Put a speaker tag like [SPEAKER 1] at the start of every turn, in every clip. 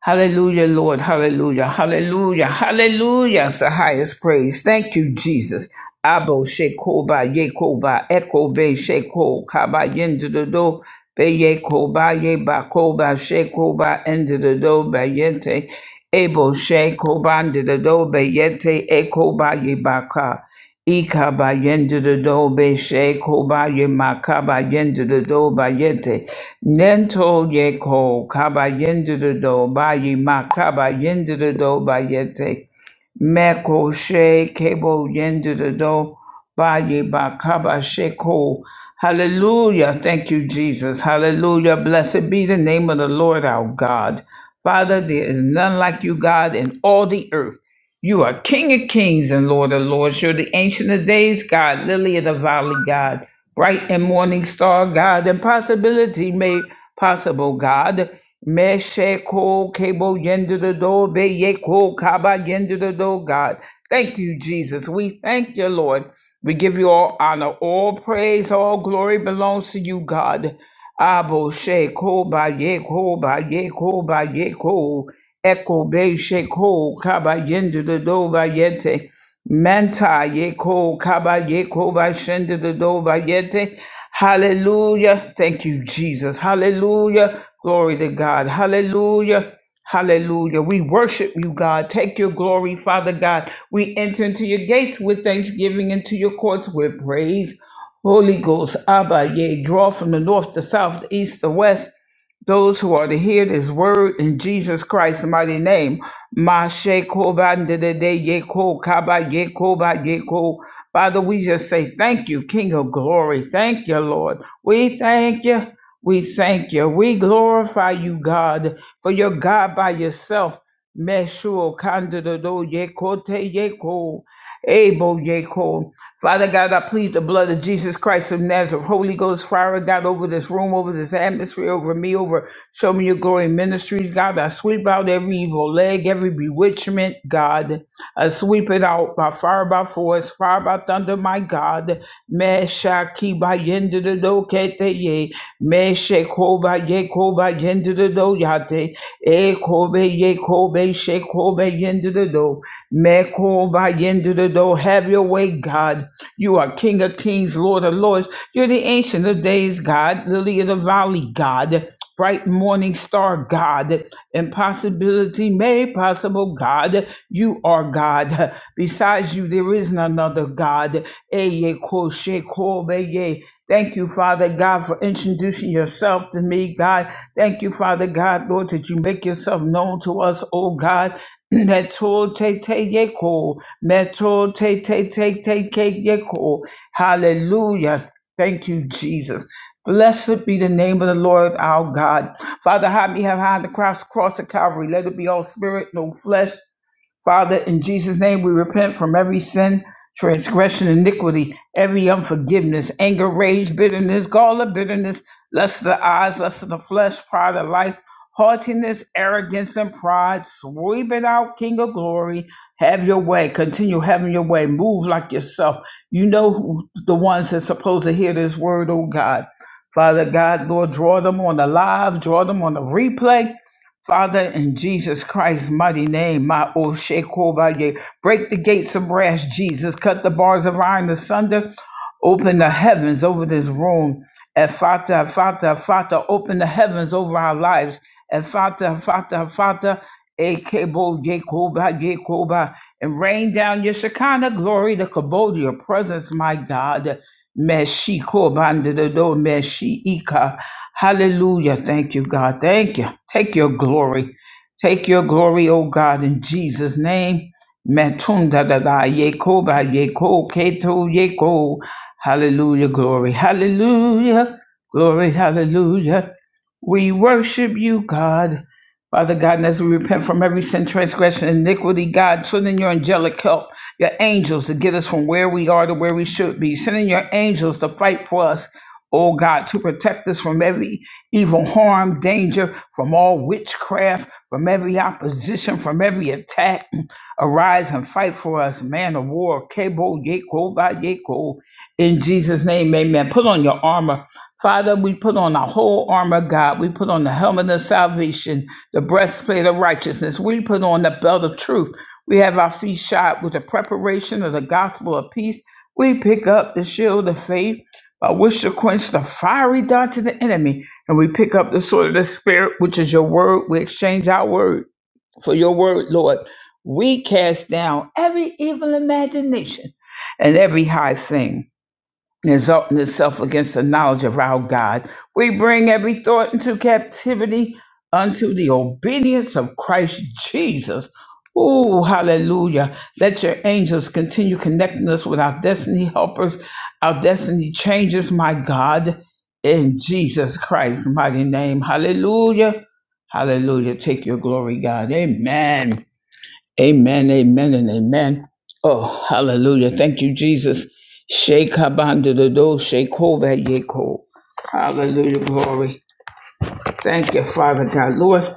[SPEAKER 1] Hallelujah, Lord. Hallelujah. Hallelujah. Hallelujah. It's the highest praise. Thank you, Jesus. Abo shekoba yekoba ekobe sheko kaba yendido be yekoba yeba koba shekoba endido be yente ebo shekoba endido be yente ekoba yebaka. Ikaba yende de do be she koba ye makaba yende de do ba yete. Nento ye ko kaba yende de do ba ye makaba yende de do ba yete. Meko she kebo yende de do ba ye makaba she ko. Hallelujah. Thank you, Jesus. Hallelujah. Blessed be the name of the Lord our God. Father, there is none like you, God, in all the earth. You are King of kings and Lord of lords. You're the Ancient of Days God, Lily of the Valley God, Bright and Morning Star God, and Possibility Made Possible God. Meshe ko kebo yendo the do be ye ko kaba yendo the do God. Thank you, Jesus. We thank you, Lord. We give you all honor, all praise, all glory belongs to you, God. Abo she ko ba ye ko ba ye ko ba ye ko. Eko be sheko kaba yende the doba yete. Manta yeko kaba yeko ba shende the doba yete. Hallelujah. Thank you, Jesus. Hallelujah. Glory to God. Hallelujah. Hallelujah. We worship you, God. Take your glory, Father God. We enter into your gates with thanksgiving, into your courts with praise. Holy Ghost, Abba, yea, draw from the north, the south, the east, the west those who are to hear this word in Jesus Christ's mighty name. Mashe kobandede yeko kaba yeko ba yeko. Father, we just say thank you, King of glory. Thank you, Lord. We thank you. We thank you. We glorify you, God, for your God by yourself. Meshuo kandido yekote yeko. Able yeko. Father God, I plead the blood of Jesus Christ of Nazareth, Holy Ghost fire, God, over this room, over this atmosphere, over me, over Show Me Your Glory Ministries, God. I sweep out every evil leg, every bewitchment, God. I sweep it out by fire, by force, fire, by thunder, my God. Meshaki by yendidokete ye, Me ba ye ko ba yende de do yate. E ko be ye ko be she ko be yende de do. Me ko ba yende de do. Have your way, God. You are King of kings, Lord of lords. You're the ancient of days, God. Lily of the valley, God. Bright morning star, God. Impossibility made possible, God. You you are God. Besides you, there is none other God. Eye ko she ko be ye. Thank you, Father God, for introducing yourself to me, God. Thank you, Father God, Lord, that you make yourself known to us, oh God. Meto te te yeko. Meto te te te te ke yeko. Hallelujah. Thank you, Jesus. Blessed be the name of the Lord our God. Father, hide me have high on the cross, cross of Calvary. Let it be all spirit, no flesh, Father, in Jesus' name, we repent from every sin, transgression, iniquity, every unforgiveness, anger, rage, bitterness, gall of bitterness, lust of the eyes, lust of the flesh, pride of life, haughtiness, arrogance, and pride. Sweep it out, King of glory. Have your way. Continue having your way. Move like yourself. You know who, the ones that's supposed to hear this word, oh God. Father God, Lord, draw them on the live, draw them on the replay Father, in Jesus Christ's mighty name, my O Shekobaye, break the gates of brass, Jesus, cut the bars of iron asunder, open the heavens over this room. Fata, Fata, Fata, open the heavens over our lives. Fata, Fata, Fata, Ekebo, Yekoba, Yekoba, and rain down your Shekinah glory, the Kabod, your presence, my God. Meshi kobandido meshi ika. Hallelujah. Thank you, God. Thank you. Take your glory. Take your glory, O God, in Jesus' name. Metunda da da yeko ba yeko keto yeko. Hallelujah, glory. Hallelujah. Glory, hallelujah. We worship you, God. Father God, and as we repent from every sin, transgression, iniquity, God, send in your angelic help, your angels to get us from where we are to where we should be. Send in your angels to fight for us, oh God, to protect us from every evil harm, danger, from all witchcraft, from every opposition, from every attack. Arise and fight for us, man of war, Kebo, Yeko, Ba Yeko. In Jesus' name, amen. Put on your armor. Father, we put on our whole armor, God. We put on the helmet of salvation the breastplate of righteousness. We put on the belt of truth. We have our feet shod with the preparation of the gospel of peace. We pick up the shield of faith by which to quench the fiery darts of the enemy. And we pick up the sword of the Spirit, which is your word. We exchange our word for your word, Lord. We cast down every evil imagination and every high thing and exalting itself against the knowledge of our God. We bring every thought into captivity unto the obedience of Christ Jesus. Oh, hallelujah. Let your angels continue connecting us with our destiny helpers, our destiny changes, my God, in Jesus Christ's mighty name. Hallelujah. Hallelujah. Take your glory, God. Amen. Amen, amen, and amen. Oh, hallelujah. Thank you, Jesus. Shake Habanda the do, shake that yeko. Hallelujah, glory. Thank you, Father God, Lord.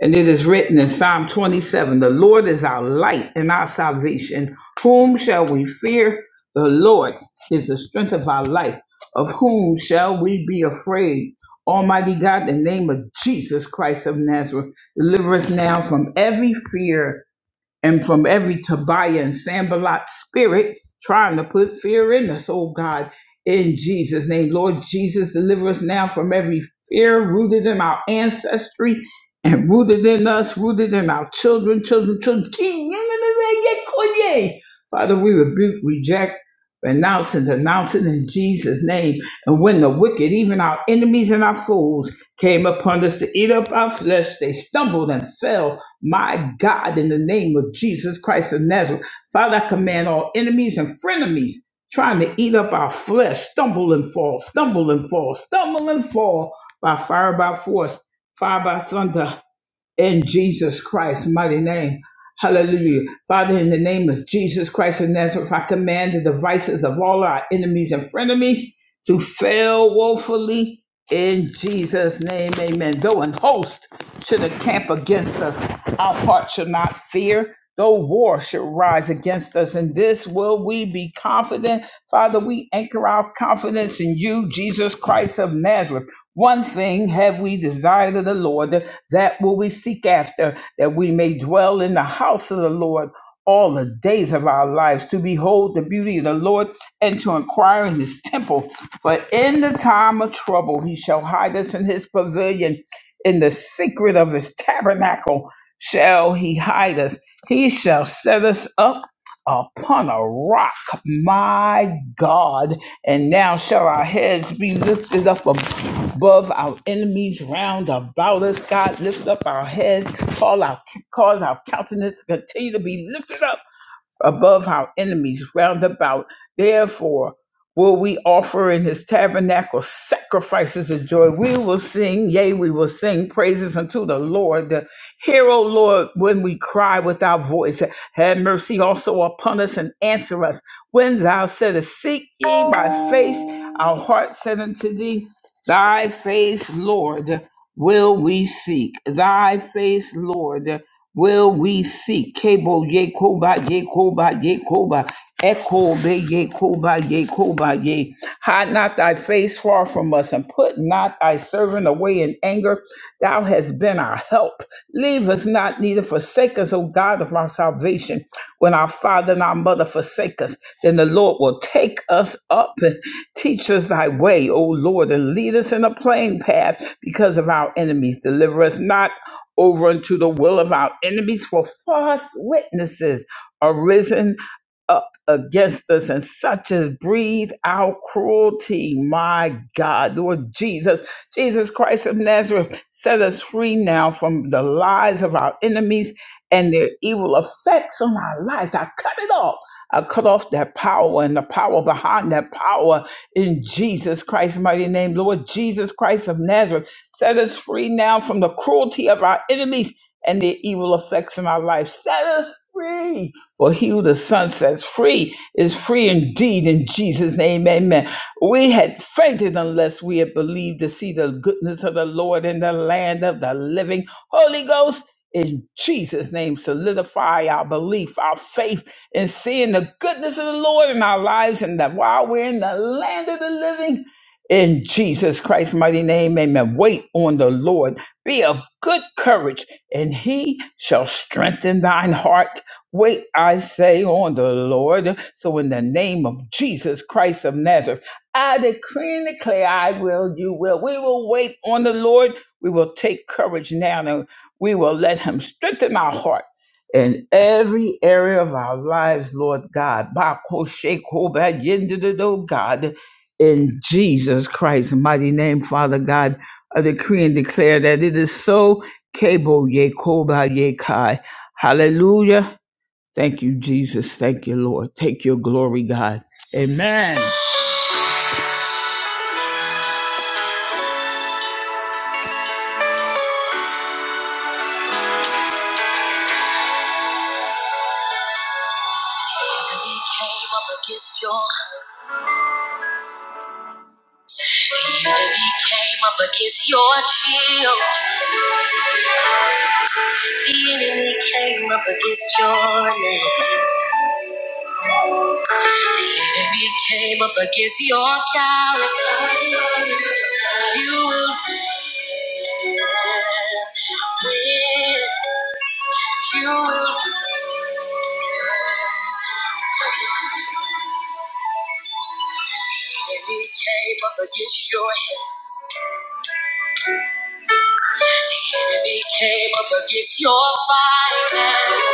[SPEAKER 1] And it is written in Psalm 27 The Lord is our light and our salvation. Whom shall we fear? The Lord is the strength of our life. Of whom shall we be afraid? Almighty God, in the name of Jesus Christ of Nazareth, deliver us now from every fear and from every Tobiah and Sambalot spirit trying to put fear in us, oh God, in Jesus' name. Lord Jesus, deliver us now from every fear rooted in our ancestry and rooted in us, rooted in our children, children, children. King, Father, we rebuke, reject, renounce, and denounce it in Jesus' name. And when the wicked, even our enemies and our foes, came upon us to eat up our flesh. They stumbled and fell. My God, in the name of Jesus Christ of Nazareth, Father, I command all enemies and frenemies trying to eat up our flesh, stumble and fall, stumble and fall, stumble and fall by fire, by force, fire, by thunder, in Jesus Christ's mighty name. Hallelujah. Father, in the name of Jesus Christ of Nazareth, I command the devices of all our enemies and frenemies to fail woefully in Jesus' name. Amen. Though an host should encamp against us, our heart should not fear. Though war should rise against us, in this will we be confident. Father, we anchor our confidence in you, Jesus Christ of Nazareth. One thing have we desired of the Lord, that that will we seek after, that we may dwell in the house of the Lord all the days of our lives, to behold the beauty of the Lord and to inquire in his temple. But in the time of trouble, he shall hide us in his pavilion. In the secret of his tabernacle shall he hide us. He shall set us up upon a rock, my God. And now shall our heads be lifted up above our enemies round about us. God, lift up our heads, call our, cause our countenance to continue to be lifted up above our enemies round about. Therefore, will we offer in his tabernacle sacrifices of joy? We will sing, yea, we will sing praises unto the Lord. Hear, O Lord, when we cry with our voice. Have mercy also upon us and answer us. When thou saidest, Seek ye my face, our heart said unto thee, Thy face, Lord, will we seek. Thy face, Lord will we seek Kabo Yekoba Yekoba Yekoba Echo Be Yekoba Yekoba Ye. Hide not thy face far from us and put not thy servant away in anger. Thou hast been our help. Leave us not, neither forsake us, O God of our salvation. When our father and our mother forsake us, then the Lord will take us up and teach us thy way, O Lord, and lead us in a plain path because of our enemies. Deliver us not over unto the will of our enemies, for false witnesses are risen up against us, and such as breathe out cruelty. My God, Lord Jesus, Jesus Christ of Nazareth, set us free now from the lies of our enemies and their evil effects on our lives. I cut it off. I cut off that power and the power behind that power in Jesus Christ's mighty name. Lord Jesus Christ of Nazareth. Set us free now from the cruelty of our enemies and their evil effects in our life. Set us free. For he who the Son sets free is free indeed in Jesus' name. Amen. We had fainted unless we had believed to see the goodness of the Lord in the land of the living. Holy Ghost, in Jesus' name, solidify our belief, our faith in seeing the goodness of the Lord in our lives and that while we're in the land of the living, in Jesus Christ's mighty name, amen. Wait on the Lord. Be of good courage, and he shall strengthen thine heart. Wait, I say, on the Lord. So, in the name of Jesus Christ of Nazareth, I decree and declare, I will, you will. We will wait on the Lord. We will take courage now, and we will let him strengthen our heart in every area of our lives, Lord God. Ba ko she ko ba yin di di do, God in Jesus Christ's mighty name, Father God, I decree and declare that it is so. Kabo Yekoba Yekai. Hallelujah. Thank you, Jesus. Thank you, Lord. Take your glory, God. Amen. enemy came up against your the enemy came up against your shield. The enemy came up against your name. The enemy came up against your tower. You will win. You will win. The enemy came up against your head. The enemy came up against your finances.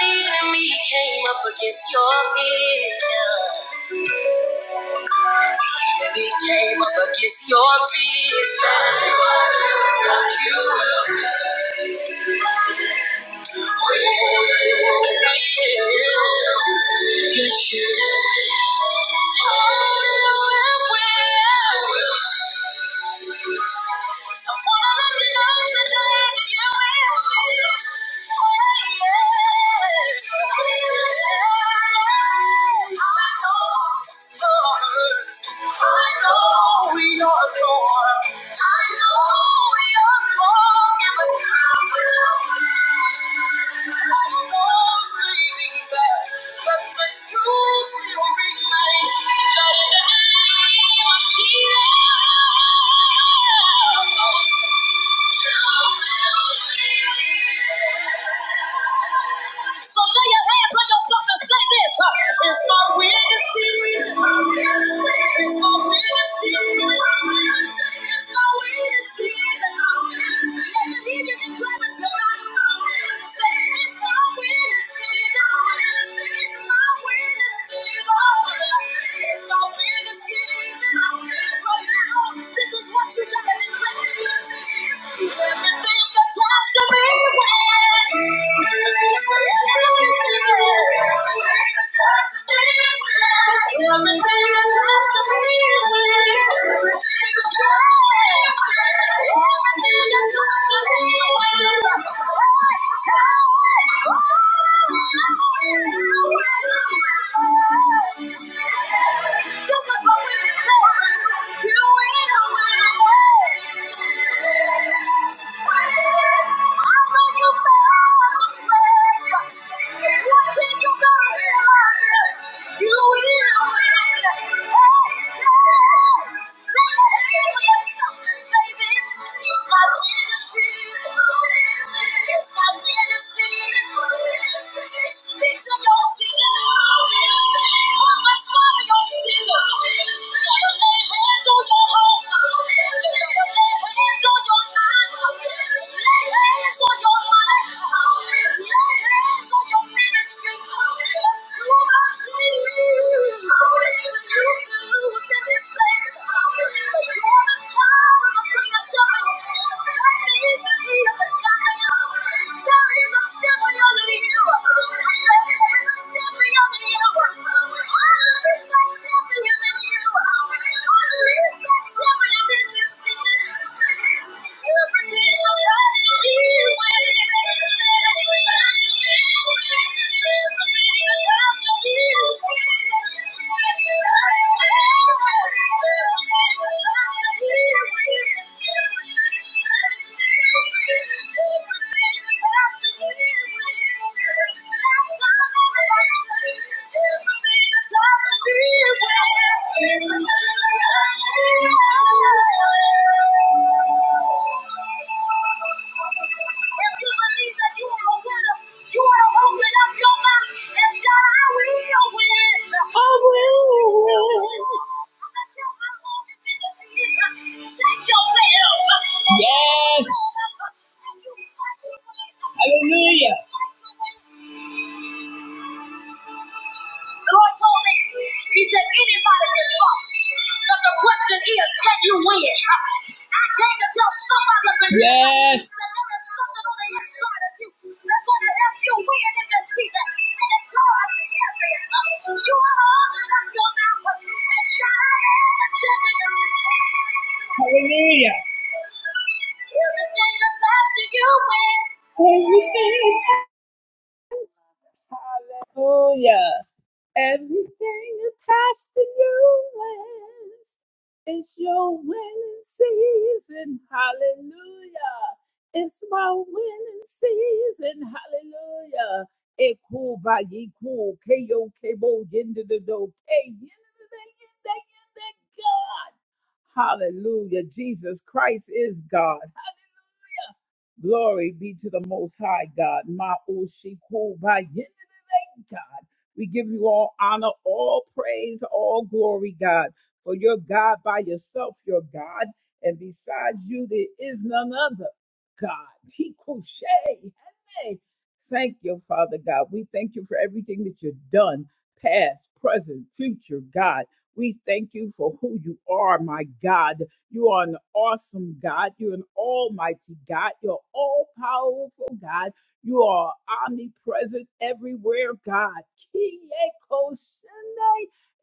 [SPEAKER 1] The enemy came up against your vision. The enemy came up against your business. You will win. Yes, you will. But the truth will remain. So lay your hands on yourself and say this. huh? It's my will It's my will It's my will it's my will It's my will It's my will this is what you gotta do. Everything attached to me. Everything attached to me. This is what we declare. You Speak to your soul. Thank you. Thank you. Yes. Hallelujah. The Lord told me, He said, anybody can fight, but the question is, can you win? I came to tell somebody up in Yeah. that there is something on the inside of you that's going to help you win in this season, and it's called a champion. You are all that your mouth and shout out the champion. Everything attached to you wins. Hallelujah. Everything attached to you is it's your winning season. Hallelujah. It's my winning season. Hallelujah. Echo by echo, KO, KO, into the door, K, into the God. Hallelujah. Jesus Christ is God. Glory be to the Most High God. Ma'oshikubayinda, God. We give you all honor, all praise, all glory, God. For you're God by yourself, you're God. And besides you, there is none other. God. Tikoshe. Hey. Thank you, Father God. We thank you for everything that you've done, past, present, future, God. We thank you for who you are, my God. You are an awesome God. You're an almighty God. You're all powerful God. You are omnipresent everywhere, God. kyriakos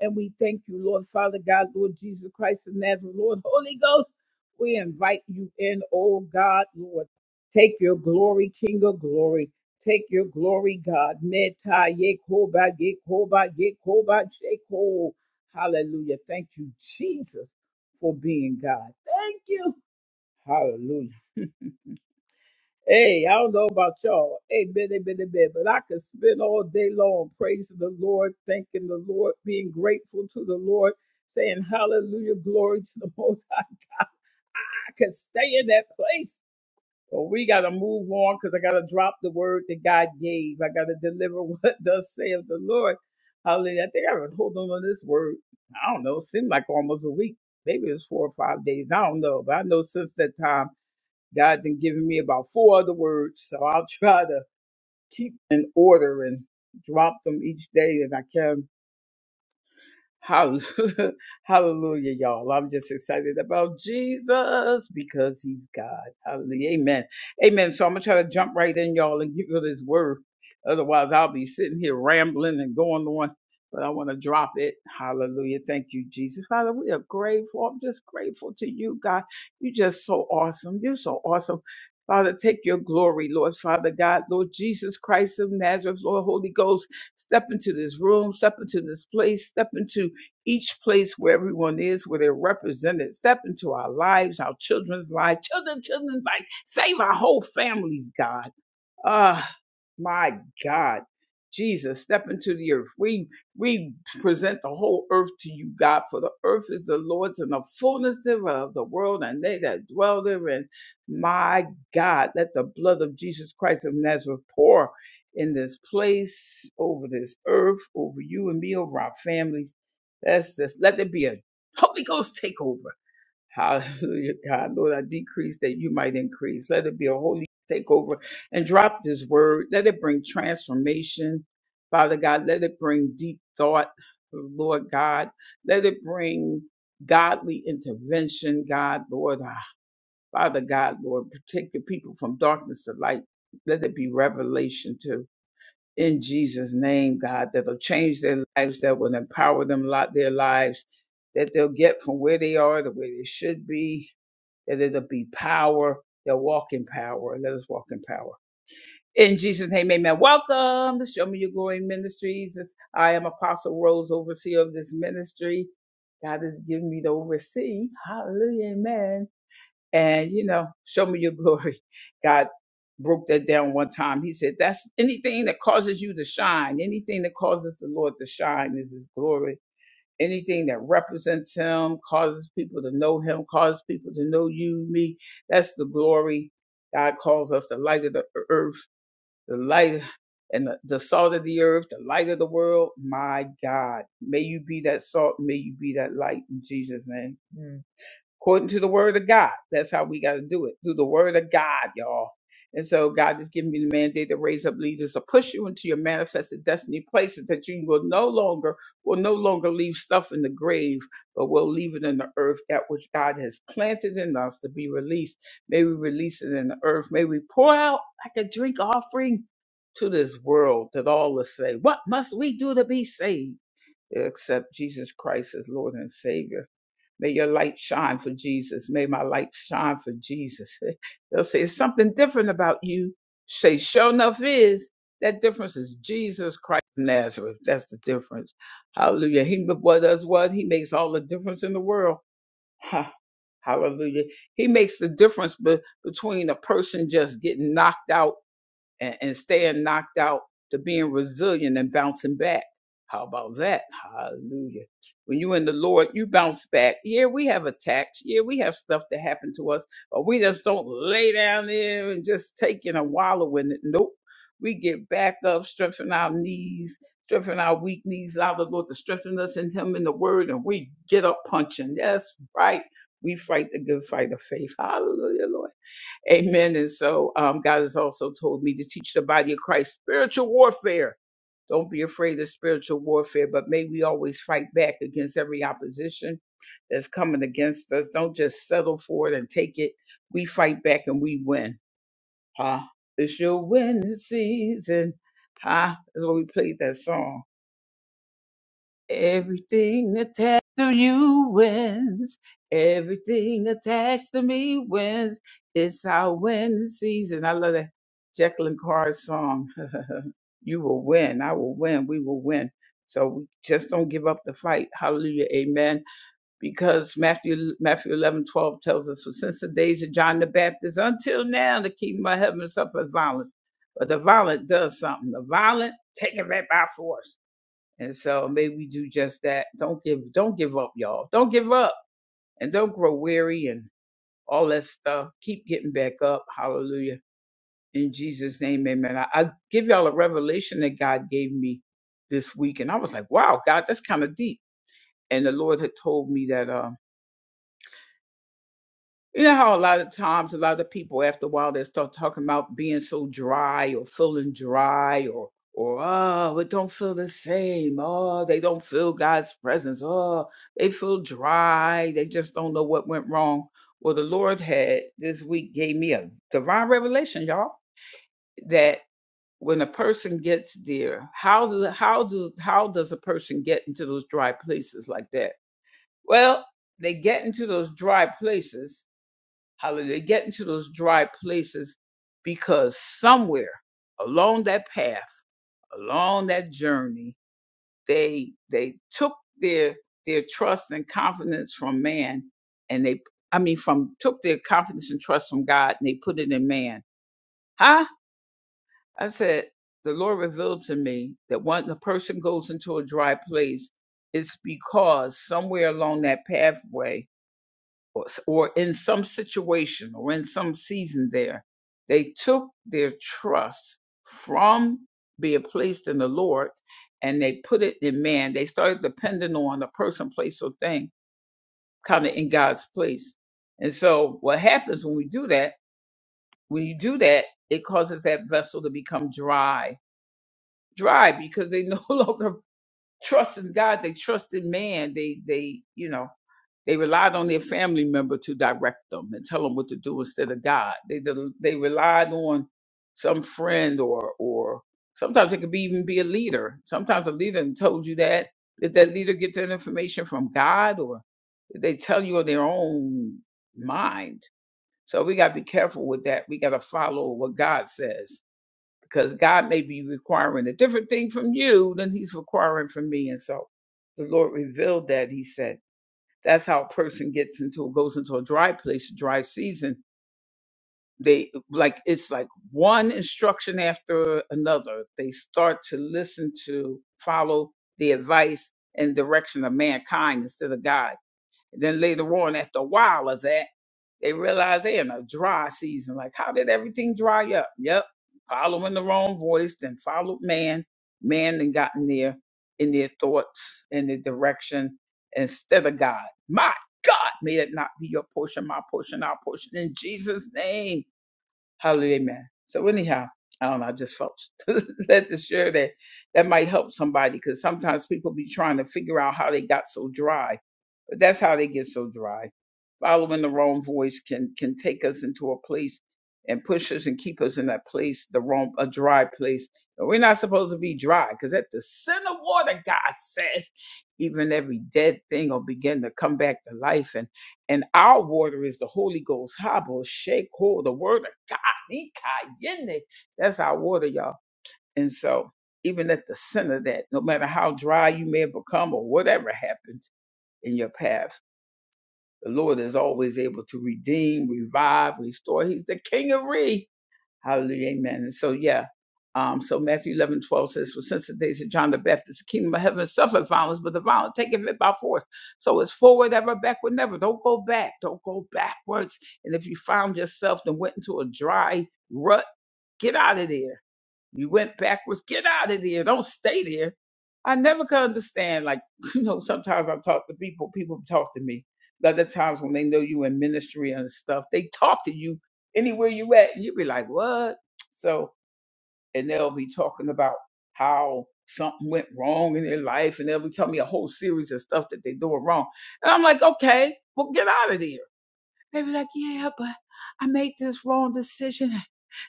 [SPEAKER 1] And we thank you, Lord Father God, Lord Jesus Christ of Nazareth, Lord Holy Ghost. We invite you in, oh God, Lord. Take your glory, King of glory. Take your glory, God. Meta yekoba yekoba yekoba yeko. Hallelujah. Thank you, Jesus for being God. Thank you. Hallelujah. Hey, I don't know about y'all. Amen, amen, amen. But I could spend all day long praising the Lord, thanking the Lord, being grateful to the Lord, saying hallelujah, glory to the Most High. I could stay in that place. But we got to move on because I got to drop the word that God gave. I got to deliver what thus saith the Lord. Hallelujah. I think I've been holding on to this word. I don't know. Seemed like almost a week. Maybe it's four or five days. I don't know. But I know since that time, God then given me about four other words, so I'll try to keep in order and drop them each day that I can. Hallelujah, Hallelujah, y'all. I'm just excited about Jesus because he's God. Hallelujah. Amen. Amen. So I'm going to try to jump right in, y'all, and give you this word. Otherwise, I'll be sitting here rambling and going on, but I want to drop it. Hallelujah. Thank you, Jesus. Father, we are grateful. I'm just grateful to you, God. You're just so awesome. You're so awesome. Father, take your glory, Lord, Father God, Lord Jesus Christ of Nazareth, Lord Holy Ghost, step into this room, step into this place, step into each place where everyone is, where they're represented. Step into our lives, live children, children, like save our whole families, God. Ah, my God. Jesus, step into the earth. We we present the whole earth to you, God, for the earth is the Lord's and the fullness thereof, the world and they that dwell therein. My God, let the blood of Jesus Christ of Nazareth pour in this place, over this earth, over you and me, over our families Let's just let there be a Holy Ghost takeover. Hallelujah, God. Lord, I decrease that you might increase. Let it be a Holy takeover and drop this word. Let it bring transformation. Father God, let it bring deep thought, Lord God. Let it bring godly intervention, God, Lord. Ah, Father God, Lord, protect the people from darkness to light. Let it be revelation too in Jesus' name, God, that'll change their lives, that will empower them, lot their lives that they'll get from where they are to where they should be, that it'll be power. They'll walk in power. Let us walk in power. In Jesus' name, amen. Welcome to Show Me Your Glory Ministries. This- I am Apostle Rose, overseer of this ministry. God has given me to oversee. Hallelujah, amen. And, you know, show me your glory. God broke that down one time. He said, That's anything that causes you to shine, anything that causes the Lord to shine is his glory anything that represents him, causes people to know him, causes people to know you, me. That's the glory. God calls us the light of the e-, earth, the light and the, the salt of the earth, the light of the world. My God, may you be that salt and be that light in Jesus' name. Mm. According to the word of God, that's how we got to do it through the word of God, y'all. And so God mandated places that you will no longer will no longer leave stuff in the grave, but will leave it in the earth that which God has planted in us to be released. May we release it in the earth. May we pour out like a drink offering to this world that all will say, What must we do to be saved? Accept Jesus Christ as Lord and Savior. May your light shine. May my light shine for Jesus. They'll say, it's something different about you. Say, sure enough is. That difference is Jesus Christ of Nazareth. That's the difference. Hallelujah. He what does what? He makes all the difference in the world. Ha. Hallelujah. He makes the difference be- between a person just getting knocked out and, and staying knocked out to being resilient and bouncing back. How about that? Hallelujah. When you in the Lord, you bounce back. Yeah, we have attacks. Yeah, we have stuff that happened to us, but we just don't lay down there and just take it and wallow in it. Nope. We get back up, strengthen our knees, strengthen our weak knees, allow the Lord to strengthen us in Him in the Word, and we get up punching. That's right. We fight the good fight of faith. Hallelujah, Lord. Amen. And so um, God has also told me to teach the body of Christ spiritual warfare. Don't be afraid of spiritual warfare, but may we always fight back against every opposition that's coming against us. Don't just settle for it and take it. We fight back and we win. Huh? It's your winning season. Huh? That's why we played that song. Everything attached to you wins. Everything attached to me wins. It's our win season. I love that Jacqueline Carr song. you will win. I will win. We will win. So we just don't give up the fight. Hallelujah. Amen. Because Matthew Matthew 11 12 tells us, "For since the days of John the Baptist until now, the kingdom of heaven suffers violence. But the violent does something. The violent take it back by force. And so may we do just that. Don't give, don't don't give up, and don't and all of up. Hallelujah. And I give it me this week, and I was like, wow, God, that's kind of deep. And the Lord had told me that, um, you know how a lot of times a lot of people after a while they start talking about being so dry or feeling dry or or oh, it don't feel the same. Oh, they don't feel God's presence. Oh, they feel dry. They just don't know what went wrong. Well, the Lord had this week gave me a divine revelation, y'all that when a person gets there, how do how do how does a person get into those dry places like that? Well, they get into those dry places. How do they get into those dry places? Because somewhere along that path, along that journey, they they took their their trust and confidence from man, and they I mean from took their confidence and trust from God, and they put it in man. Huh? I said, the Lord revealed to me that when a person goes into a dry place, it's because somewhere along that pathway or, or in some situation or in some season there, they took their trust from being placed in the Lord and they put it in man. They started depending on a person, place, or thing kind of in God's place. And so what happens when we do that, when you do that, it causes that vessel to become dry dry because they no longer trust in God. They trusted man. They they you know they relied on their family member to direct them and tell them what to do instead of God. They del- they relied on some friend or or sometimes it could be even be a leader. Sometimes a leader told you that. Did that leader get that information from God or did they tell you on their own mind? So we gotta be careful with that. We gotta follow what God says because God may be requiring a different thing from you than He's requiring from me. And so the Lord revealed that He said that's how a person gets into goes into a dry place, dry season. They like it's like one instruction after another. They start to listen to follow the advice and direction of mankind instead of God. And then later on, after a while, as a- they realize they're in a dry season. Like, how did everything dry up? Yep. Following the wrong voice, then followed man. Man then gotten there in their thoughts and their direction instead of God. My God, may that not be your portion, my portion, our portion. In Jesus' name. Hallelujah. Amen. So anyhow, I don't know, I just felt led to share that. That might help somebody because sometimes people be trying to figure out how they got so dry that's how they get so dry. Following the wrong voice can can take us into a place and push us and keep us in that place, the wrong a dry place. And we're not supposed to be dry, because at the center water, God says, even every dead thing will begin to come back to life. And and our water is the Holy Ghost, Habo, Shake, Ho, the word of God. Ikayene. That's our water, y'all. And so even at the center of that, no matter how dry you may have become or whatever happens in your path the Lord is always able to redeem, revive, restore. He's the King of Re. Hallelujah. Amen. And so, yeah. Um, so Matthew 11 12 says, For since the days of John the Baptist, the kingdom of heaven suffered violence, but the violent taketh it by force. So it's forward ever, backward never. Don't go back. Don't go backwards. And if you found yourself and went into a dry rut, get out of there. You went backwards, get out of there. Don't stay there I never could understand. Like, you know, sometimes I talk to people, people talk to me. The other times when they know you in ministry and stuff, they talk to you anywhere you at, and you be like, what? So, and they'll be talking about how something went wrong in their life, and they'll be telling me a whole series of stuff that they're doing wrong. And I'm like, okay, well, get out of there. They be like, yeah, but I made this wrong decision,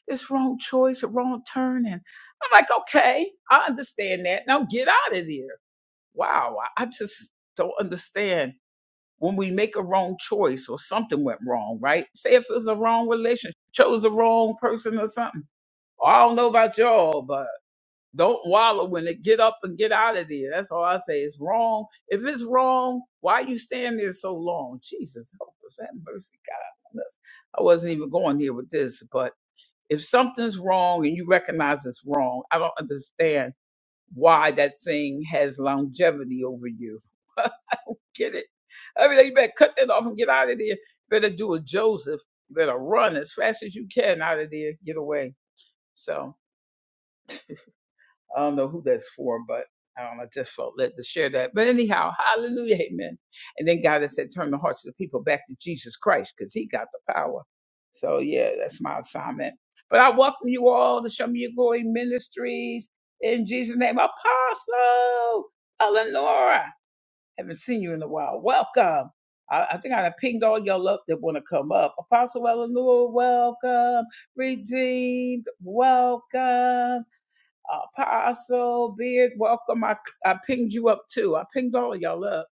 [SPEAKER 1] this wrong choice, a wrong turn, and I'm like, okay, I understand that. Now get out of there wow, I I just don't understand when we make a wrong choice or something went wrong, right? Say if it was a wrong relationship, chose the wrong person or something. I don't know about y'all, but don't wallow in it. Get up and get out of there. That's all I say. It's wrong. If it's wrong, why you stand there so long? Jesus, help us. Have mercy, God. on us. I wasn't even going here with this, but if something's wrong and you recognize it's wrong, I don't understand why that thing has longevity over you. get it. I mean, like, you better cut that off and get out of there. You better do a Joseph. You better run as fast as you can out of there. Get away. So I don't know who that's for, but I don't know. I Just felt led to share that. But anyhow, hallelujah, amen. And then God has said, turn the hearts of the people back to Jesus Christ because he got the power. So yeah, that's my assignment. But I welcome you all to Show Me Your Glory Ministries in Jesus' name. Apostle Eleanor. Haven't seen you in a while. Welcome. I, I think I done pinged all y'all up that want to come up. Apostle Eleanor, welcome. Redeemed, welcome. Apostle Beard, welcome. I, I pinged you up too. I pinged all of y'all up.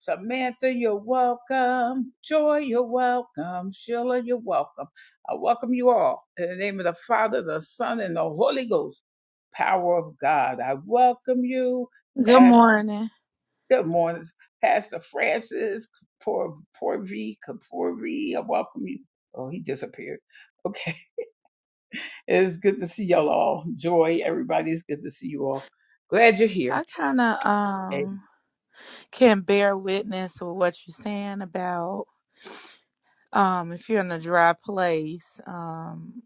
[SPEAKER 1] Samantha, you're welcome. Joy, you're welcome. Sheila, you're welcome. I welcome you all in the name of the Father, the Son, and the Holy Ghost. Power of God. I welcome you.
[SPEAKER 2] Good morning.
[SPEAKER 1] Good morning, Pastor Francis Por Porvi Kaporvi. I welcome you. Oh, he disappeared. Okay, it's good to see y'all all. Joy, everybody, it's good to see you all. Glad you're
[SPEAKER 2] I
[SPEAKER 1] here.
[SPEAKER 2] kind of um can bear witness with what you're saying about um if you're in a dry place um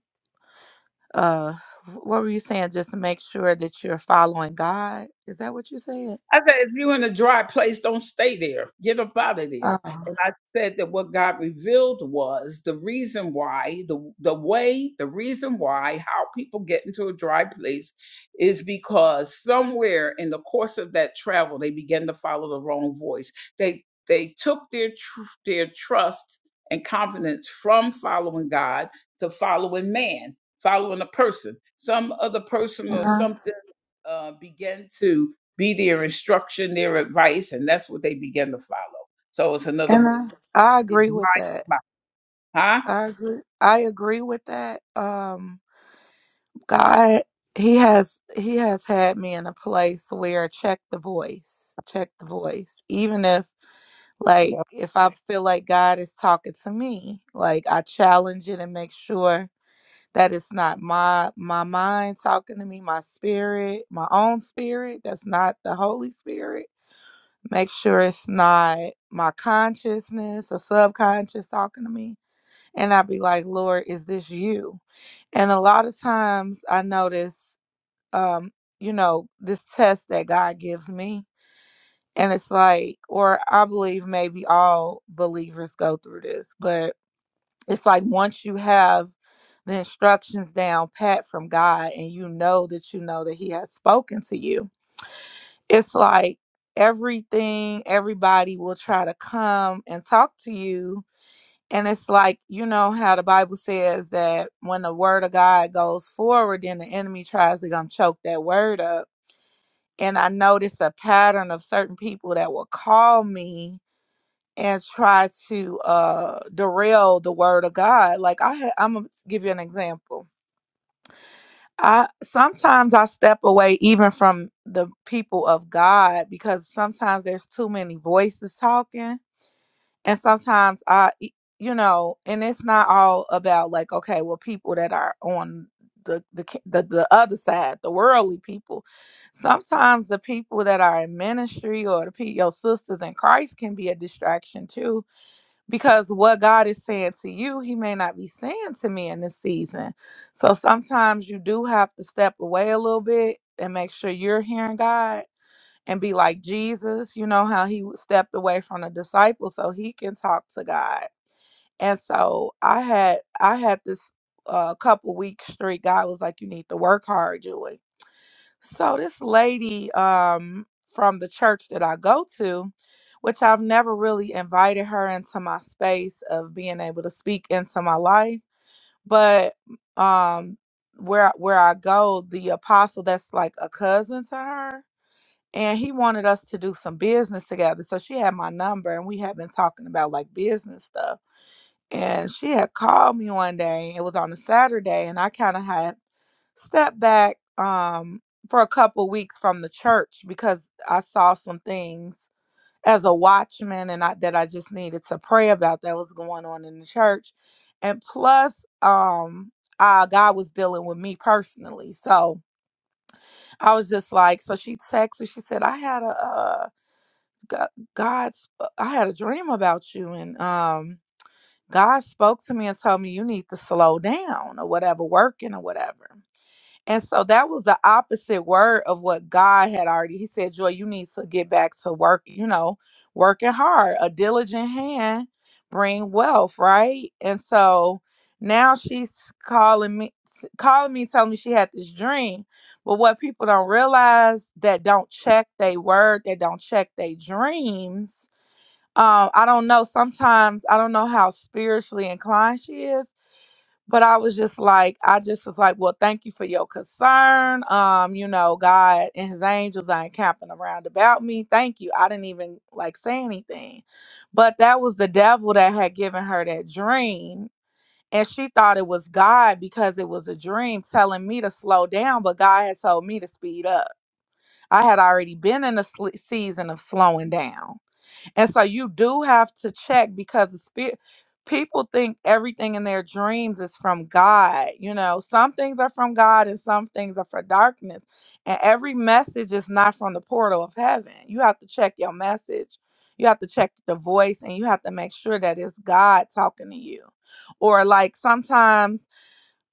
[SPEAKER 2] uh what were you saying just to make sure that you're following God? Is that what you said?
[SPEAKER 1] I said, if you're in a dry place, don't stay there. Get up out of
[SPEAKER 2] Uh
[SPEAKER 1] there. And I said that what God revealed was the reason why, the the way, the reason why how people get into a dry place is because somewhere in the course of that travel, they began to follow the wrong voice. They they took their tr- their trust and confidence from following God to following man, following a person, some other person
[SPEAKER 2] and
[SPEAKER 1] or
[SPEAKER 2] I,
[SPEAKER 1] something uh, began to be their instruction, their advice, and that's what they begin to follow. So it's another
[SPEAKER 2] and
[SPEAKER 1] voice.
[SPEAKER 2] I, I
[SPEAKER 1] It's
[SPEAKER 2] agree with
[SPEAKER 1] my,
[SPEAKER 2] that.
[SPEAKER 1] my, huh?
[SPEAKER 2] I agree I agree with that. Um God he has he has had me in a place where check the voice, check the voice. Even if Like if I feel like God is talking to me, like I challenge it and make sure that it's not my my mind talking to me, my spirit, my own spirit, that's not the Holy Spirit. Make sure it's not my consciousness or subconscious talking to me. And I'd be like, Lord, is this you? And a lot of times I notice um, you know, this test that God gives me and it's like, or I believe maybe all believers go through this, but it's like once you have the instructions down pat from God and you know that you know that He has spoken to you, it's like everything, everybody will try to come and talk to you. And it's like, you know how the Bible says that when the word of God goes forward, then the enemy tries to come choke that word up. And I notice a pattern of certain people that will call me and try to uh derail the word of God. Like I ha- I'm gonna give you an example. I sometimes I step away even from the people of God because sometimes there's too many voices talking and sometimes I e- you know, and it's not all about like okay, well people that are on the the ca- the, the other side, the worldly people. Sometimes the people that are in ministry or the pe- your sisters in Christ can be a distraction too because what God is saying to you, He may not be saying to me in this season. So sometimes you do have to step away a little bit and make sure you're hearing God and be like Jesus. You know how He stepped away from the disciples so He can talk to God. And so I had I had this uh, couple week streak. God was like, "You need to work hard, Julie." So this lady um from the church that I go to, which I've never really invited her into my space of being able to speak into my life, but um where where I go, the apostle that's like a cousin to her, and he wanted us to do some business together. So she had my number and we had been talking about like business stuff. And she had called me one day. It was on a Saturday and I kind of had stepped back um for a couple weeks from the church because I saw some things as a watchman and I that I just needed to pray about that was going on in the church. And plus um uh God was dealing with me personally. So I was just like so she texted she said I had a uh Go- God's I had a dream about you and um God spoke to me and told me you need to slow down or whatever working or whatever. And so that was the opposite word of what God had already. He said, Joy, you need to get back to work, you know, working hard. A diligent hand bring wealth, right? And so now she's calling me calling me telling me she had this dream. But what people don't realize that don't check their word, that don't check their dreams. Um, I don't know. Sometimes I don't know how spiritually inclined she is but I was just like, I just was like, well, thank you for your concern. Um, you know, God and his angels are encamping around about me. Thank you. I didn't even like say anything. But that was the devil that had given her that dream. And she thought it was God because it was a dream telling me to slow down, but God had told me to speed up. I had already been in a sl- season of slowing down. And so you do have to check because the spirit people think everything in their dreams is from God. You know, some things are from God and some things are for darkness. And every message is not from the portal of heaven. You have to check your message. You have to check the voice and you have to make sure that it's God talking to you. Or like sometimes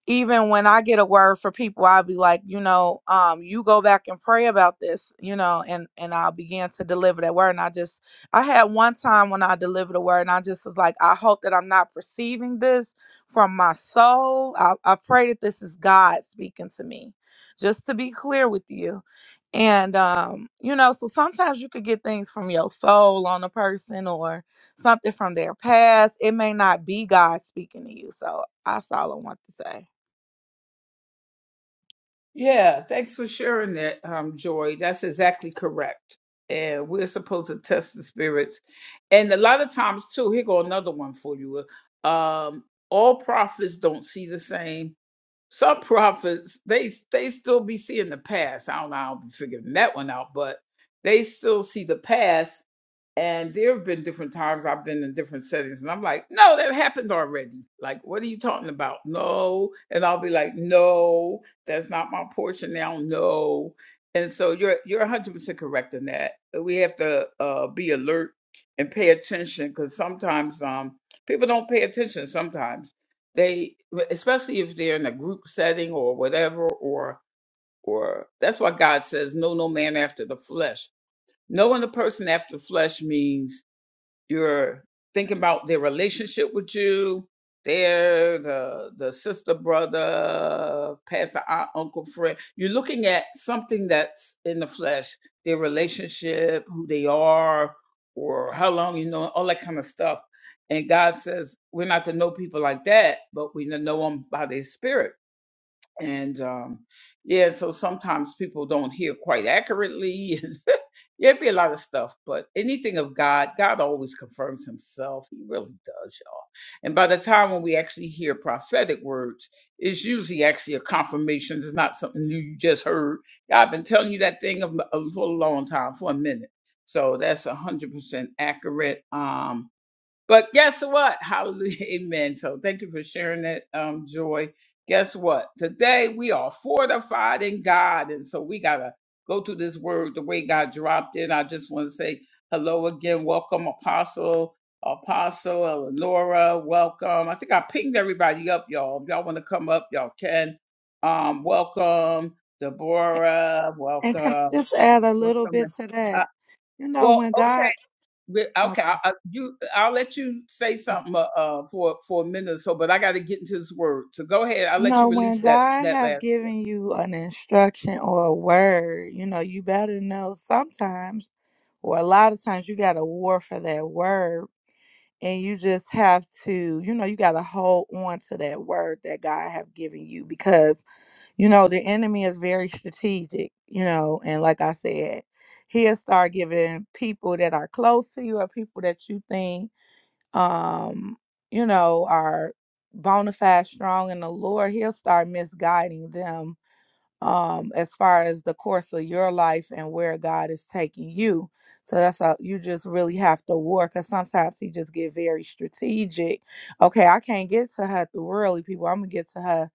[SPEAKER 2] even when I get a word for people, I'll be like, you know, um, you go back and pray about this, you know, and and I'll begin to deliver that word. And I just, I had one time when I delivered a word, and I just was like, I hope that I'm not perceiving this from my soul. I, I pray that this is God speaking to me, just to be clear with you. And um, you know, so sometimes you could get things from your soul on a person or something from their past. It may not be God speaking to you. So that's all I want to say.
[SPEAKER 1] Yeah, thanks for sharing that, um, Joy. That's exactly correct. And we're supposed to test the spirits. And a lot of times, too, here go another one for you. Um, all prophets don't see the same. Some prophets, they they still be seeing the past. I don't know, I'll be figuring that one out, but they still see the past And there have been different times I've been in different settings, and I'm like, no, that happened already. Like, what are you talking about? No. And I'll be like, no, that's not my portion now. No. And so you're you're 100% correct in that. We have to uh, be alert and pay attention because sometimes um, people don't pay attention. Sometimes they, especially if they're in a group setting or whatever, or or that's why God says, no, no man after the flesh. Knowing the person after the flesh means you're thinking about their relationship with you. They're the the sister, brother, pastor, aunt, uncle, friend. You're looking at something that's in the flesh, their relationship, who they are, or how long you know, all that kind of stuff. And God says we're not to know people like that, but we to know them by their spirit and um yeah so sometimes people don't hear quite accurately there'd be a lot of stuff but anything of god god always confirms himself he really does y'all and by the time when we actually hear prophetic words it's usually actually a confirmation it's not something new you just heard God been telling you that thing of- uh, for a long time for a minute so that's a hundred percent accurate um but guess what? Hallelujah. Amen. So thank you for sharing that, um, Joy. Guess what? Today we are fortified in God. And so we got to go through this word the way God dropped it. I just want to say hello again. Welcome, Apostle, Apostle, Eleonora. Welcome. I think I pinged everybody up, y'all. If y'all want to come up, y'all can. Um, welcome, Deborah.
[SPEAKER 2] And can I
[SPEAKER 1] Welcome.
[SPEAKER 2] just add a little
[SPEAKER 1] Welcome.
[SPEAKER 2] bit to
[SPEAKER 1] Uh,
[SPEAKER 2] that? You know,
[SPEAKER 1] well,
[SPEAKER 2] when
[SPEAKER 1] okay.
[SPEAKER 2] God,
[SPEAKER 1] We-
[SPEAKER 2] okay,
[SPEAKER 1] Okay, I, I, you, I'll let you say
[SPEAKER 2] um,
[SPEAKER 1] something uh, uh, for for a minute or so, but I got to get into this word. So go ahead. I'll
[SPEAKER 2] you
[SPEAKER 1] let you
[SPEAKER 2] know, when
[SPEAKER 1] release that
[SPEAKER 2] God
[SPEAKER 1] that
[SPEAKER 2] have
[SPEAKER 1] last.
[SPEAKER 2] given you an instruction or a word, you know, you better know sometimes, or a lot of times, you got to war for that word, and you just have to, you know, you got to hold on to that word that God have given you because, you know, the enemy is very strategic, you know, and like I said, he'll start giving people that are close to you or people that you think um, you know, are bona fide strong in the Lord, He'll start misguiding them um as far as the course of your life and where God is taking you. So that's how you just really have to war because sometimes he just get very strategic. Okay, I can't get to her through worldly people. I'm gonna get to her,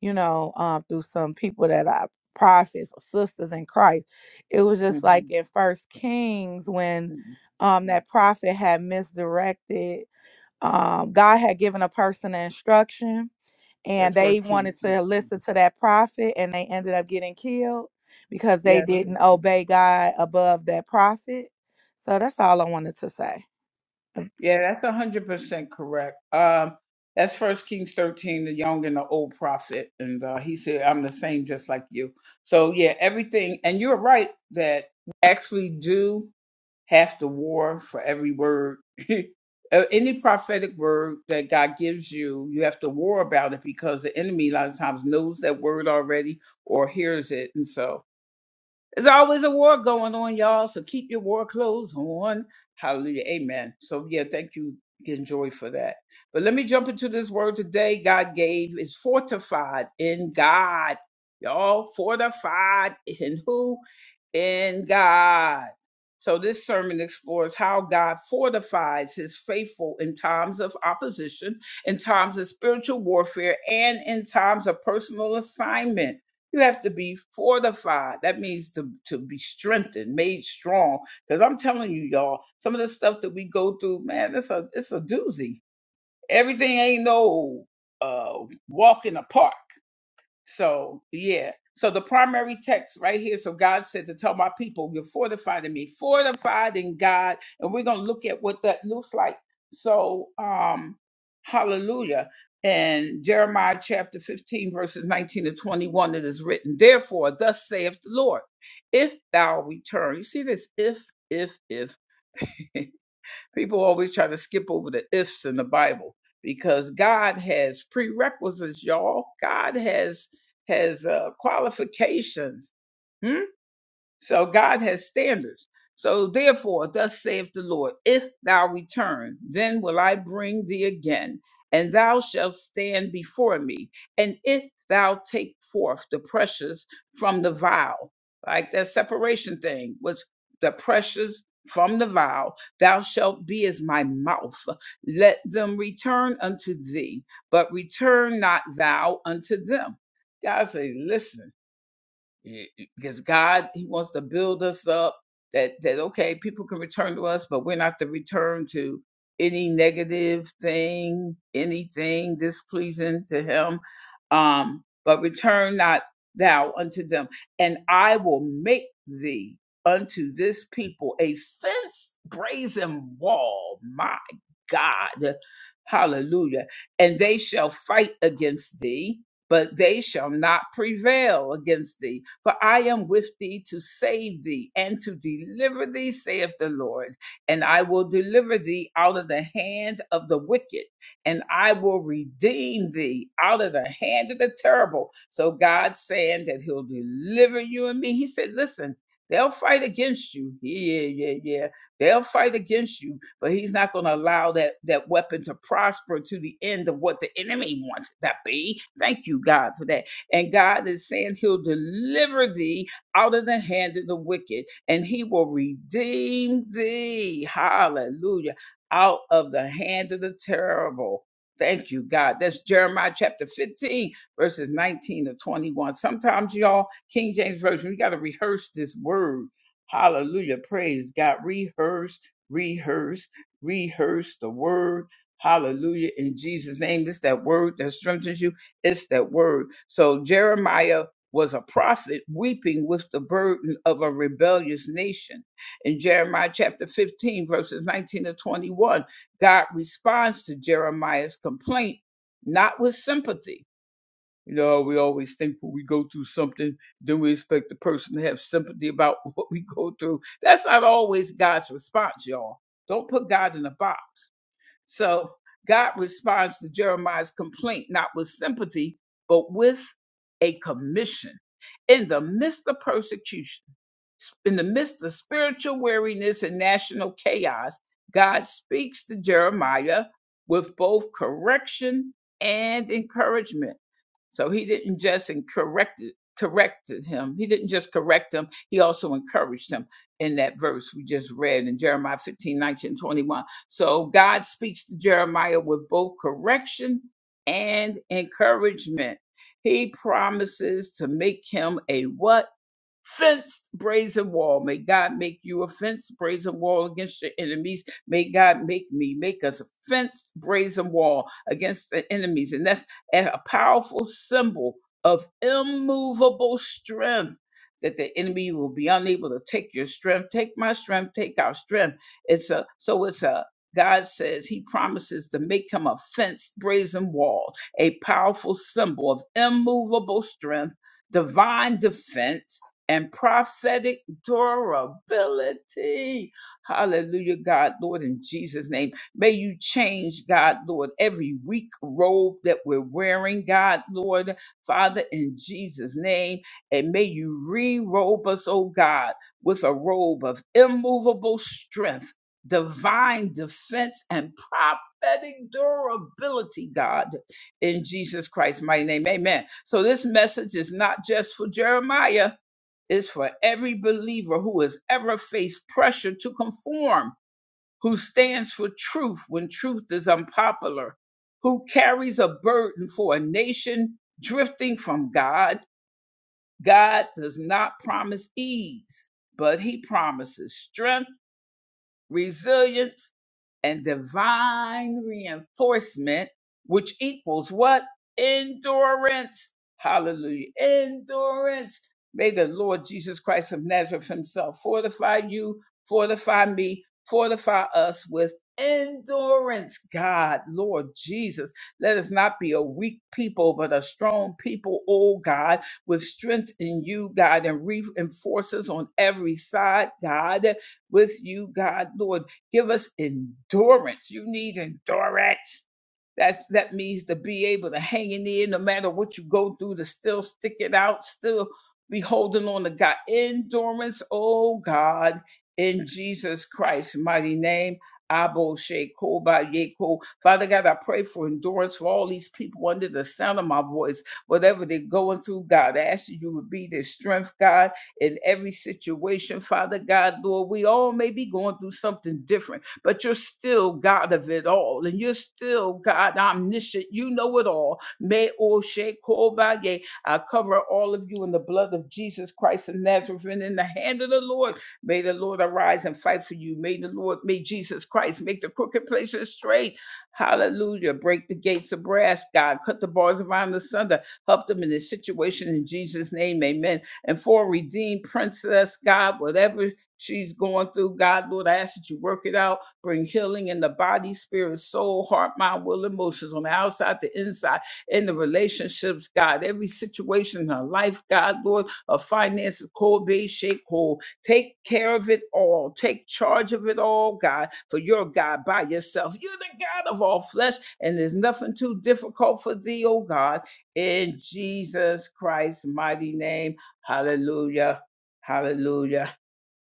[SPEAKER 2] you know, um through some people that are prophets or sisters in Christ. It was just like
[SPEAKER 1] Mhm,
[SPEAKER 2] in First Kings when
[SPEAKER 1] mhm,
[SPEAKER 2] um
[SPEAKER 1] mm.
[SPEAKER 2] that prophet had misdirected um, God had given a person an instruction and
[SPEAKER 1] That's first
[SPEAKER 2] they
[SPEAKER 1] Kings.
[SPEAKER 2] wanted to
[SPEAKER 1] 13.
[SPEAKER 2] listen to that prophet and they ended up getting killed because they
[SPEAKER 1] Yes, sir.
[SPEAKER 2] didn't obey God above that prophet. So that's all I wanted to say. Um,
[SPEAKER 1] yeah, that's a hundred percent correct. Um, that's First Kings thirteen, the young and the old prophet, and uh, he said, "I'm the same, just like you." So yeah, everything, and you're right that we actually do. half the war for every word. Uh, Any prophetic word that God gives you, you have to war about it because the enemy a lot of times knows that word already or hears it. And so there's always a war going on, y'all. So keep your war clothes on. Hallelujah. Amen. So yeah, thank you, Joy, for that. But let me jump into this word today God gave is fortified in God. Y'all fortified in who? in God. So, this sermon explores how God fortifies his faithful in times of opposition, in times of spiritual warfare, and in times of personal assignment. You have to be fortified. That means to, to be strengthened, made strong. Because I'm telling you, y'all, some of the stuff that we go through, man, it's a it's a doozy. Everything ain't no uh walk in the park so, yeah. So the primary text right here. So God said to tell my people, you're fortified in me, fortified in God. And we're going to look at what that looks like. So, um, hallelujah. And Jeremiah chapter 15, verses 19 to 21, it is written, Therefore, thus saith the Lord, if thou return, you see this, if, if, if, People always try to skip over the ifs in the Bible because God has prerequisites, y'all. God has has uh, qualifications. Hmm? So God has standards. So therefore, thus saith the Lord, if thou return, then will I bring thee again, and thou shalt stand before me. And if thou take forth the precious from the vial, like that separation thing was the precious from the vial, thou shalt be as my mouth. Let them return unto thee, but return not thou unto them. God says, listen. Y- y- because God He wants to build us up. That that okay, people can return to us, but we're not to return to any negative thing, anything displeasing to Him. Um, but return not thou unto them, and I will make thee unto this people a fenced brazen wall. My God, Hallelujah. And they shall fight against thee, but they shall not prevail against thee. For I am with thee to save thee and to deliver thee, saith the Lord. And I will deliver thee out of the hand of the wicked, and I will redeem thee out of the hand of the terrible. So God saying that he'll deliver you and me. He said, listen, they'll fight against you. Yeah, yeah, yeah. They'll fight against you but he's not going to allow that that weapon to prosper to the end of what the enemy wants it to be. Thank you, God, for that. And God is saying He'll deliver thee out of the hand of the wicked, and He will redeem thee. Hallelujah! Out of the hand of the terrible. Thank you, God. That's Jeremiah chapter 15, verses 19 to 21. Sometimes, y'all, King James Version, we got to rehearse this word. Hallelujah. Praise God. Rehearse, rehearse rehearse the word. Hallelujah. In Jesus' name, it's that word that strengthens you. It's that word. So Jeremiah was a prophet weeping with the burden of a rebellious nation. In Jeremiah chapter 15, verses 19 to 21, God responds to Jeremiah's complaint, not with sympathy you know, we always think when we go through something, then we expect the person to have sympathy about what we go through. That's not always God's response, y'all. Don't put God in a box. So God responds to Jeremiah's complaint, not with sympathy, but with a commission. In the midst of persecution, in the midst of spiritual weariness and national chaos, God speaks to Jeremiah with both correction and encouragement. So he didn't just and corrected corrected him. He didn't just correct him, he also encouraged him in that verse we just read in Jeremiah 15 19 21. So God speaks to Jeremiah with both correction and encouragement. He promises to make him a what? fenced brazen wall. May God make you a fenced brazen wall against your enemies. May God make me make us a fenced brazen wall against the enemies. And that's a a powerful symbol of immovable strength. That the enemy will be unable to take your strength, take my strength, take our strength. It's a so it's a God says He promises to make him a fenced brazen wall, a powerful symbol of immovable strength, divine defense and prophetic durability. Hallelujah, God, Lord, in Jesus' name. May you change, God, Lord, every weak robe that we're wearing, God, Lord, Father, in Jesus' name. And may you re robe us, oh God, with a robe of immovable strength, divine defense, and prophetic durability, God, in Jesus Christ, my name. Amen. So this message is not just for Jeremiah is for every believer who has ever faced pressure to conform, who stands for truth when truth is unpopular, who carries a burden for a nation drifting from God. God does not promise ease, but He promises strength, resilience, and divine reinforcement, which equals what? Endurance. Hallelujah. Endurance made Himself for the for you, for thee. with endurance. God, Lord Jesus, let us not be a weak people, but a strong people, oh God, with strength in you, God, and reinforces on every side, God, with you, God, Lord. Give us endurance. You need endurance that's that means to be able to hang in there no matter what you go through, to still stick it out, still be holding on to God. Endurance, oh God, in Jesus Christ's mighty name. Abo Sheko Ba Yeko. Father God, I pray for endurance for all these people under the sound of my voice, whatever they're going through, God. I ask you, you would be their strength, God, in every situation, Father God, Lord. We all may be going through something different but you're still God of it all, and you're still God omniscient. You know it all. May Oshe ye. I cover all of you in the blood of Jesus Christ of Nazareth and in the hand of the Lord. May the Lord arise and fight for you. May the Lord, may Jesus Christ make the crooked places straight. Hallelujah. Break the gates of brass, God. Cut the bars of iron asunder. Help them in this situation in Jesus' name. Amen. And for a redeemed princess, God, whatever she's going through, God, Lord, I ask that you work it out. Bring healing in the body, spirit, soul, heart, mind, will, emotions on the outside, the inside, in the relationships, God. Every situation in her life, God, Lord, of finances, cold base, shake whole. Take care of it all. Take charge of it all, God, for you're God by yourself. You're the God of all flesh, and there's nothing too difficult for thee, oh God. In Jesus Christ's mighty name, hallelujah, hallelujah.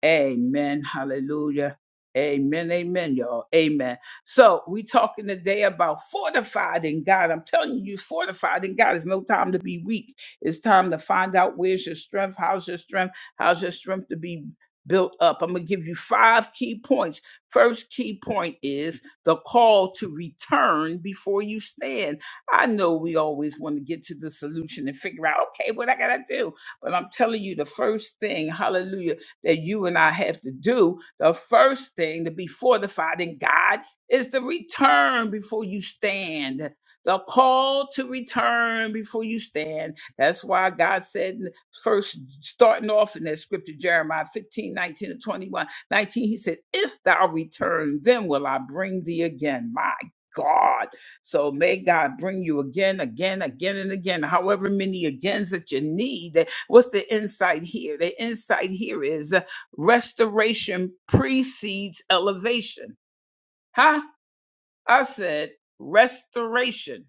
[SPEAKER 1] Amen. Hallelujah. Amen. Amen, y'all. Amen. So we talking today about fortified in God. I'm telling you, you fortified in God. It's no time to be weak. It's time to find out where's your strength, how's your strength, how's your strength to be built up. I'm gonna give you five key points. First key point is the call to return before you stand. I know we always want to get to the solution and figure out, okay, what I gotta do. But I'm telling you, the first thing, hallelujah that you and I have to do, the first thing to be fortified in God is to return before you stand. The call to return before you stand. That's why God said, in the first starting off in that scripture, Jeremiah 15 19 19 and 21, nineteen, he said, If thou return, then will I bring thee again. My God. So may God bring you again, again, again, and again, however many agains that you need. What's the insight here? The insight here is uh, restoration precedes elevation. Huh? I said restoration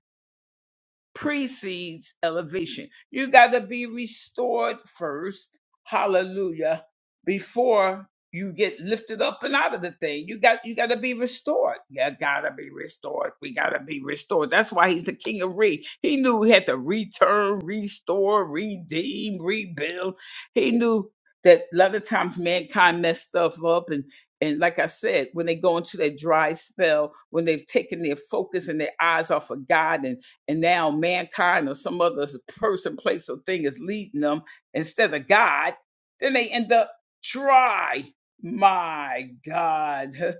[SPEAKER 1] precedes elevation. You got to be restored first. Hallelujah. Before you get lifted up and out of the thing, you got you got to be restored. You got to be restored. We got to be restored. That's why he's the king of re. He knew he had to return, restore, redeem, rebuild. He knew that a lot of times mankind messed stuff up and and like I said, when they go into that dry spell, when they've taken their focus and their eyes off of God and and now mankind or some other person, place, or thing is leading them instead of God, then they end up dry. My God.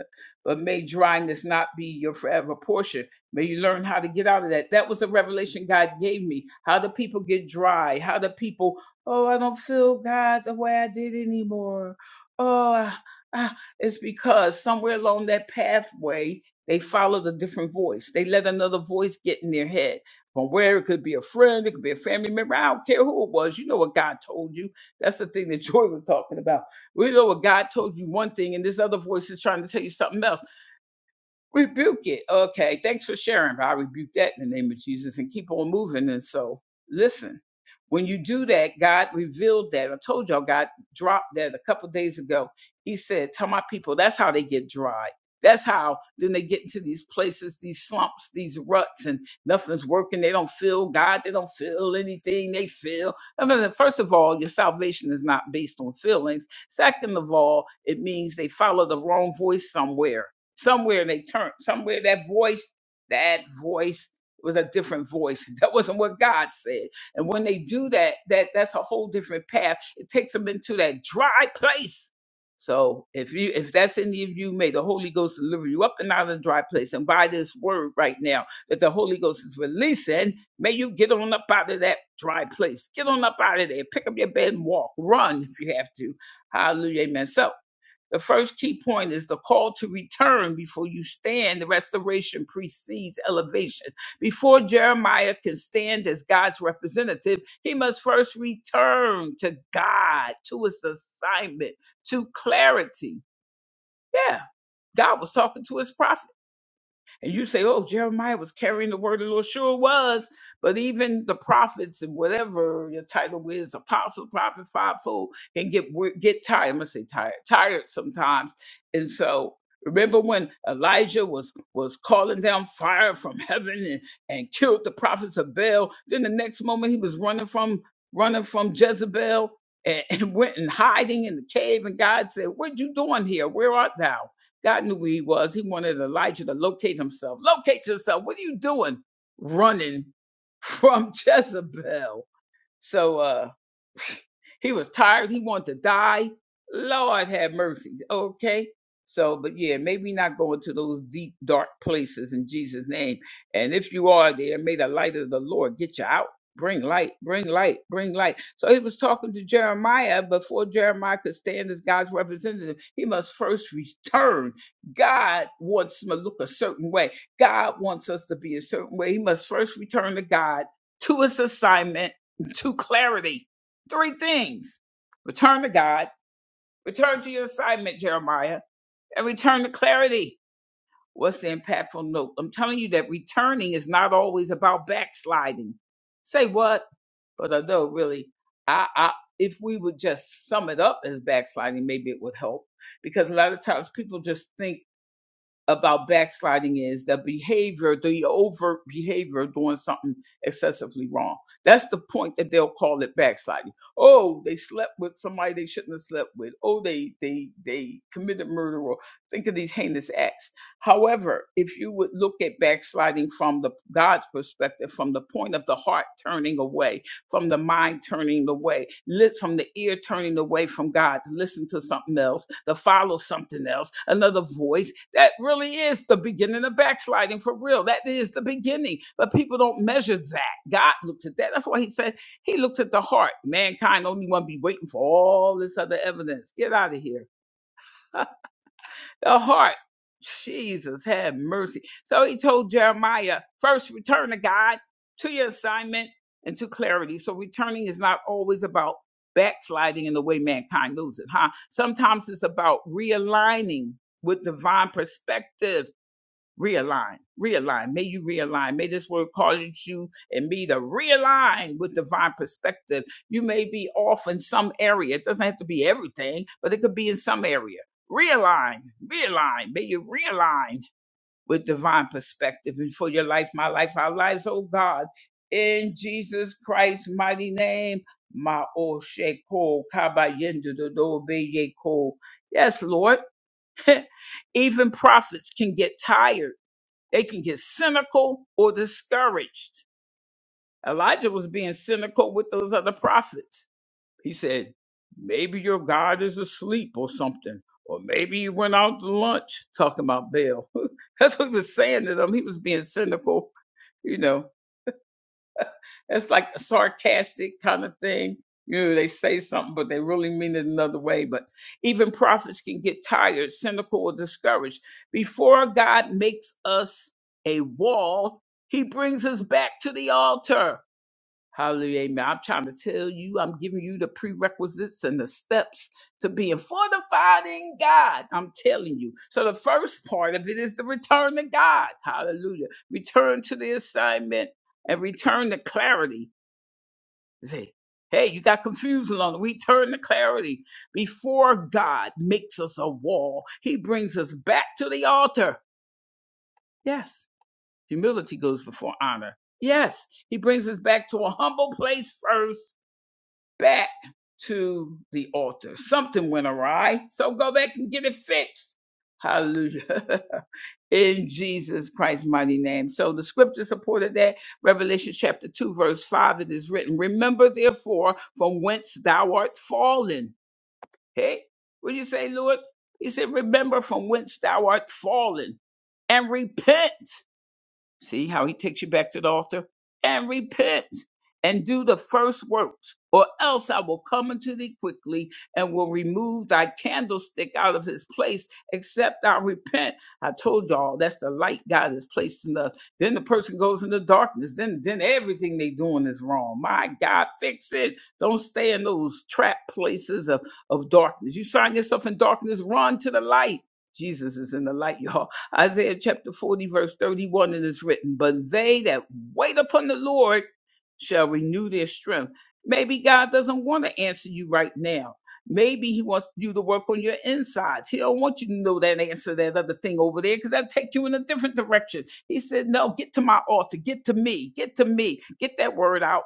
[SPEAKER 1] but may dryness not be your forever portion. May you learn how to get out of that. That was a revelation God gave me. How do people get dry? How do people, oh, I don't feel God the way I did anymore. Oh, I- I-" it's because somewhere along that pathway, they followed a different voice. They let another voice get in their head from where it could be a friend, it could be a family member. I don't care who it was. You know what told you. That's the story we're talking about. We know what God told you one thing, and this other voice will tell you something else. So listen, when you do that, God revealed that. I told y'all, God dropped that a couple days ago. He said, Tell my people, that's how they get dry. That's how then they get into these places, these slumps, these ruts, and nothing's working. They don't feel God. They don't feel anything. They feel. I mean, first of all, your salvation is not based on feelings. Second of all, it means they follow the wrong voice somewhere. Somewhere they turn, somewhere that voice, that voice it was a different voice. That wasn't what God said. And when they do that, that that's a whole different path. It takes them into that dry place. So if you if that's any of you, may the Holy Ghost deliver you up and out of the dry place. And by this word right now that the Holy Ghost is releasing, may you get on up out of that dry place. Get on up out of there. Pick up your bed and walk. Run if you have to. Hallelujah. Amen. So. The first key point is the call to return before you stand. The restoration precedes elevation. Before Jeremiah can stand as God's representative, he must first return to God, to his assignment, to clarity. Yeah, God was talking to his prophet. And you say, oh, Jeremiah was carrying the word of the Lord. Sure was. But even the prophets and whatever your title is, apostle, prophet, fivefold, can get wor- get tired. I'm gonna say tired, tired sometimes. And so remember when Elijah was was calling down fire from heaven and, and killed the prophets of Baal. Then the next moment he was running from running from Jezebel and, and went and hiding in the cave. And God said, What you doing here? Where art thou? God knew where he was. He wanted Elijah to locate himself. Locate yourself. What are you doing running from Jezebel? So, uh, he was tired. He wanted to die. Lord have mercy. Okay. So, but yeah, maybe not going to those deep, dark places in Jesus' name. And if you are there, may the light of the Lord get you out. Bring light, bring light, bring light. So he was talking to Jeremiah before Jeremiah could stand as God's representative. He must first return. God wants him to look a certain way. God wants us to be a certain way. He must first return to God, to his assignment, to clarity Three things return to God, return to your assignment, Jeremiah, and return to clarity. What's the impactful note? I'm telling you that returning is not always about backsliding. Say what? But although, really, I, I, if we would just sum it up as backsliding, maybe it would help. Because a lot of times people just think about backsliding is the behavior, the overt behavior of doing something excessively wrong. That's the point that they'll call it backsliding. Oh, they slept with somebody they shouldn't have slept with. Oh, they they they committed murder or think of these heinous acts. However, if you would look at backsliding from the God's perspective, from the point of the heart turning away, from the mind turning away, lit from the ear turning away from God to listen to something else, to follow something else, another voice. That really is the beginning of backsliding for real. That is the beginning. But people don't measure that. God looks at that. That's why he said he looks at the heart. Mankind only want to be waiting for all this other evidence. Get out of here. The heart. Jesus, have mercy. So he told Jeremiah, first return to God, to your assignment, and to clarity. So returning is not always about backsliding in the way mankind loses, huh? Sometimes it's about realigning with divine perspective realign, realign. May you realign. May this word cause you and me to realign with divine perspective. You may be off in some area. It doesn't have to be everything, but it could be in some area. Realign, realign. May you realign with divine perspective and for your life, my life, our lives, oh God. In Jesus Christ's mighty name, my O Sheko Kabayendu Yes, Lord. Even prophets can get tired they can get cynical or discouraged. Elijah was being cynical with those other prophets. He said, Maybe your God is asleep or something. Or maybe he went out to lunch talking about Baal. That's what he was saying to them. He was being cynical, you know. It's like a sarcastic kind of thing. You know, they say something, but they really mean it another way. But even prophets can get tired, cynical, or discouraged. Before God makes us a wall, he brings us back to the altar. Hallelujah. Amen. I'm trying to tell you, I'm giving you the prerequisites and the steps to being fortified in God. I'm telling you. So the first part of it is the return to God. Hallelujah. Return to the assignment and return to clarity. You Say, hey, you got confused along. the- We turn to clarity. Before God makes us a wall, He brings us back to the altar. Yes, humility goes before honor. Yes, He brings us back to a humble place first, back to the altar. Something went awry, so go back and get it fixed. Hallelujah. in Jesus Christ's mighty name. So the scripture supported that. Revelation chapter 2, verse 5, it is written, Remember therefore from whence thou art fallen. Hey, what did you say, Lord? He said, Remember from whence thou art fallen and repent See how he takes you back to the altar? And repent and do the first works, or else I will come unto thee quickly and will remove thy candlestick out of his place, except thou repent. I told y'all that's the light God has placed in us. Then the person goes into darkness. Then then everything they doing is wrong. My God, fix it. Don't stay in those trap places of, of darkness. You find yourself in darkness, run to the light. Jesus is in the light, y'all. Isaiah chapter 40, verse 31, it is written, But they that wait upon the Lord shall renew their strength. Maybe God doesn't want to answer you right now. Maybe He wants you to work on your insides. He don't want you to know that answer, that other thing over there, because that'll take you in a different direction. He said, No, get to my altar, get to me, get to me, get that word out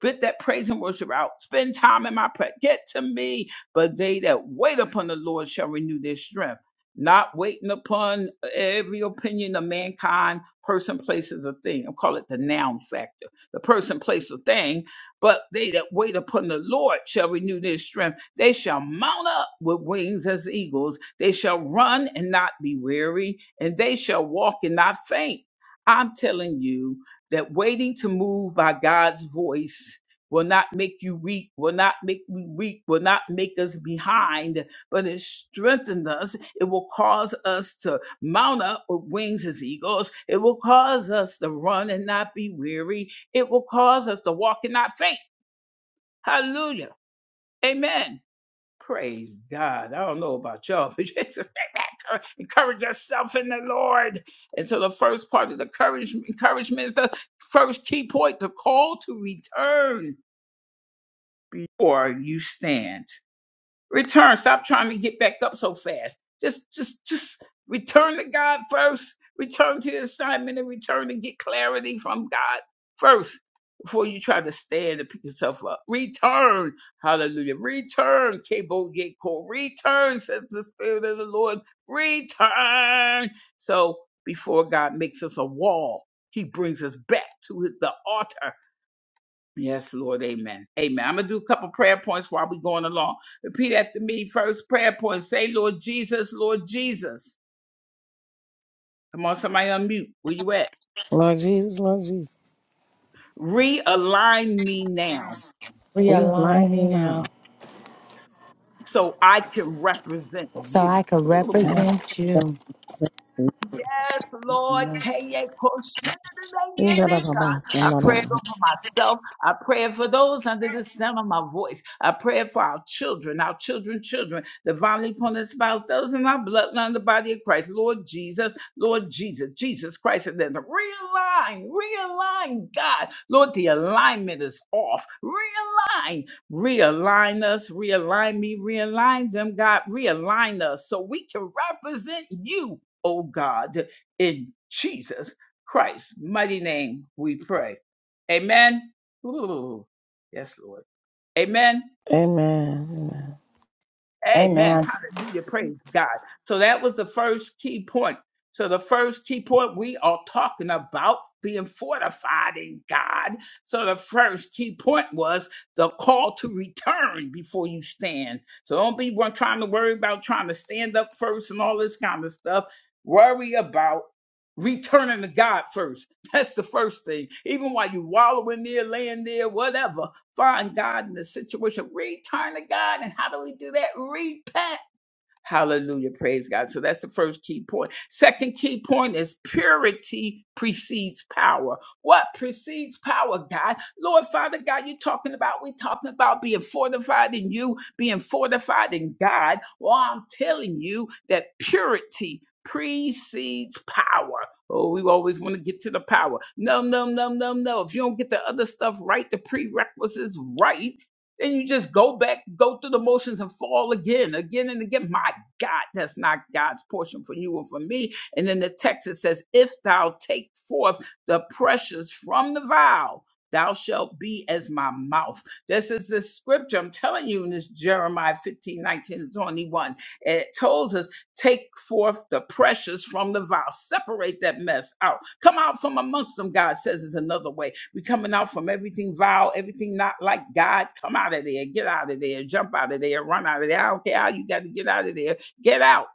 [SPEAKER 1] Get that praise and worship out. Spend time in my prayer. Get to me. But they that wait upon the Lord shall renew their strength. Not waiting upon uh, every opinion of mankind, person, places, a thing. I call it the noun factor. The person, place, a thing. But they that wait upon the Lord shall renew their strength. They shall mount up with wings as eagles. They shall run and not be weary, and they shall walk and not faint. I'm telling you, that waiting to move by God's voice will not make you weak, will not make me weak, will not make us behind, but it strengthens us. It will cause us to mount up with wings as eagles. It will cause us to run and not be weary. It will cause us to walk and not faint. Hallelujah. Amen. Praise God. I don't know about y'all, but just encourage yourself in the Lord. And so the first part of the courage, encouragement is the first key point, the call to return before you stand return. Stop trying to get back up so fast. Just, just, just return to God first. Return to the assignment and return and get clarity from God first before you try to stand and pick yourself up. Return, hallelujah. Return, Cable Yeko. Return, says the Spirit of the Lord. Return. So before God makes us a wall, he brings us back to the altar Yes, Lord, amen. Amen. I'm going to do a couple prayer points while we're going along. Repeat after me. First prayer point say, Lord Jesus, Lord Jesus. Come on, somebody unmute. Where you at?
[SPEAKER 3] Lord Jesus, Lord Jesus,
[SPEAKER 1] Realign me now
[SPEAKER 3] we
[SPEAKER 4] Realign
[SPEAKER 3] align
[SPEAKER 4] me
[SPEAKER 3] you now.
[SPEAKER 4] now
[SPEAKER 1] so I can represent
[SPEAKER 4] so I
[SPEAKER 1] you.
[SPEAKER 4] could represent you.
[SPEAKER 1] Yes, Lord. I pray it
[SPEAKER 3] Amen.
[SPEAKER 1] over myself. I pray it for those under the sound of my voice. I pray it for our children, our children, children, the violently opponent spouse, those in our bloodline, the body of Christ. Lord Jesus, Lord Jesus, Jesus Christ. And then the realign, realign, God. Lord, the alignment is off. Realign, realign us, realign me, realign them, God. Realign us so we can represent you, oh God, in Jesus. Christ's mighty name we pray. Amen. Ooh, yes, Lord. Amen.
[SPEAKER 3] Amen.
[SPEAKER 1] Amen.
[SPEAKER 4] Amen.
[SPEAKER 1] Hallelujah. Praise God. So that was the first key point. So the first key point we are talking about being fortified in God. So the first key point was the call to return before you stand. So don't be one trying to worry about trying to stand up first and all this kind of stuff. Worry about returning to God first. That's the first thing. Even while you wallowing there, laying there, whatever Find God in the situation. Return to God. And how do we do that? Repent. Hallelujah. Praise God. So that's the first key point. Second key point is purity precedes power. What precedes power, God? Lord Father God, you're talking about, we're talking about being fortified in you, being fortified in God. Well, I'm telling you that purity precedes power. Oh, we always want to get to the power. No, no, no, no, no. If you don't get the other stuff right, the prerequisites right, then you just go back, go through the motions and fall again, again and again. My God. That's not God's portion for you and for me. And then the text it says, If thou take forth the precious from the vial, thou shalt be as my mouth. This is the scripture. I'm telling you in this Jeremiah 15, nineteen, and 21. It tells us, take forth the precious from the vial. Separate that mess out. Come out from amongst them, God says is another way. we coming out from everything vile, everything not like God. Come out of there. Get out of there. Jump out of there. Run out of there. I don't care how you got to get out of there Get Out.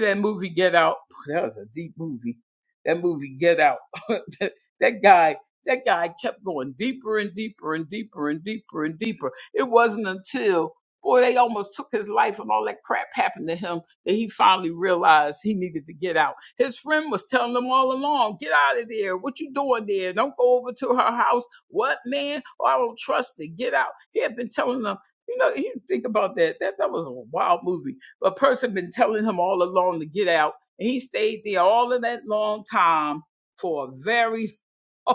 [SPEAKER 1] That movie Get Out. That was a deep movie. That movie Get Out. that that guy that guy kept going deeper and deeper and deeper and deeper and deeper. It wasn't until boy they almost took his life and all that crap happened to him that he finally realized he needed to get out. His friend was telling him all along, get out of there. What you doing there? Don't go over to her house. What man? Oh, I don't trust it. Get out. He had been telling them, you know, you think about that. That that was a wild movie a person been telling him all along to get out. And he stayed there all of that long time for a very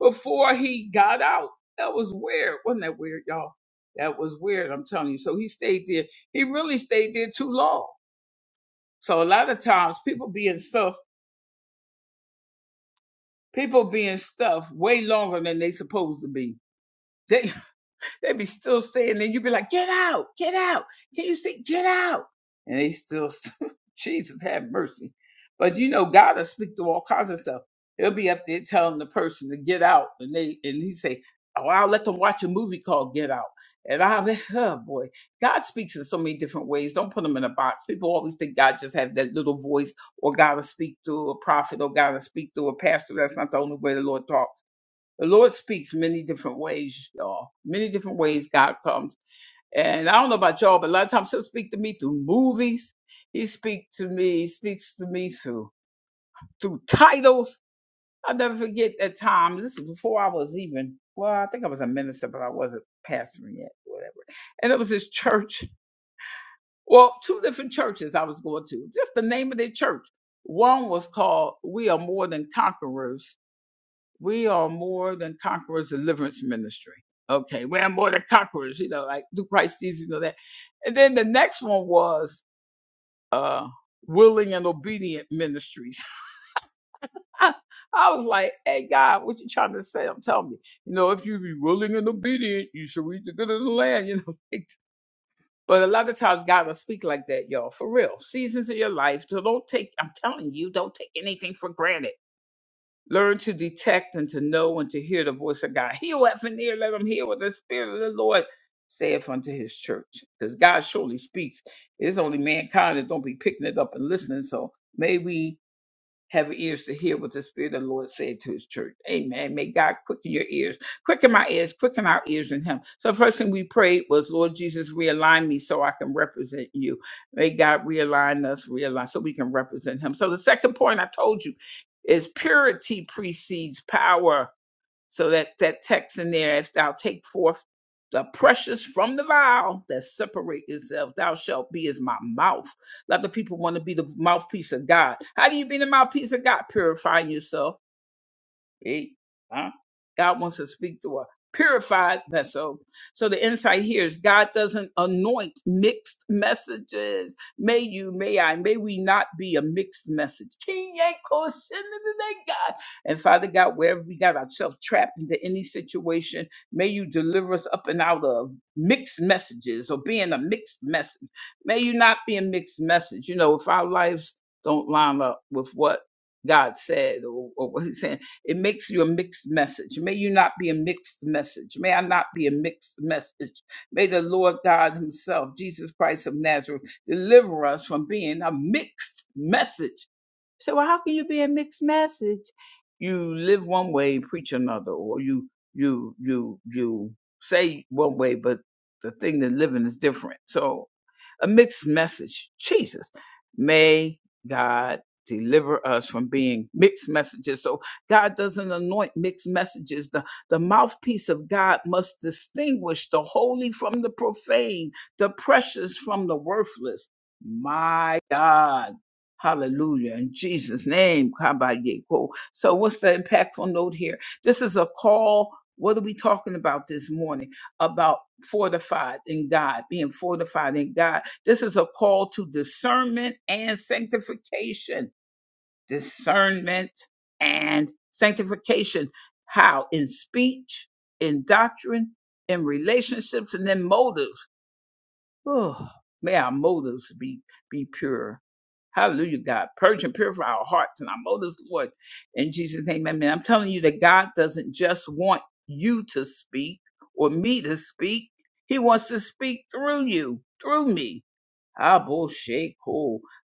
[SPEAKER 1] before he got out. That was weird. Wasn't that weird, y'all? That was weird, I'm telling you. So he stayed there. He really stayed there too long. So a lot of times people being stuff people being stuff way longer than they supposed to be. They'd be still staying there. You'd be like, get out, get out. Can you see, get out? And they still, Jesus have mercy. But you know, God will speak to all kinds of stuff. He'll be up there telling the person to get out. And they, and he say, oh, I'll let them watch a movie called Get Out. And I, will oh boy, God speaks in so many different ways. Don't put him in a box. People always think God just have that little voice, or God will speak through a prophet, or God will speak through a pastor. That's not the only way the Lord talks. The Lord speaks many, many God comes. And I don't know about me things. He speaks me through through titles. I'll never forget that time. when- Well, I think I was a minister, but I wasn't pastoring yet, whatever. And it was this church. Well, two different churches I was going to. Just the name of their church. One was called "We Are More Than Conquerors." We are more than conquerors. Deliverance Ministry. Okay, we are more than conquerors. You know, like through Christ Jesus, you know that. And then the next one was uh, Willing and Obedient Ministries I was like, hey, God, what you trying to say? I'm telling you, you know, if you be willing and obedient, you shall reap the good of the land, you know. But a lot of times God will speak like that, y'all, for real. Seasons of your life. So don't take, I'm telling you, don't take anything for granted. Learn to detect and to know and to hear the voice of God. Heal that an ear, let him hear what the Spirit of the Lord saith unto his church. Because God surely speaks. It's only mankind that don't be picking it up and listening. So may we have ears to hear what the Spirit of the Lord said to his church. Amen. May God quicken your ears, quicken my ears, quicken our ears in him. So the first thing we prayed was, Lord Jesus, realign me so I can represent you. May God realign us, realign so we can represent him. So the second point I told you is purity precedes power. So forth the mouth. A lot of people want to be the mouthpiece of God. How do you be the mouthpiece of God? Purifying yourself See? Huh? God wants to speak to a purified vessel. So the insight here is God doesn't anoint mixed messages. May you, may I, may we not be a mixed message. King Yanko, send it today, God. And Father God, wherever we got ourselves trapped into any situation, may you deliver us up and out of mixed messages or being a mixed message. May you not be a mixed message. You know, if our lives don't line up with what God said or, or what He's saying it makes you a mixed message. May you not be a mixed message. May I not be a mixed message. May the Lord God Himself, Jesus Christ of Nazareth, deliver us from being a mixed message. So how can you be a mixed message? You live one way and preach another, or you you you you say one way, but the thing that living is different. So a mixed message. Jesus, may God deliver us from being mixed messages. So God doesn't anoint mixed messages. The, the mouthpiece of God must distinguish the holy from the profane, the precious from the worthless. My God. Hallelujah. In Jesus' name, Kabayeko. So what's the impactful note here? This is a call. What are we talking about this morning? about fortified in God, being fortified in God. This is a call to discernment and sanctification. Discernment and sanctification. How? In speech, in doctrine, in relationships, and in motives. Oh, may our motives be, be pure. Hallelujah, God. Purge and purify our hearts and our motives, Lord. In Jesus' name, amen. I'm telling you that God doesn't just want you to speak or me to speak. He wants to speak through you, through me abba shake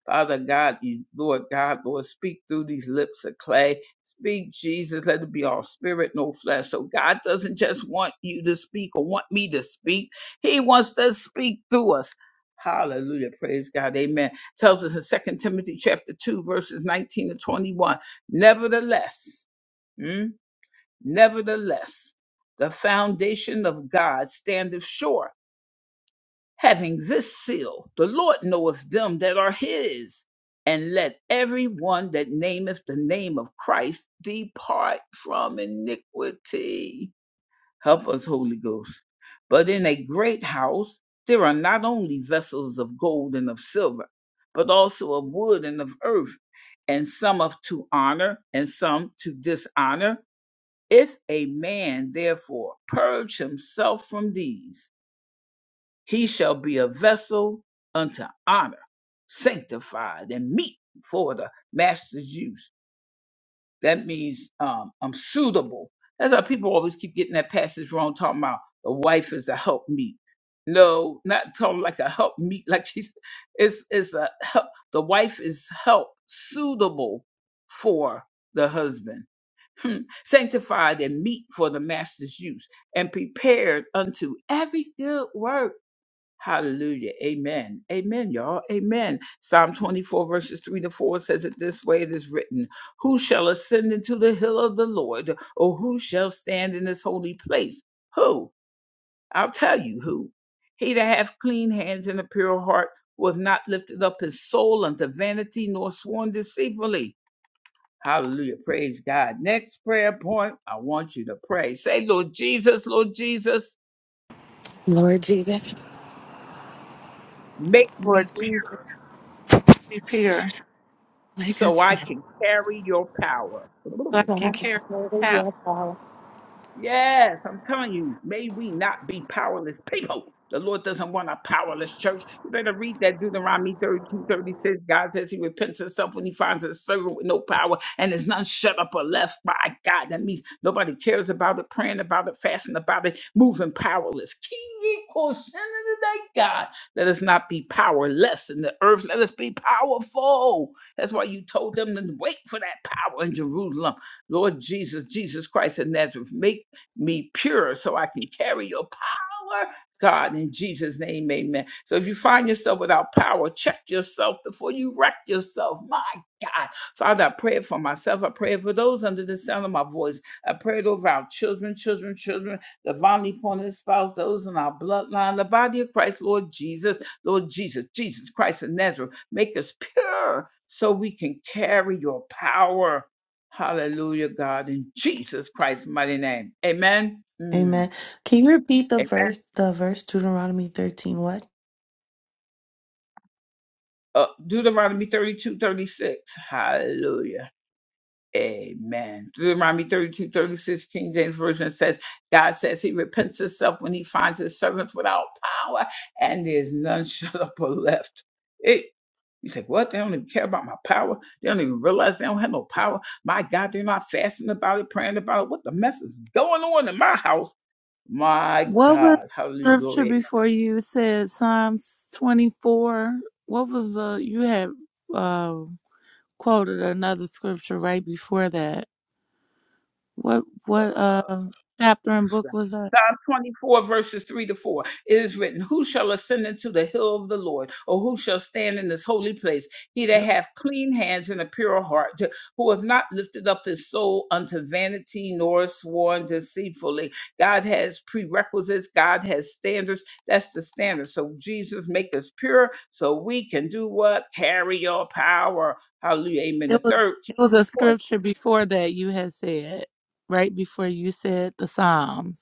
[SPEAKER 1] Father God, you- Lord God, Lord, speak through these lips of clay. Speak, Jesus. Let it be all spirit, no flesh. So God doesn't just want you to speak or want me to speak. He wants to speak through us. Hallelujah. Praise God. Amen. Tells us in Second Timothy chapter 2, verses 19 to 21. Nevertheless, mm, nevertheless, the foundation of God standeth sure having this seal, the Lord knoweth them that are his. And let every one that nameth the name of Christ depart from iniquity. Help us, Holy Ghost. But in a great house there are not only vessels of gold and of silver, but also of wood and of earth, and some of to honor and some to dishonor. If a man therefore purge himself from these, he shall be a vessel unto honor, sanctified, and meet for the master's use. That means um, I'm suitable. That's how people always keep getting that passage wrong, talking about the wife is a help meet. No, not talking like a help meet, like she's it's it's a help the wife is help suitable for the husband, Hmm. sanctified and meet for the master's use, and prepared unto every good work. Hallelujah. Amen. Amen, y'all. Amen. Psalm 24, verses 3 to 4 says it this way it is written Who shall ascend into the hill of the Lord, or who shall stand in his holy place? Who? I'll tell you who. He that hath clean hands and a pure heart, who hath not lifted up his soul unto vanity, nor sworn deceitfully. Hallelujah. Praise God. Next prayer point, I want you to pray. Say, Lord Jesus, Lord Jesus,
[SPEAKER 4] Lord Jesus,
[SPEAKER 1] make me
[SPEAKER 2] Lord Jesus, be pure.
[SPEAKER 4] make
[SPEAKER 1] so
[SPEAKER 4] us
[SPEAKER 1] I
[SPEAKER 4] pure
[SPEAKER 1] can carry your power.
[SPEAKER 2] so I
[SPEAKER 4] so
[SPEAKER 2] can
[SPEAKER 4] I can
[SPEAKER 2] carry
[SPEAKER 4] further
[SPEAKER 2] a child.
[SPEAKER 4] your power.
[SPEAKER 1] Yes, I'm telling you, may we not be powerless people. The Lord doesn't want a powerless church. You better read that Deuteronomy 32, 36. God says he repents himself when he finds a servant with no power and is none shut up or left by God. That means nobody cares about it, praying about it, fasting about it, moving powerless. King equals sin of the day, God. Let us not be powerless in the earth. Let us be powerful. That's why you told them to wait for that power in Jerusalem. Lord Jesus, Jesus Christ of Nazareth, make me pure so I can carry your power. God, in Jesus' name, amen. So if you find yourself without power, check yourself before you wreck yourself. My God. Father, I pray it for myself. I pray it for those under the sound of my voice. I pray it over our children, children, children, divinely appointed spouse, those in our bloodline, the body of Christ, Lord Jesus, Lord Jesus, Jesus Christ of Nazareth. Make us pure so we can carry your power. Hallelujah, God, in Jesus Christ's mighty name. Amen. Mm.
[SPEAKER 5] Amen. Can you repeat the
[SPEAKER 1] Amen.
[SPEAKER 5] verse, the verse Deuteronomy 13? What?
[SPEAKER 1] Uh, Deuteronomy 32 36. Hallelujah. Amen. Deuteronomy thirty-two thirty-six. King James Version says, God says he repents himself when he finds his servants without power, and there's none shut up or left. It, you say, what? They don't even care about my power. They don't even realize they don't have no power. My God, they're not fasting about it, praying about it. What the mess is going on in my house? My
[SPEAKER 2] What was
[SPEAKER 1] God. Hallelujah.
[SPEAKER 2] the scripture
[SPEAKER 1] Glory.
[SPEAKER 2] before you said Psalms 24? What was the, you had uh, quoted another scripture right before that. What, what, uh, chapter and book was that?
[SPEAKER 1] Psalm 24, verses 3 to 4. It is written, Who shall ascend into the hill of the Lord, or who shall stand in his holy place? He that hath clean hands and a pure heart, to- who have not lifted up his soul unto vanity, nor sworn deceitfully. God has prerequisites, God has standards. That's the standard. So Jesus make us pure so we can do what? Carry your power. Hallelujah. Amen. The
[SPEAKER 2] It was,
[SPEAKER 1] third key
[SPEAKER 2] it was a
[SPEAKER 1] point.
[SPEAKER 2] scripture before that you had said, right before you said the Psalms.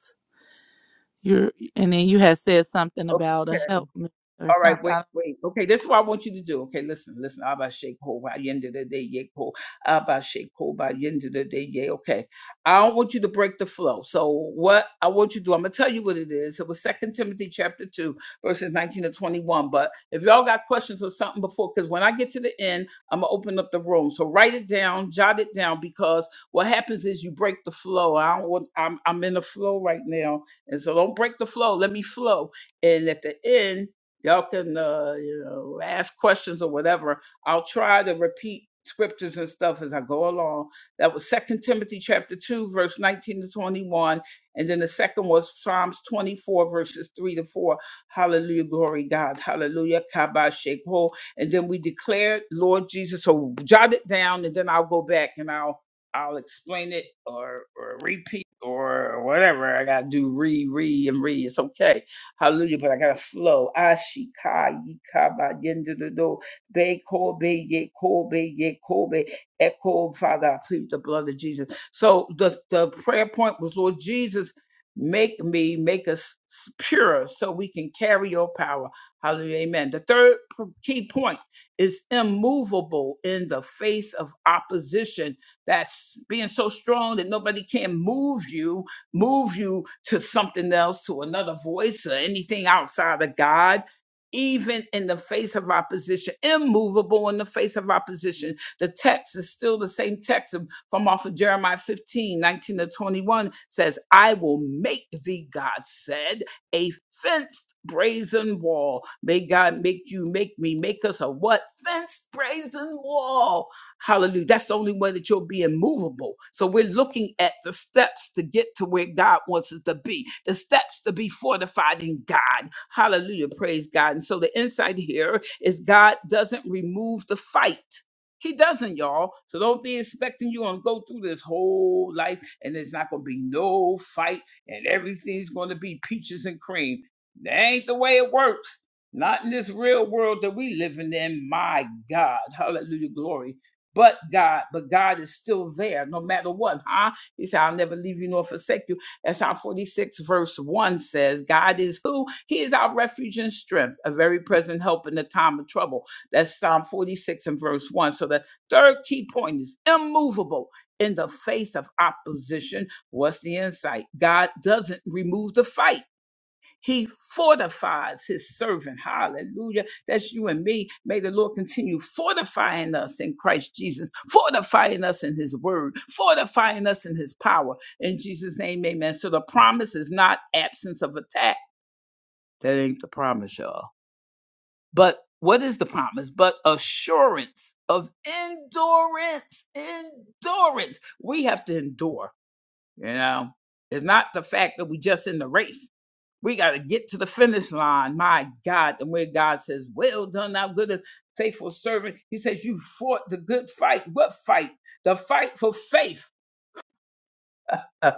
[SPEAKER 2] You're, and then you had said something about a help me or
[SPEAKER 1] All right,
[SPEAKER 2] something.
[SPEAKER 1] wait, wait. Okay, this is what I want you to do. Okay, listen, listen. Abba shake ho by the end of the day, yay ho. Abba shake ho by the end of the day, yay. Okay, I don't want you to break the flow. So what I want you to do, I'm gonna tell you what it is. It was Second Timothy chapter two, verses 19 to 21. But if y'all got questions or something before, because when I get to the end, I'm gonna open up the room. So write it down, jot it down, because what happens is you break the flow. I don't want. I'm I'm in a flow right now, and so don't break the flow. Let me flow. And at the end y'all can uh, you know ask questions or whatever i'll try to repeat scriptures and stuff as i go along that was second timothy chapter 2 verse 19 to 21 and then the second was psalms 24 verses 3 to 4 hallelujah glory god hallelujah kabba shekho and then we declared lord jesus so jot it down and then i'll go back and i'll i'll explain it or, or repeat or whatever i gotta do re re and re it's okay Hallelujah. But I gotta flow. Ashika yika ba yende de do. Be kobe ye kobe ye ko, be. Echo, Father, I plead the blood of Jesus. So the, the prayer point was, Lord Jesus, make me, make us pure so we can carry your power. Hallelujah. Amen. The third p- key point is immovable in the face of opposition. That's being so strong that nobody can move you move you to something else, to another voice or anything outside of God even in the face of opposition, immovable in the face of opposition. The text is still the same text from off of Jeremiah 15 19 to 21 says, I will make thee, God said, a fenced brazen wall. May God make you, make me, make us a what? Fenced brazen wall. Hallelujah. That's the only way that you'll be immovable. So we're looking at the steps to get to where God wants us to be, the steps to be fortified in God Hallelujah. Praise God. And so the insight here is God doesn't remove the fight. He doesn't, y'all. So don't be expecting you to go through this whole life and there's not going to be no fight and everything's going to be peaches and cream. That ain't the way it works. Not in this real world that we living in. My God. Hallelujah. Glory. But God, but God is still there no matter what, huh? He said, I'll never leave you nor forsake you Psalm 46 verse 1 says, God is who? He is our refuge and strength, a very present help in the time of trouble. That's Psalm 46 and verse 1. So the third key point is immovable. In the face of opposition, what's the insight? God doesn't remove the fight. He fortifies his servant. Hallelujah. That's you and me. May the Lord continue fortifying us in Christ Jesus, fortifying us in his word, fortifying us in his power. In Jesus' name, amen. So the promise is not absence of attack. That ain't the promise, y'all. But what is the promise? But assurance of endurance. Endurance. We have to endure, you know. It's not the fact that we just in the race. We got to get to the finish line. My God. And where God says, Well done, thou good and faithful servant. He says, You fought the good fight. What fight? The fight for faith.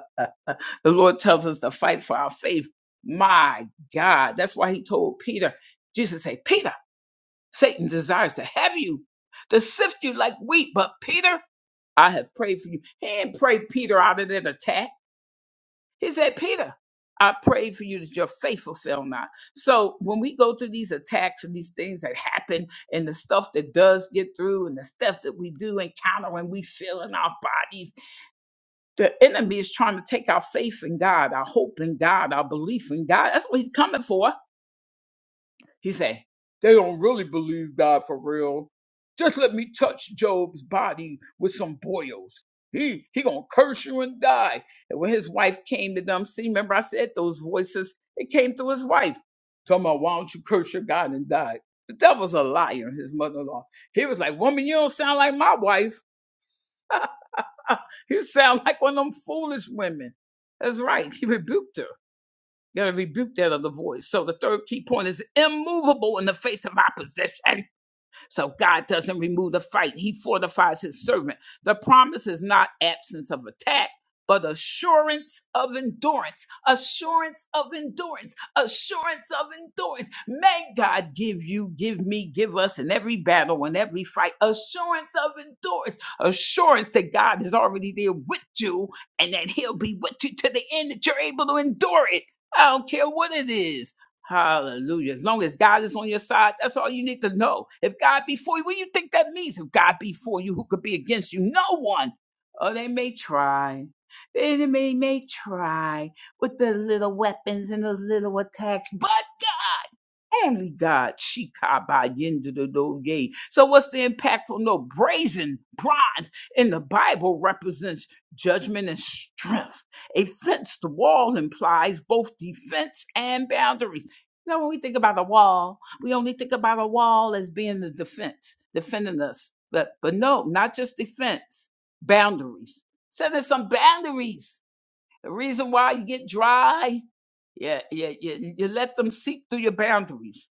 [SPEAKER 1] The Lord tells us to fight for our faith. My God. That's why he told Peter, Jesus said, Peter, Satan desires to have you, to sift you like wheat, but Peter, I have prayed for you. He didn't pray Peter out of that attack. He said, Peter, I prayed for you that your faith will fail not. So when we go through these attacks and these things that happen and the stuff that does get through and the stuff that we do encounter and we feel in our bodies, the enemy is trying to take our faith in God, our hope in God, our belief in God. That's what he's coming for. He said, they don't really believe God for real. Just let me touch Job's body with some boils. He he gonna curse you and die. And when his wife came to them, see, remember I said those voices, it came through his wife. Talking about why don't you curse your God and die? The devil's a liar, his mother-in-law. He was like, Woman, you don't sound like my wife. you sound like one of them foolish women. That's right. He rebuked her. You gotta rebuke that other voice. So the third key point is immovable in the face of opposition. So God doesn't remove the fight, He fortifies His servant. The promise is not absence of attack. But assurance of endurance, assurance of endurance, assurance of endurance. May God give you, give me, give us in every battle, in every fight, assurance of endurance, assurance that God is already there with you and that He'll be with you to the end that you're able to endure it. I don't care what it is. Hallelujah. As long as God is on your side, that's all you need to know. If God be for you, what do you think that means? If God be who could no one. Oh, that the enemy may die with that's but only me. So in bronze in the Bible represents judgment and strength. A fenced wall implies both defense and boundaries. You know, when we think about a wall, we only think about a wall as being the defense, defending us. But but no, not just defense, boundaries. So there's some boundaries. The reason why you get dry Yeah, yeah, yeah. You you let them seek through your boundaries.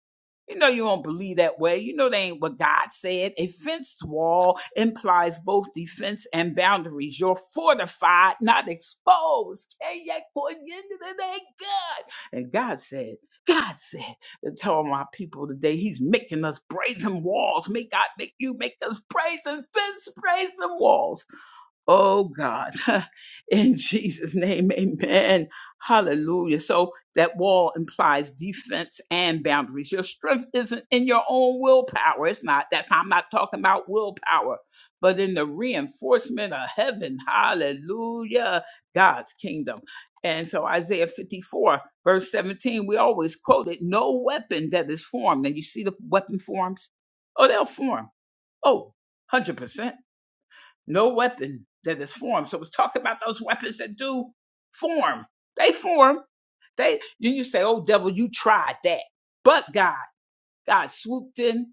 [SPEAKER 1] You know you don't believe that way. You know they ain't what God said. A fenced wall implies both defense and boundaries. You're fortified, not exposed. Hey, yeah, for the end of the day, God. And God said, God said, to tell my people today, He's making us brazen walls. Make God make you make us brazen fence, brazen walls Oh God, in Jesus' name, amen. Hallelujah. So that wall implies defense and boundaries. Your strength isn't in your own willpower. It's not. That's I'm not talking about willpower, but in the reinforcement of heaven. Hallelujah. God's kingdom. And so Isaiah 54, verse 17, we always quote it no weapon that is formed. And you see the weapon forms? Oh, they'll form. Oh, 100% no weapon that is formed. So it's talking about those weapons that do form. They form. They you, you say, oh devil, you tried that. But God, God swooped in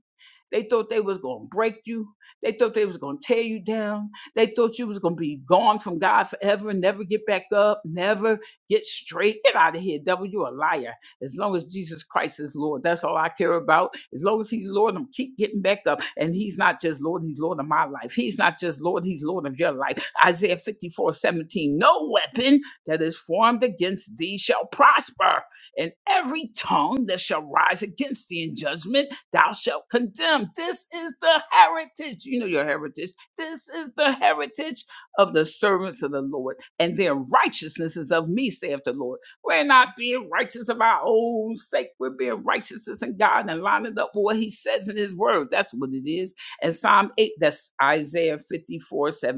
[SPEAKER 1] they thought they was going to break you. They thought they was going to tear you down. They thought you was going to be gone from God forever, never get back up, never get straight. Get out of here, devil. You're a liar. As long as Jesus Christ is Lord, that's all I care about. As long as he's Lord, I'm gonna keep getting back up. And he's not just Lord, he's Lord of my life. He's not just Lord, he's Lord of your life. Isaiah 54 17: no weapon that is formed against thee shall prosper and every tongue that shall rise against thee in judgment Thou shalt condemn. This is the heritage. You know your heritage. This is the heritage of the servants of the Lord. And their righteousness is of me, saith the Lord. We're not being righteous of our own sake. We're being righteousness in God and lining up with what he says in his word. That's what it is. And Psalm 8, that's Isaiah 54 17.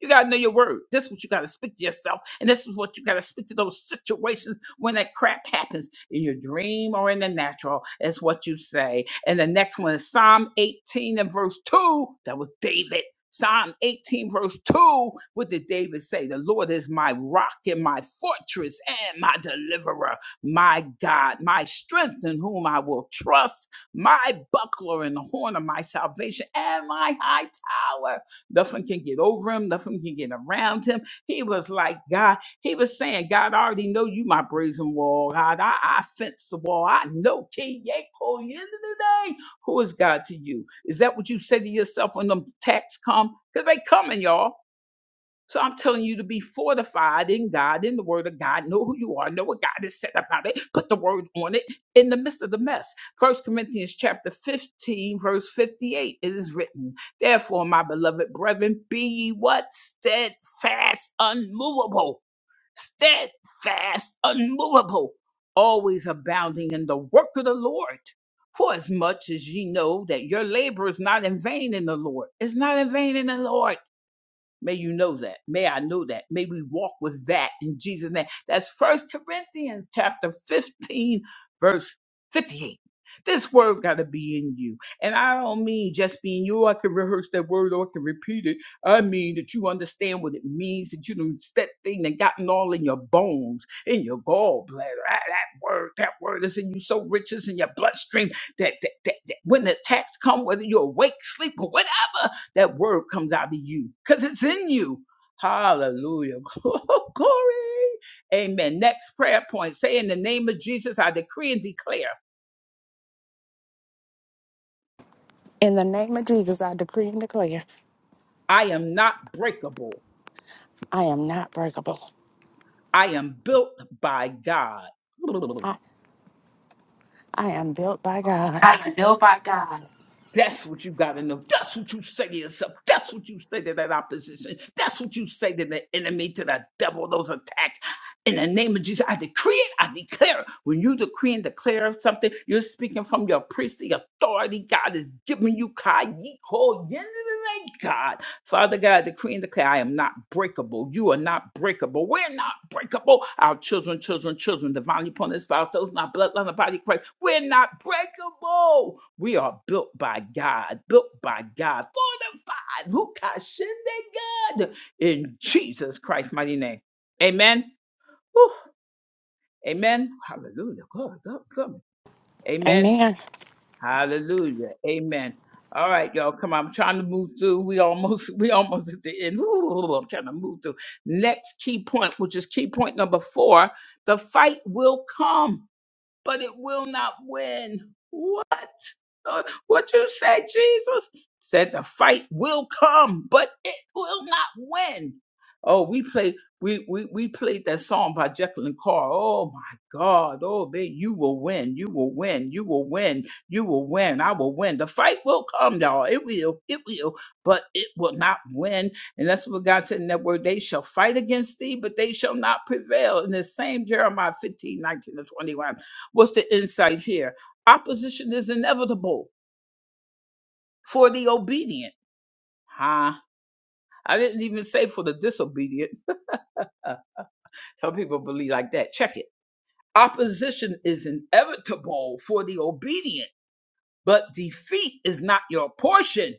[SPEAKER 1] You gotta know your word. This is what you gotta speak to yourself, and this is what you gotta speak to those situations when that crap happens in your dream or in the natural, is what you say. And the next one is Psalm 18 and verse 2. That was David. Psalm 18, verse 2. What did David say? The Lord is my rock and my fortress and my deliverer, my God, my strength in whom I will trust, my buckler and the horn of my salvation, and my high tower. Nothing can get over him, nothing can get around him. He was like God. He was saying, God, I already know you, my brazen wall. God, I, I sense the wall. I know King Yako, the end of the day. Who is God to you? Is that what you say to yourself when them attacks come? Because they coming, y'all. So I'm telling you to be fortified in God, in the word of God. Know who you are. Know what God has said about it. Put the word on it in the midst of the mess. First Corinthians chapter 15, verse 58. It is written, Therefore, my beloved brethren, be ye what? Steadfast, unmovable steadfast, unmovable, always abounding in the work of the Lord. For as much as ye know that your labor is not in vain in the Lord, it's not in vain in the Lord. May you know that. May I know that. May we walk with that in Jesus' name. That's First Corinthians chapter 15, verse 58. This word got to be in you. And I don't mean just being you, I can rehearse that word or I can repeat it. I mean that you understand what it means, that you done set thing that gotten all in your bones, in your gallbladder. Ah, that word, that word is in you so rich, it's in your bloodstream that, that, that, that when the attacks come, whether you're awake, sleep, or whatever that word comes out of you because it's in you. Hallelujah. Glory. Amen. Next prayer point say, In the name of Jesus, I decree and declare
[SPEAKER 4] In the name of Jesus, I decree and declare
[SPEAKER 1] I am not breakable,
[SPEAKER 4] I am not breakable.
[SPEAKER 1] I am built by God.
[SPEAKER 4] I, I am built by God.
[SPEAKER 6] I am built by God.
[SPEAKER 1] That's what you got to know. That's what you say to yourself. That's what you say to that opposition. That's what you say to the enemy, to the devil, those attacks. In the name of Jesus, I decree it, I declare it. When you decree and declare something, you're speaking from your priestly authority. God is giving you God. Father God, decree and declare, I am not breakable. You are not breakable. We're not breakable. Our children, children, children, divinely upon this spouse, those not bloodline the body of Christ. We're not breakable. We are built by God, built by God, fortified. Hukashende God in Jesus Christ's mighty name. Amen. Whew. Amen. Hallelujah. God, God, come. Amen.
[SPEAKER 4] Amen.
[SPEAKER 1] Hallelujah. Amen. All right, y'all, come on. I'm trying to move through. We almost we almost at the end. Ooh, I'm trying to move through. Next key point, which is key point number four, the fight will come, but it will not win. What? Lord, what you said, Jesus, said the fight will come, but it will not win. Oh, we played we we we played that song by Jekyll and Carr. Oh my God. Oh man, you will win. You will win. You will win. You will win. I will win. The fight will come, y'all. It will. It will. But it will not win. And that's what God said in that word. They shall fight against thee, but they shall not prevail. In the same Jeremiah 15 19 to 21. What's the insight here? Opposition is inevitable for the obedient. Huh? I didn't even say for the disobedient. Some people believe like that. Check it. Opposition is inevitable for the obedient but defeat is not your portion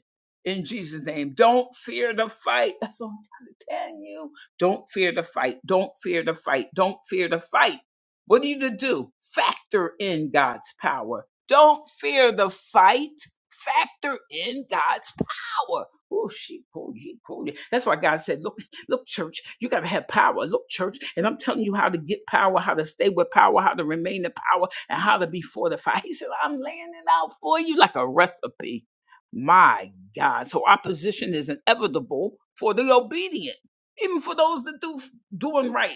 [SPEAKER 1] in Jesus' name. Don't fear the fight. That's all I'm trying to tell you. Don't fear the fight. Don't fear the fight. Don't fear the fight. What are you to do? Factor in God's power. Don't fear the fight. Factor in God's power. Oh, she pulled you, pulled you. That's why God said, Look, look, church, you got to have power. Look, church, and I'm telling you how to get power, how to stay with power, how to remain in power and how to be fortified. He said, I'm laying it out for you like a recipe. My God. So opposition is inevitable for the obedient, even for those that do doing right.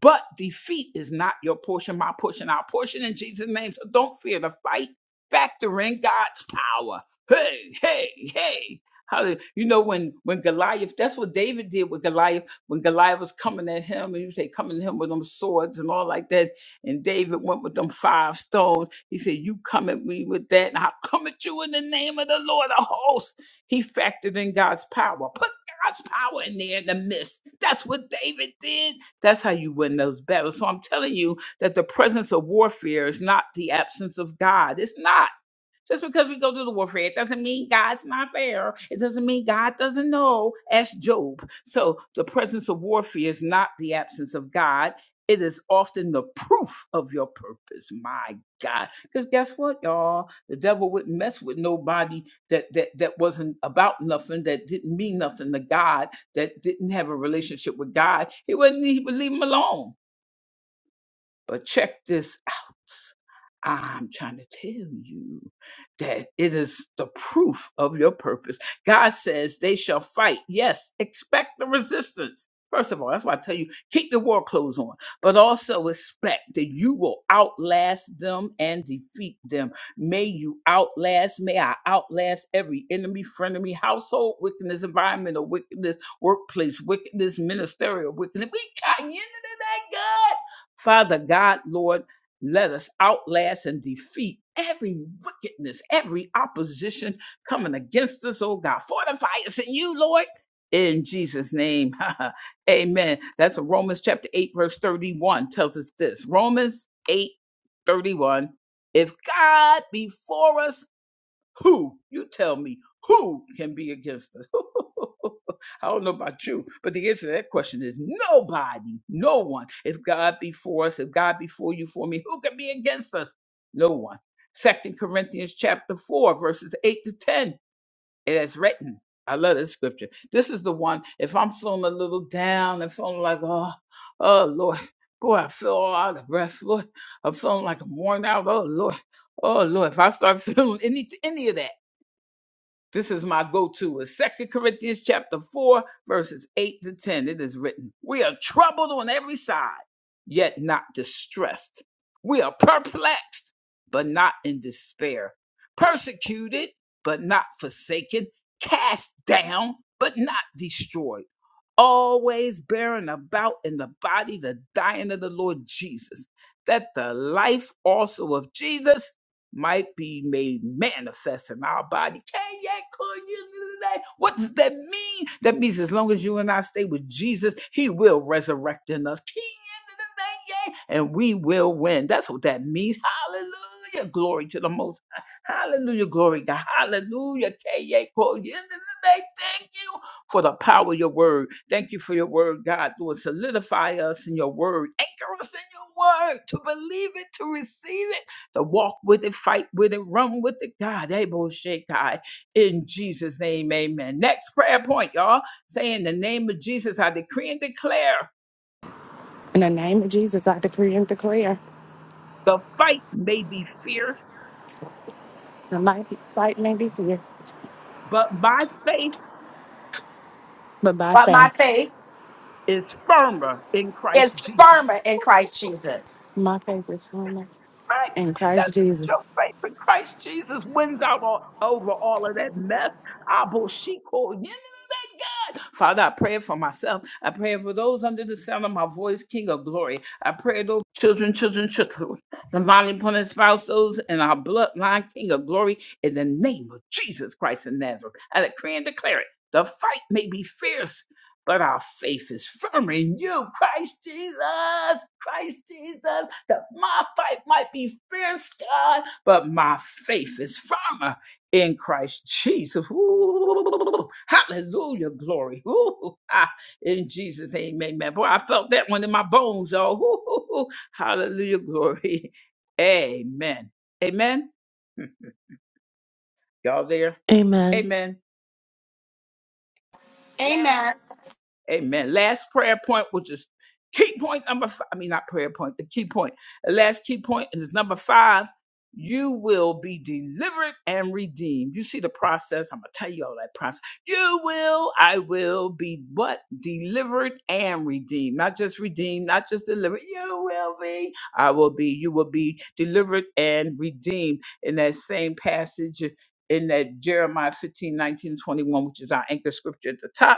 [SPEAKER 1] But defeat is not your portion, my portion, our portion in Jesus' name. So don't fear the fight. Factor in God's power. Hey, hey, hey. Hallelujah. You know, when when Goliath, that's what David did with Goliath. When Goliath was coming at him, and he was say, coming at him with them swords and all like that. And David went with them five stones. He said, You come at me with that, and I'll come at you in the name of the Lord of hosts. He factored in God's power. Put God's power in there in the midst. That's what David did. That's how you win those battles. So I'm telling you that the presence of warfare is not the absence of God. It's not. Just because we go through the warfare, it doesn't mean God's not there. It doesn't mean God doesn't know. Ask Job. So the presence of warfare is not the absence of God. It is often the proof of your purpose. My God. Because guess what, y'all? The devil wouldn't mess with nobody that, that that wasn't about nothing, that didn't mean nothing to God, that didn't have a relationship with God. He wouldn't he would leave him alone. But check this out. I'm trying to tell you that it is the proof of your purpose. God says they shall fight. Yes, expect the resistance. First of all, that's why I tell you keep the war clothes on, but also expect that you will outlast them and defeat them. May you outlast, may I outlast every enemy, frenemy, household wickedness, environmental wickedness, workplace wickedness, ministerial wickedness. We got you into that, God. Father God, Lord let us outlast and defeat every wickedness, every opposition coming against us, oh God. Fortify us in you, Lord. In Jesus' name. Amen. That's what Romans chapter 8, verse 31 tells us this. Romans 8 31. If God be for us, who, you tell me, who can be against us? I don't know about you, but the answer to that question is nobody, no one. If God be for us, if God be for you, for me, who can be against us? No one. Second Corinthians chapter 4, verses 8 to 10. It is written. I love this scripture. This is the one, if I'm feeling a little down and feeling like, oh, oh, Lord, boy, I feel all out of breath. Lord, I'm feeling like I'm worn out. Oh, Lord, oh, Lord, if I start feeling any, any of that. This is my go-to is 2 Corinthians chapter 4, verses 8 to 10. It is written, We are troubled on every side, yet not distressed. We are perplexed, but not in despair. Persecuted, but not forsaken. Cast down, but not destroyed always bearing about in the body the dying of the Lord Jesus, that the life also of Jesus might be made manifest in our body. Can you call you today? What does that mean? That means as long as you and I stay with Jesus, He will resurrect in us. Can you today? Yeah. And we will win. That's what that means. Hallelujah. Glory to the most. High. Hallelujah. Glory to God. Hallelujah. Can you call you today? Thank you for the power of your word. Thank you for your word, God. Lord, solidify us in your word. Anchor us in your word to believe it, to receive it, to walk with it, fight with it, run with it, God. Able Shekai. In Jesus' name, amen. Next prayer point, y'all. Say in the name of Jesus, I decree and declare
[SPEAKER 4] In the name of Jesus, I decree and declare
[SPEAKER 1] the fight may be fierce,
[SPEAKER 4] the mighty fight may be fear,
[SPEAKER 1] but my faith
[SPEAKER 4] but by
[SPEAKER 6] But my
[SPEAKER 4] faith,
[SPEAKER 6] faith
[SPEAKER 1] is firmer in Christ
[SPEAKER 6] is
[SPEAKER 1] Jesus.
[SPEAKER 6] firmer in Christ Jesus.
[SPEAKER 4] my faith is firmer
[SPEAKER 1] Right.
[SPEAKER 4] in
[SPEAKER 1] That
[SPEAKER 4] Christ
[SPEAKER 1] means
[SPEAKER 4] Jesus.
[SPEAKER 1] your faith in Christ Jesus wins out all, over all of that mess. Abu Shiko. Yeah, God. Father, I pray for myself. I pray for those under the sound of my voice, King of Glory. I pray those children, children, children, the body upon their spouse, those our bloodline, King of Glory, in the name of Jesus Christ of Nazareth. I decree and declare it. The fight may be fierce, but our faith is firm in you, Christ Jesus. Christ Jesus, that my fight might be fierce, God, but my faith is firmer in Christ Jesus. Ooh, hallelujah, glory. Ooh, ah, in Jesus' name, amen. Boy, I felt that one in my bones, y'all. Ooh, hallelujah, glory. Amen. Amen. Y'all there?
[SPEAKER 5] Amen.
[SPEAKER 1] Amen.
[SPEAKER 6] Amen.
[SPEAKER 1] Amen. Last prayer point, which is key point number five. I mean, not prayer point, the key point. The last key point is number five. You will be delivered and redeemed. You see the process. I'm going to tell you all that process. You will, I will be what? Delivered and redeemed. Not just redeemed, not just delivered. You will be, I will be, you will be delivered and redeemed. In that same passage in that Jeremiah 15, nineteen, 21, which is our anchor scripture at the top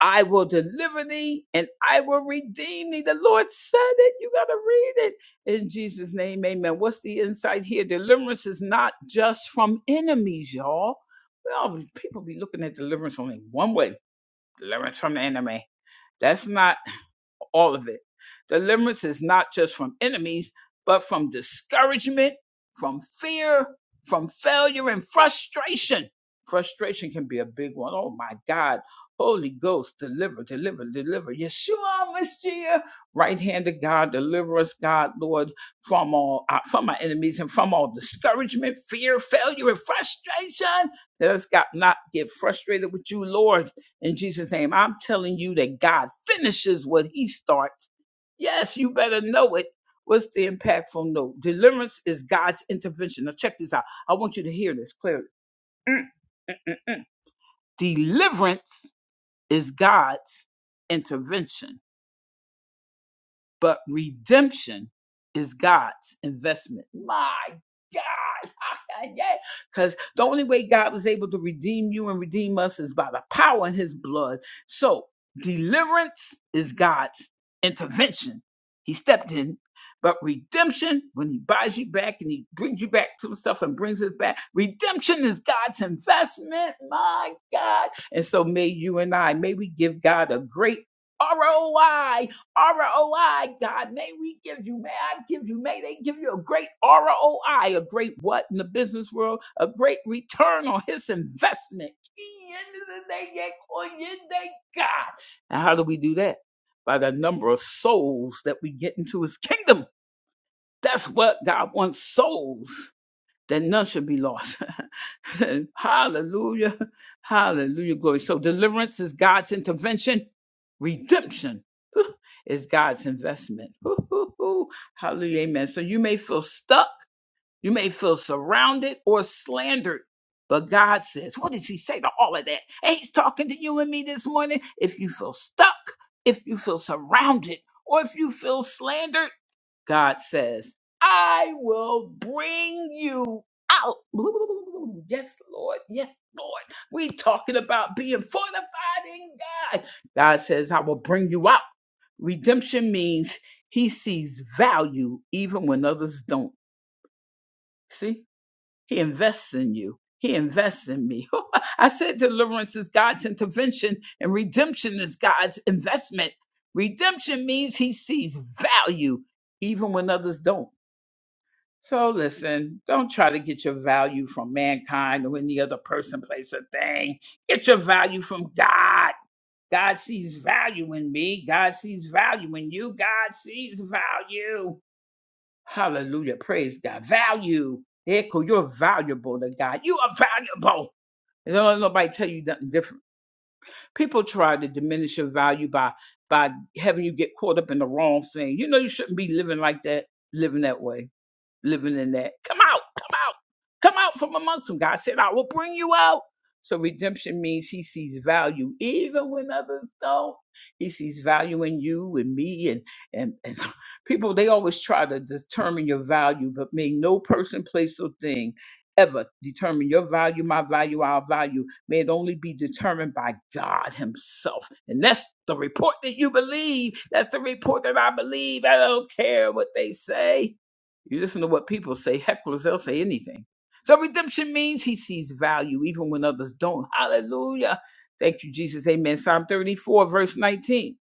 [SPEAKER 1] I will deliver thee and I will redeem thee. The Lord said it. You got to read it in Jesus' name. Amen. What's the insight here? Deliverance is not just from enemies, y'all. Well, people be looking at deliverance only one way deliverance from the enemy. That's not all of it. Deliverance is not just from enemies, but from discouragement, from fear, from failure, and frustration. Frustration can be a big one. Oh my God. Holy Ghost, deliver, deliver, deliver. Yeshua, Messiah, right hand of God, deliver us, God, Lord, from all uh, from our enemies and from all discouragement, fear, failure, and frustration. Let us God not get frustrated with you, Lord in Jesus' name. I'm telling you that God finishes what he starts. Yes, you better know it. What's the impactful note? Deliverance is God's intervention. Now, check this out. I want you to hear this clearly. Mm. Deliverance is God's intervention, but redemption is God's investment. My God. Yeah. Because the only way God was able to redeem you and redeem us is by the power in his blood. So, is God's intervention. He stepped in. But redemption, when he buys you back and he brings you back to himself, and his back, redemption is God's investment. My God. And so may you and I, may we give God a great ROI my God, may we give you, may I give you, may they give you a great ROI, a great what in the business world, a great return on his investment. God. And how do we do that? By the number of souls that we get into his kingdom. That's what God wants souls, that none should be lost. Hallelujah. Hallelujah. Glory. So deliverance is God's intervention Redemption whew, is God's investment. Whew, whew, whew. Hallelujah. Amen. So you may feel stuck, you may feel surrounded or slandered. But God says, what does he say to all of that? And he's talking to you and me this morning. If you feel stuck, if you feel surrounded, or if you feel slandered, God says, I will bring you out. Yes, Lord. Yes, Lord. We talking about being fortified in God. God says, I will bring you out. Redemption means he sees value even when others don't. See, he invests in you. He invests in me. I said deliverance is God's intervention and redemption is God's investment. Redemption means he sees value even when others don't. So listen, don't try to get your value from mankind or any other person, place, or thing. Get your value from God. God sees value in me. God sees value in you. God sees value. Hallelujah. Praise God. Value. Echo, you're valuable to God. You are valuable. And don't let nobody tell you nothing different. People try to diminish your value by by having you get caught up in the wrong thing. You know you shouldn't be living like that, living that way living in that. Come out, come out, come out from amongst them. God said, I will bring you out. So redemption means he sees value even when others don't. He sees value in you and me and and, and people they always try to determine your value, but may no person, place, or thing ever determine your value, my value, our value. May it only be determined by God Himself. And that's the report that you believe. That's the report that I believe. I don't care what they say. You listen to what people say, hecklers, they'll say anything. So redemption means he sees value even when others don't. Hallelujah. Thank you, Jesus. Amen. Psalm 34, verse 19.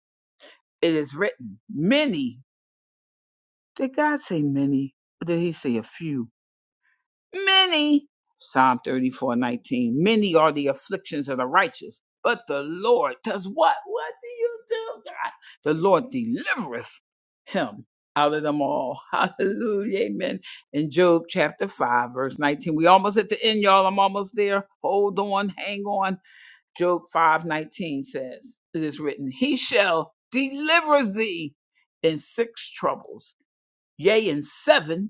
[SPEAKER 1] It is written, many. Did God say many? Or did he say a few? Many, Psalm 34 19. many are the afflictions of the righteous, but the Lord does what? What do you do, God? The Lord delivereth him out of them all. Hallelujah. Amen. In Job chapter 5, verse 19. We almost at the end, y'all. I'm almost there. Hold on, hang on. Job 5 19 says, It is written, He shall deliver thee in six troubles, yea, in seven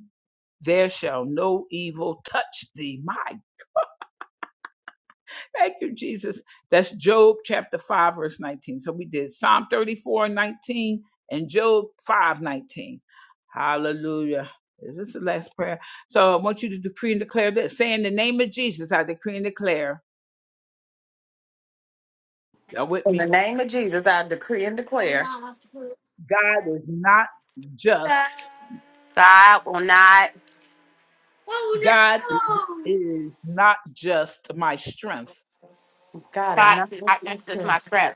[SPEAKER 1] there shall no evil touch thee. My, thank you, Jesus. That's Job chapter 5, verse 19. So we did Psalm 34, 19, and Job 5, 19. Hallelujah. Is this the last prayer? So I want you to decree and declare this. Say in the name of Jesus, I decree and declare. Y'all with
[SPEAKER 4] In the
[SPEAKER 1] me?
[SPEAKER 4] name of Jesus, I decree and declare
[SPEAKER 1] God is not just.
[SPEAKER 6] God will not,
[SPEAKER 1] God is not just my strength.
[SPEAKER 4] God is
[SPEAKER 6] God
[SPEAKER 4] not
[SPEAKER 6] is
[SPEAKER 4] with
[SPEAKER 6] not
[SPEAKER 4] my
[SPEAKER 6] just just
[SPEAKER 4] friend.
[SPEAKER 6] my friend.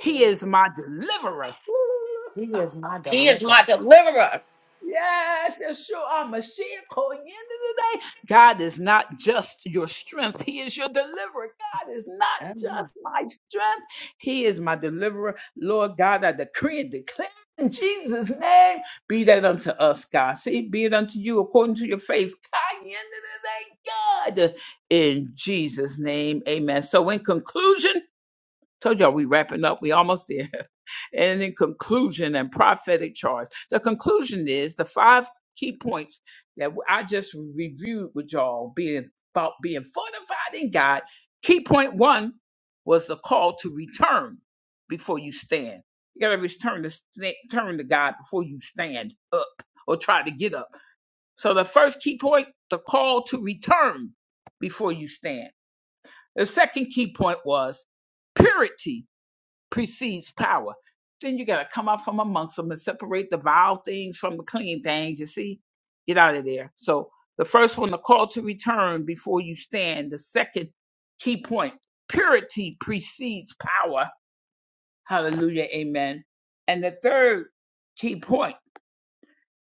[SPEAKER 1] He is my deliverer.
[SPEAKER 4] He is my
[SPEAKER 6] He is
[SPEAKER 4] deliverer.
[SPEAKER 6] my deliverer.
[SPEAKER 1] Yes, Yeshua Mashiach calling in the day. God is not just your strength, He is your deliverer. God is not just
[SPEAKER 4] Amen.
[SPEAKER 1] my strength, He is my deliverer. Lord God, I decree and declare in Jesus' name, be that unto us, God. See, be it unto you according to your faith. God, in the day, God, in Jesus' name, amen. So, in conclusion, told y'all we wrapping up, we almost there. And in conclusion and prophetic charge, the conclusion is the five key points that I just reviewed with y'all being about being fortified in God. Key point one was the call to return before you stand. You got to return to sta- turn to God before you stand up or try to get up. So the first key point, the call to return before you stand. The second key point was purity precedes power. Then you got to come out from amongst them and separate the vile things from the clean things. You see, get out of there. So the first one, the call to return before you stand. The second key point, purity precedes power. Hallelujah, amen. And the third key point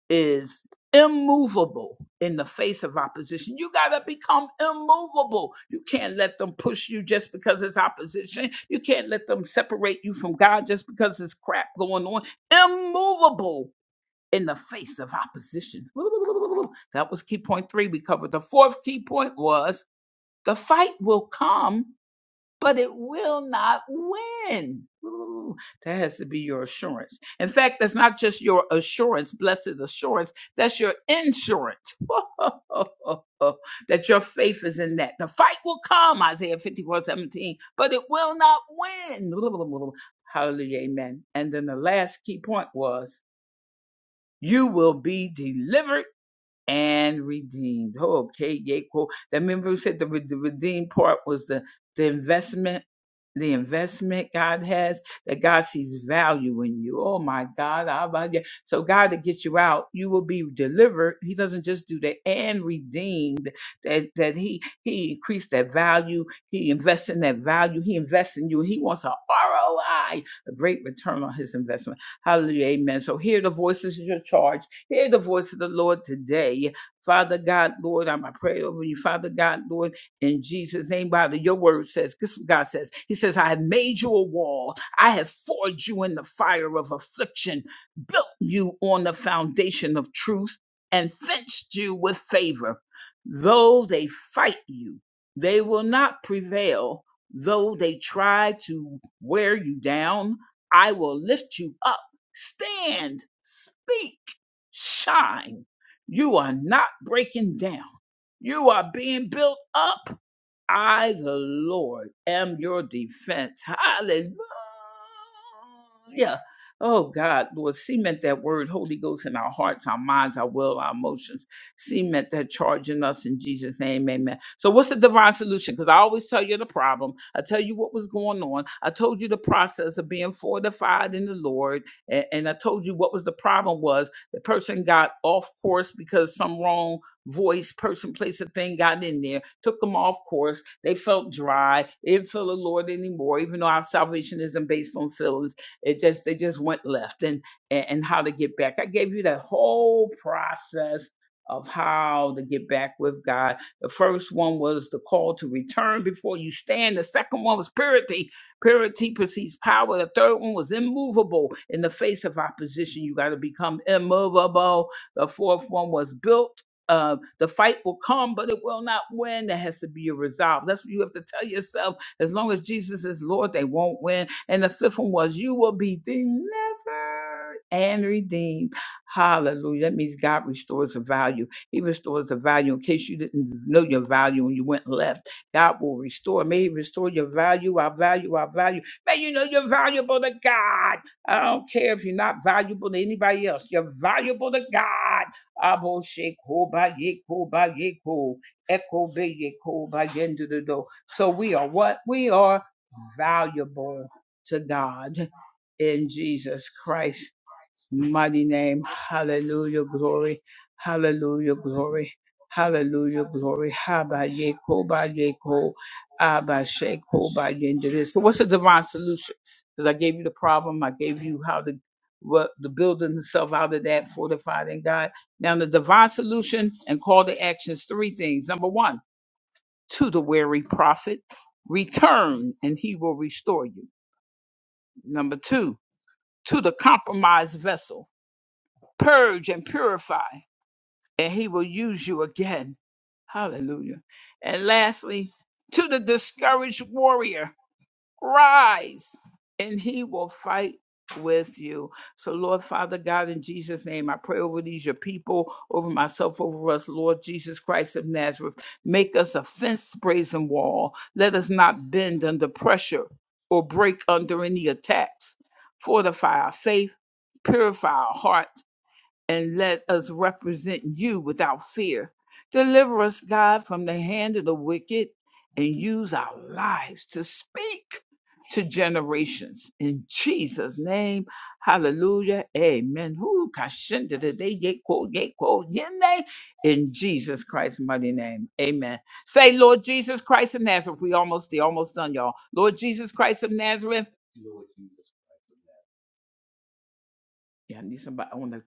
[SPEAKER 1] is immovable in the face of opposition. You got to become immovable. You can't let them push you just because it's opposition. You can't let them separate you from God just because it's crap going on. Immovable in the face of opposition. That was key point three we covered. The fourth key point was the fight will come, but it will not win. Ooh, That has to be yours. In fact, that's not just your assurance, that's your assurance. The fight will come, but it will win. How's Hubert and the member of the the, the investment God has, that God sees value in you. Oh my God. Abba, yeah. So God to get you out, you will be delivered. He doesn't just do that and redeemed that, that he, he increased that value. He invests in that value. He invests in you. He wants a ROI, a great return on his investment. Hallelujah. Amen. So hear the voices of your charge. Hear the voice of the Lord today. Father God, Lord, I'm I pray over you. Father God, Lord, in Jesus' name, Father, your word says, this is what God says, He says, I have made you a wall. I have forged you in the fire of affliction, built you on the foundation of truth, and fenced you with favor. Though they fight you, they will not prevail. Though they try to wear you down, I will lift you up. Stand, speak, shine. You are not breaking down. You are being built up I, the Lord, am your defense. Hallelujah. Oh God, Lord, cement that word, Holy Ghost, in our hearts, our minds, our will, our emotions. Cement that charge in us in Jesus' name, amen. So, what's the divine solution? Because I always tell you the problem. I tell you what was going on. I told you the process of being fortified in the Lord. And, and I told you what was the problem was the person got off course because some wrong voice, person, place, or thing got in there took them off course. They felt dry. They didn't feel the Lord anymore, even though our salvation isn't based on feelings. It just they just went left and and, and how to get back. I gave you that whole process of how to get back with God. The first one was the call to return before you stand. The second one was purity. Purity precedes power. The third one was immovable in the face of opposition. You got to become immovable. The fourth one was built uh, the fight will come, but it will not win. There has to be a resolve. That's what you have to tell yourself. As long as Jesus is Lord, they won't win. And the fifth one was, you will be delivered and redeemed. Hallelujah. That means God restores the value. He restores the value in case you didn't know your value and you went left. God will restore. May He restore your value, our value, our value. May you know you're valuable to God. I don't care if you're not valuable to anybody else. You're valuable to God. Abo sheko ba yeko ba yeko. Eko be yeko ba yendo do do. So we are what? We are valuable to God in Jesus Christ mighty name. Hallelujah, glory. Hallelujah, glory. Hallelujah, glory. Haba yeko ba yeko, aba sheko ba yendere. So what's the divine solution? Because I gave you the problem. I gave you how the what the building itself out of that fortified in God. Now the divine solution and call to actions, three things. Number one, to the weary prophet, return and he will restore you. Number two, to the compromised vessel, purge and purify. and he will use you again. Hallelujah. And lastly, to the discouraged warrior, rise and he will fight with you. So, Lord Father God, in Jesus' name, I pray over these, your people, over myself, over us, Lord Jesus Christ of Nazareth. Make us a fence brazen wall. Let us not bend under pressure or break under any attacks. Fortify our faith, purify our heart and let us represent you without fear. Deliver us, God, from the hand of the wicked and use our lives to speak to generations. In Jesus' name, hallelujah, amen. Who kashinda da day, yea, quo, yea, quo, yea. In Jesus Christ's mighty name, amen. Say, Lord Jesus Christ of Nazareth, we almost, they almost done, y'all. Lord Jesus Christ of Nazareth. Lord Jesus. Yeah, I need somebody I want to.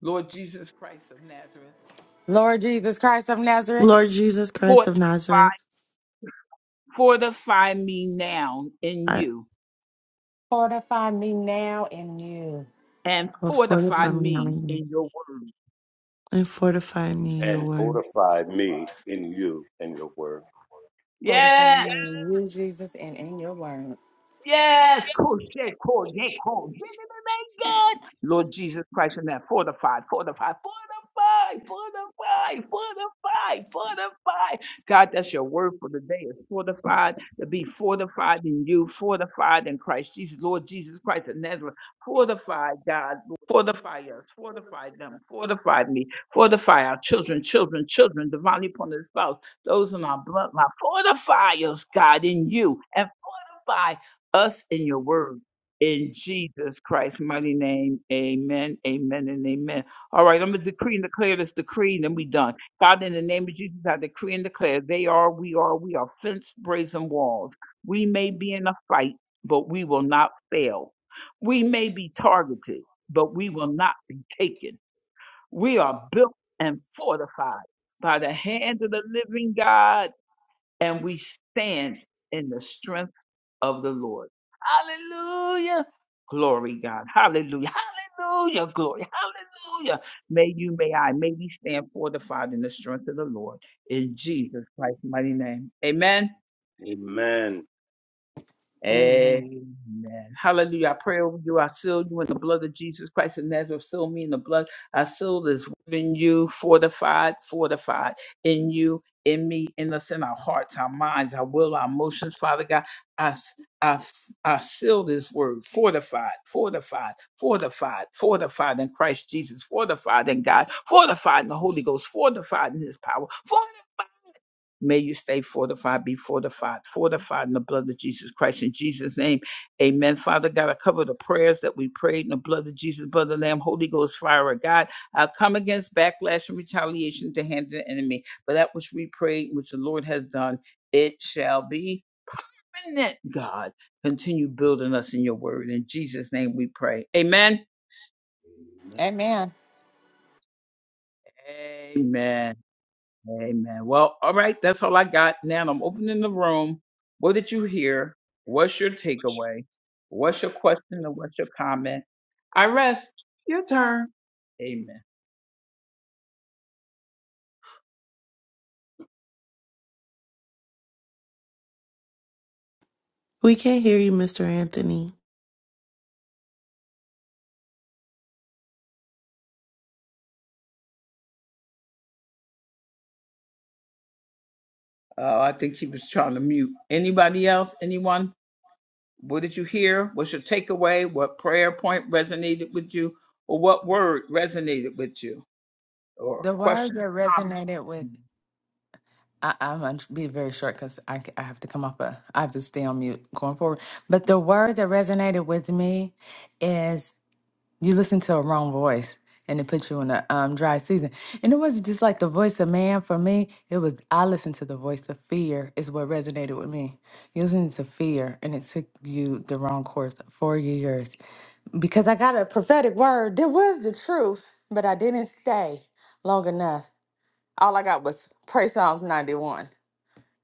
[SPEAKER 1] Lord Jesus Christ of Nazareth.
[SPEAKER 4] Lord Jesus Christ of Nazareth,
[SPEAKER 5] Lord Jesus Christ of Nazareth,
[SPEAKER 1] Fortify me now in
[SPEAKER 5] I
[SPEAKER 1] you
[SPEAKER 4] Fortify me now in you.
[SPEAKER 1] and
[SPEAKER 5] oh,
[SPEAKER 1] fortify
[SPEAKER 5] fortify me now
[SPEAKER 1] me in your word.
[SPEAKER 5] and fortify me your
[SPEAKER 7] and
[SPEAKER 5] word.
[SPEAKER 7] fortify me in you and your word.
[SPEAKER 1] Yes.
[SPEAKER 4] fortify me in you, Jesus, and in your word.
[SPEAKER 1] Yes, crochet, core, yay, core, God. Lord Jesus Christ in that fortified, fortified, fortified, fortified, fortified, fortified. God, that's your word for the day. It's fortified to be fortified in you, fortified in Christ Jesus, Lord Jesus Christ of Nazareth. Fortify, God, fortify us, fortify them, fortify me, fortify our children, children, children, divinely appointed spouse, those in our bloodline. Fortify us, God, in you, and fortify us in your word. In Jesus Christ's mighty name, amen, amen, and amen. All right, I'm going to decree and declare this decree, and then we done. God, in the name of Jesus, I decree and declare they are, we are, we are fenced brazen walls. We may be in a fight, but we will not fail. We may be targeted, but we will not be taken. We are built and fortified by the hand of the living God, and we stand in the strength of the Lord. Hallelujah. Glory, God. Hallelujah. Hallelujah. Glory. Hallelujah. May you, may I, may we stand fortified in the strength of the Lord in Jesus Christ's mighty name. Amen.
[SPEAKER 7] Amen.
[SPEAKER 4] Amen.
[SPEAKER 1] Amen. Hallelujah. I pray over you. I seal you in the blood of Jesus Christ of Nazareth. Seal me in the blood. I seal this in you, fortified, fortified in you, in me, in us, in our hearts, our minds, our will, our emotions, Father God. I, I, I seal this word, fortified, fortified, fortified, fortified in Christ Jesus, fortified in God, fortified in the Holy Ghost, for his power, fortified in his name. Amen. I cover the prayer, prayed, and the pieces legal as fire of God. I'll come against backlash and retaliation to hand the enemy. But that which we prayed, which the Lord has done, it shall be. And That God continue building us in your word. In Jesus' name we pray. Amen.
[SPEAKER 4] Amen.
[SPEAKER 1] Amen. Amen. Well, all right. That's all I got. Now I'm opening the room. What did you hear? What's your takeaway? What's your question or what's your comment? I rest. Your turn. Amen.
[SPEAKER 5] We can't hear you, Mr. Anthony.
[SPEAKER 1] Uh, I think he was trying to mute. Anybody else? Anyone? What did you hear? What's your takeaway? What prayer point resonated with you? Or what word resonated with you? Or
[SPEAKER 4] The word
[SPEAKER 1] questions,
[SPEAKER 4] that
[SPEAKER 1] comments?
[SPEAKER 4] resonated with I, I'm going to be very short because I, c- I have to come off a, I have to stay on mute going forward. But the word that resonated with me you listen to a wrong voice and it puts you in a um, dry season. And it wasn't just like the voice of man for me. It was I listened to the voice of fear is what resonated with me. You listen to fear and it took you the wrong course for years. Because I got a prophetic word. There was the truth, but I didn't stay long enough. All I got was pray Psalms 91.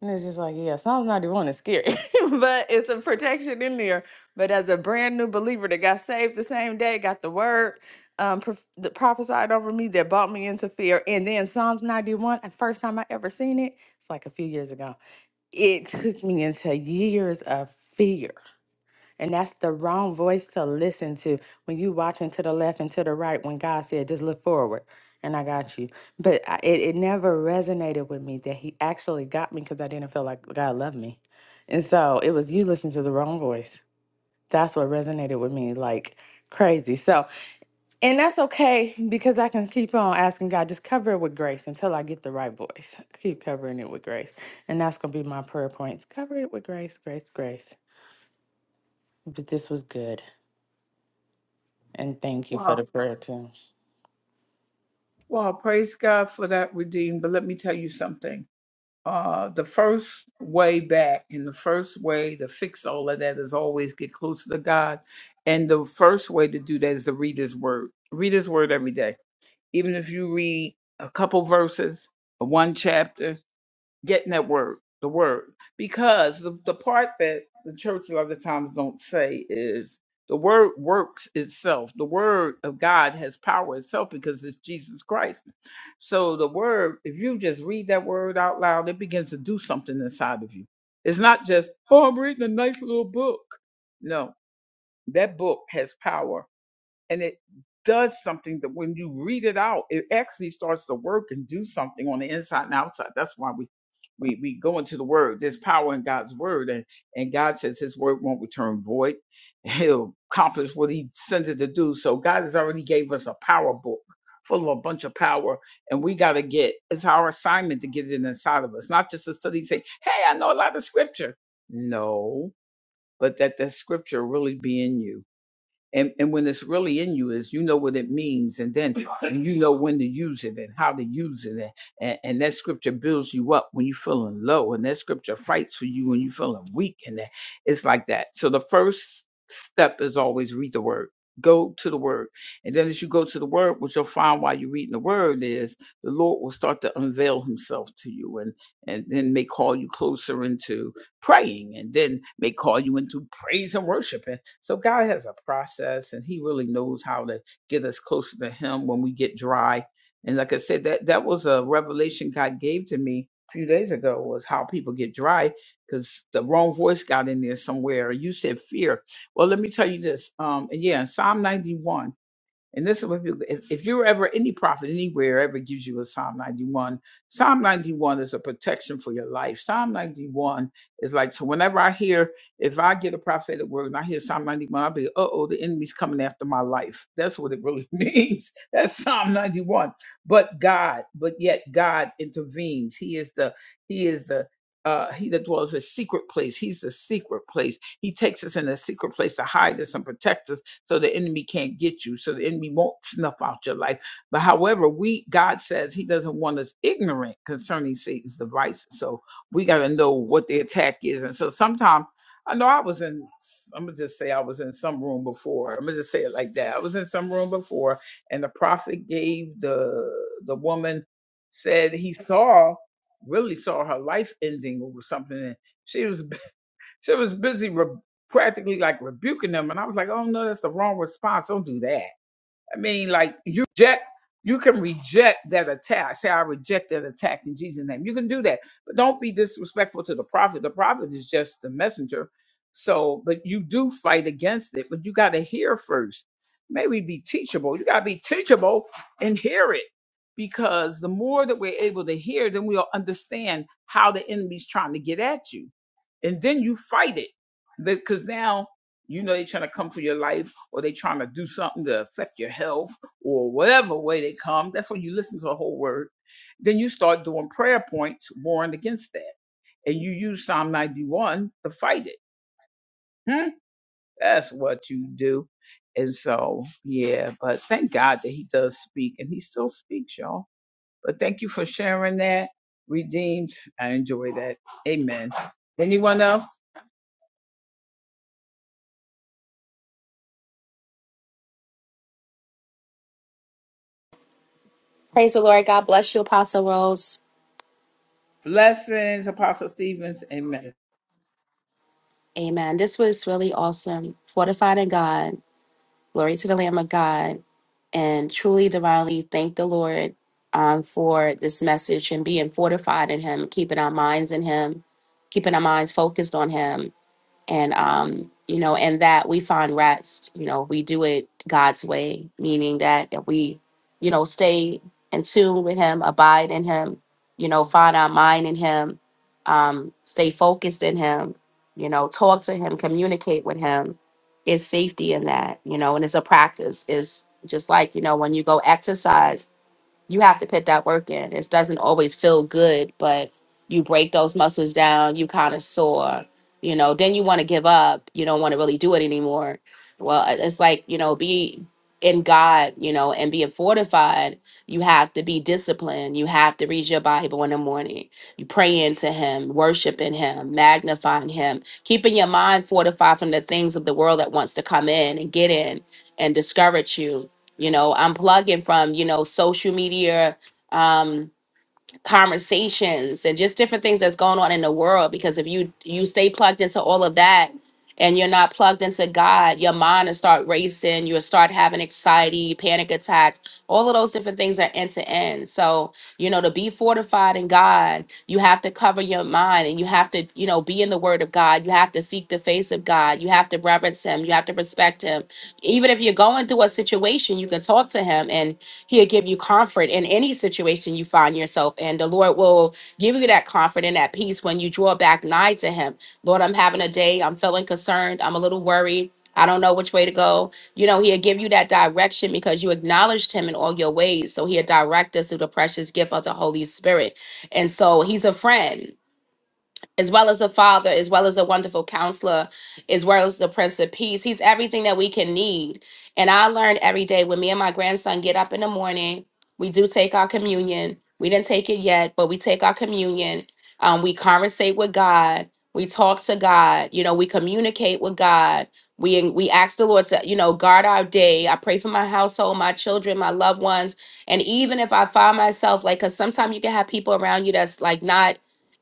[SPEAKER 4] And it's just like, yeah, Psalms 91 is scary, but it's a protection in there. But as a brand new believer that got saved the same day, got the word um, prof- that prophesied over me that brought me into fear. And then Psalms 91, the first time I ever seen it, it's like a few years ago. It took me into years of fear. And that's the wrong voice to listen to when you watching to the left and to the right when God said, just look forward and I got you. But I, it, it never resonated with me that he actually got me because I didn't feel like God loved me. And so it was you listening to the wrong voice. That's what resonated with me like crazy. So, and that's okay because I can keep on asking God, just cover it with grace until I get the right voice. Keep covering it with grace. And that's going to be my prayer points. Cover it with grace, grace, grace. But this was good. And thank you for
[SPEAKER 1] Wow.
[SPEAKER 4] the prayer, too.
[SPEAKER 1] Well, praise God for that, Redeemed. But let me tell you something. Uh, the first way back and the first way to fix all of that is always get closer to God. And the first way to do that is to read His Word. Read His Word every day. Even if you read a couple verses, one chapter, getting that word, the word. Because the, the part that the church a lot of times don't say is the word works itself. The word of God has power itself because it's Jesus Christ. So the word, if you just read that word out loud, it begins to do something inside of you. It's not just, oh, I'm reading a nice little book. No, that book has power and it does something that when you read it out, it actually starts to work and do something on the inside and outside. That's why we we we go into the word. There's power in God's word, and and God says His word won't return void. He'll accomplish what He sends it to do. So God has already gave us a power book full of a bunch of power, and we got to get. It's our assignment to get it inside of us, not just to study. and Say, hey, I know a lot of scripture. No, but that the scripture really be in you and and when it's really in you is you know what it means and then you know when to use it and how to use it and, and, and that scripture builds you up when you're feeling low and that scripture fights for you when you're feeling weak and that it's like that so the first step is always read the word go to the word and then as you go to the word what you'll find while you're reading the word is the lord will start to unveil himself to you and and then may call you closer into praying and then may call you into praise and worship. And so God has a process and he really knows how to get us closer to him when we get dry. And like I said, that, that was a revelation God gave to me a few days ago was how people get dry because the wrong voice got in there somewhere. You said fear. Well, let me tell you this. Um, and yeah, Psalm 91. And this is what people, if, if you're ever any prophet anywhere ever gives you a Psalm 91, Psalm 91 is a protection for your life. Psalm 91 is like, so whenever I hear, if I get a prophetic word and I hear Psalm 91, I'll be, uh oh, the enemy's coming after my life. That's what it really means. That's Psalm 91. But God, but yet God intervenes. He is the, He is the, uh, he that dwells in a secret place. He's the secret place. He takes us in a secret place to hide us and protect us so the enemy can't get you, so the enemy won't snuff out your life. But however, we God says He doesn't want us ignorant concerning Satan's devices, so we got to know what the attack is. And so sometimes I know I was in. I'm gonna just say I was in some room before. I'm gonna just say it like that. I was in some room before, and the prophet gave the the woman said he saw really saw her life ending or something. And she was she was busy re- practically like rebuking them, and I was like, "Oh no, that's the wrong response. Don't do that." I mean, like you reject, you can reject that attack. Say, "I reject that attack in Jesus' name." You can do that, but don't be disrespectful to the prophet. The prophet is just the messenger. So, but you do fight against it, but you got to hear first. Maybe be teachable. You got to be teachable and hear it. Because the more that we're able to hear, then we'll understand how the enemy's trying to get at you and then you fight it because now you know they're trying to come for your life or they are trying to do something to affect your health or whatever way they come that's when you listen to the whole word then you start doing prayer points warring against that and you use psalm 91 to fight it Hmm? that's what you do and so yeah but thank god that he does speak and he still speaks y'all but thank you for sharing that redeemed i enjoy that amen anyone else
[SPEAKER 6] Praise the Lord. God bless you, Apostle Rose.
[SPEAKER 1] Blessings, Apostle Stevens. Amen.
[SPEAKER 6] Amen. This was really awesome. Fortified in God. Glory to the Lamb of God. And truly, divinely, thank the Lord um, for this message and being fortified in Him, keeping our minds in Him, keeping our minds focused on Him and um you know in that we find rest you know we do it god's way meaning that that we you know stay in tune with him abide in him you know find our mind in him um stay focused in him you know talk to him communicate with him is safety in that you know and it's a practice is just like you know when you go exercise you have to put that work in. It doesn't always feel good, but you break those muscles down, you kind of sore, you know, then you want to give up. You don't want to really do it anymore. Well, it- it's like, you know, be in God, you know, and being fortified, you have to be disciplined. You have to read your Bible in the morning. You praying to him, worshiping him, magnifying him, keeping your mind fortified from the things of the world that wants to come in and get in and discourage you you know unplugging from you know social media um conversations and just different things that's going on in the world because if you you stay plugged into all of that and you're not plugged into God, your mind will start racing, you'll start having anxiety, panic attacks, all of those different things are end to end. So, you know, to be fortified in God, you have to cover your mind and you have to, you know, be in the word of God. You have to seek the face of God. You have to reverence him. You have to respect him. Even if you're going through a situation, you can talk to him. And He'll give you comfort in any situation you find yourself in. The Lord will give you that comfort and that peace when you draw back nigh to Him. Lord, I'm having a day. I'm feeling concerned. I'm a little worried. I don't know which way to go. You know, He'll give you that direction because you acknowledged Him in all your ways. So He'll direct us through the precious gift of the Holy Spirit. And so He's a friend as well as a father, as well as a wonderful counselor, as well as the Prince of Peace. He's everything that we can need. And I learned every day when me and my grandson get up in the morning, we do take our communion. We didn't take it yet, but we take our communion. Um, we conversate with God. We talk to God. You know, we communicate with God. We we ask the Lord to, you know, guard our day. I pray for my household, my children, my loved ones. And even if I find myself like, cause sometimes you can have people around you that's like not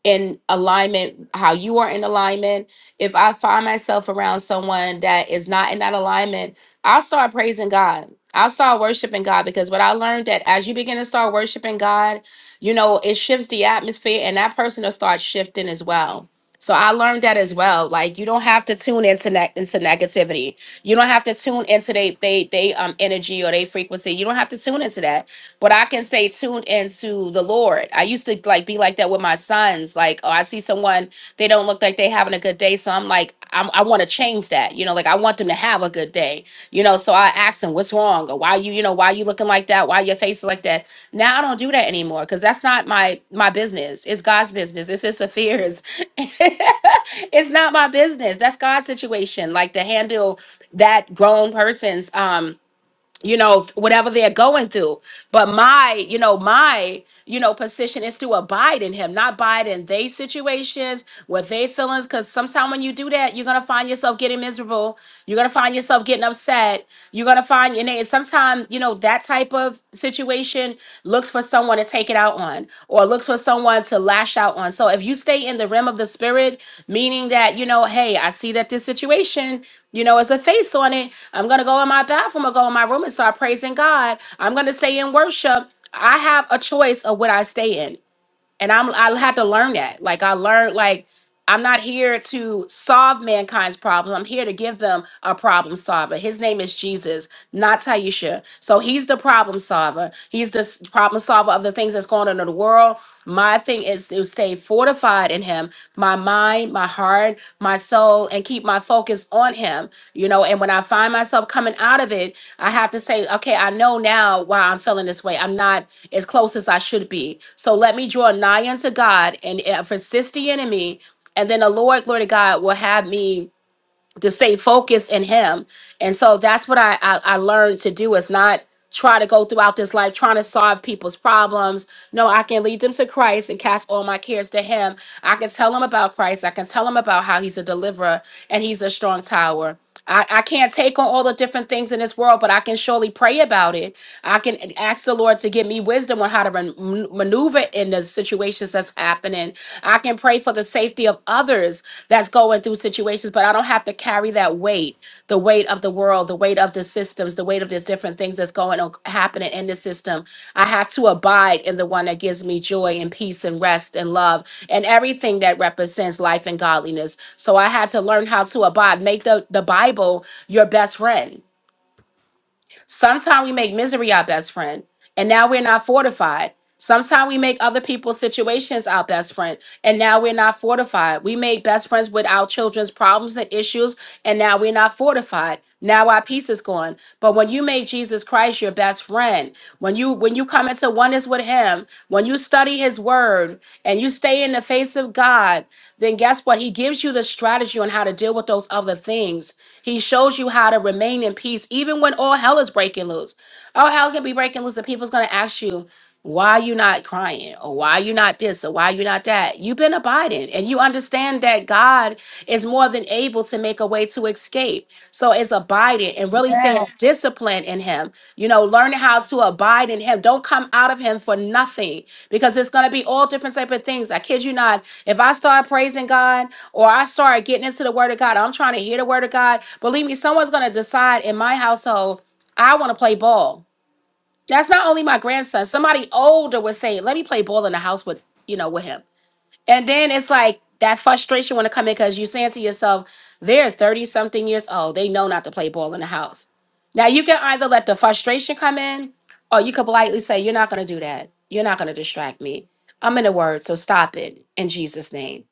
[SPEAKER 6] in alignment how you are in alignment if i find myself around someone that is not in that alignment i'll start praising god i'll start worshiping god because what i learned that as you begin to start worshiping god you know it shifts the atmosphere and that person will start shifting as well so i learned that as well like you don't have to tune into ne- into negativity you don't have to tune into they they they um energy or they frequency you don't have to tune into that but I can stay tuned into the Lord. I used to like be like that with my sons. Like, oh, I see someone they don't look like they having a good day, so I'm like, I'm, I want to change that. You know, like I want them to have a good day. You know, so I ask them, what's wrong, or why you, you know, why you looking like that, why your face is like that. Now I don't do that anymore because that's not my my business. It's God's business. It's His affairs. it's not my business. That's God's situation. Like to handle that grown person's um you know whatever they're going through but my you know my you know position is to abide in him not abide in they situations what they feelings because sometimes when you do that you're gonna find yourself getting miserable you're gonna find yourself getting upset you're gonna find and then sometimes you know that type of situation looks for someone to take it out on or looks for someone to lash out on so if you stay in the realm of the spirit meaning that you know hey i see that this situation you know, it's a face on it. I'm going to go in my bathroom or go in my room and start praising God. I'm going to stay in worship. I have a choice of what I stay in. And I'm I had to learn that. Like I learned like I'm not here to solve mankind's problem. I'm here to give them a problem solver. His name is Jesus, not Taisha. So he's the problem solver. He's the s- problem solver of the things that's going on in the world. My thing is to stay fortified in him my mind, my heart, my soul, and keep my focus on Him, you know. And when I find myself coming out of it, I have to say, okay, I know now why I'm feeling this way. I'm not as close as I should be. So let me draw nigh unto God and, and resist the enemy. And then the Lord, glory to God, will have me to stay focused in him and so that's what I, I i learned to do is not try to go throughout this life trying to solve people's problems no i can lead them to christ and cast all my cares to him i can tell them about christ i can tell them about how he's a deliverer and he's a strong tower I, I can't take on all the different things in this world, but I can surely pray about it. I can ask the Lord to give me wisdom on how to man- maneuver in the situations that's happening. I can pray for the safety of others that's going through situations, but I don't have to carry that weight, the weight of weight of the world, the weight of the systems, the weight of the different things that's going on happening in the system. I have to abide in the one that gives me joy and peace and rest and love and everything that represents life and godliness. So I had to learn how to abide. Make the, the Bible your best friend Sometimes we make misery our best friend, and now we're not fortified. Sometimes we make other people's situations our best friend, and now we're not fortified. We make best friends with our children's problems and issues, and now we're not fortified. Now our peace is gone. But when you make Jesus Christ your best friend, when you when you come into oneness with Him, when you study His Word, and you stay in the face of God, then guess what? He gives you the strategy on how to deal with those other things. He shows you how to remain in peace even when all hell is breaking loose. All hell can be breaking loose, and people's going to ask you, why are you not crying or why are you not this or why are you not that you've been abiding and you understand that god is more than able to make a way to escape so it's abiding and really saying and discipline in him you know learning how to abide in him don't come out of him for nothing because it's going to be all different type of things i kid you not if i start praising god or i start getting into the word of god i'm trying to hear the word of god believe me someone's going to decide in my household i want to play ball that's not only my grandson somebody older would say let me play ball in the house with you know with him and then it's like that frustration want to come in because you're saying to yourself, they're 30 something years old. They know not to play ball in the house. Now you can either let the frustration come in or you could politely say, You're not going to do that. You're not going to distract me. I'm in the word, so stop it in Jesus' name.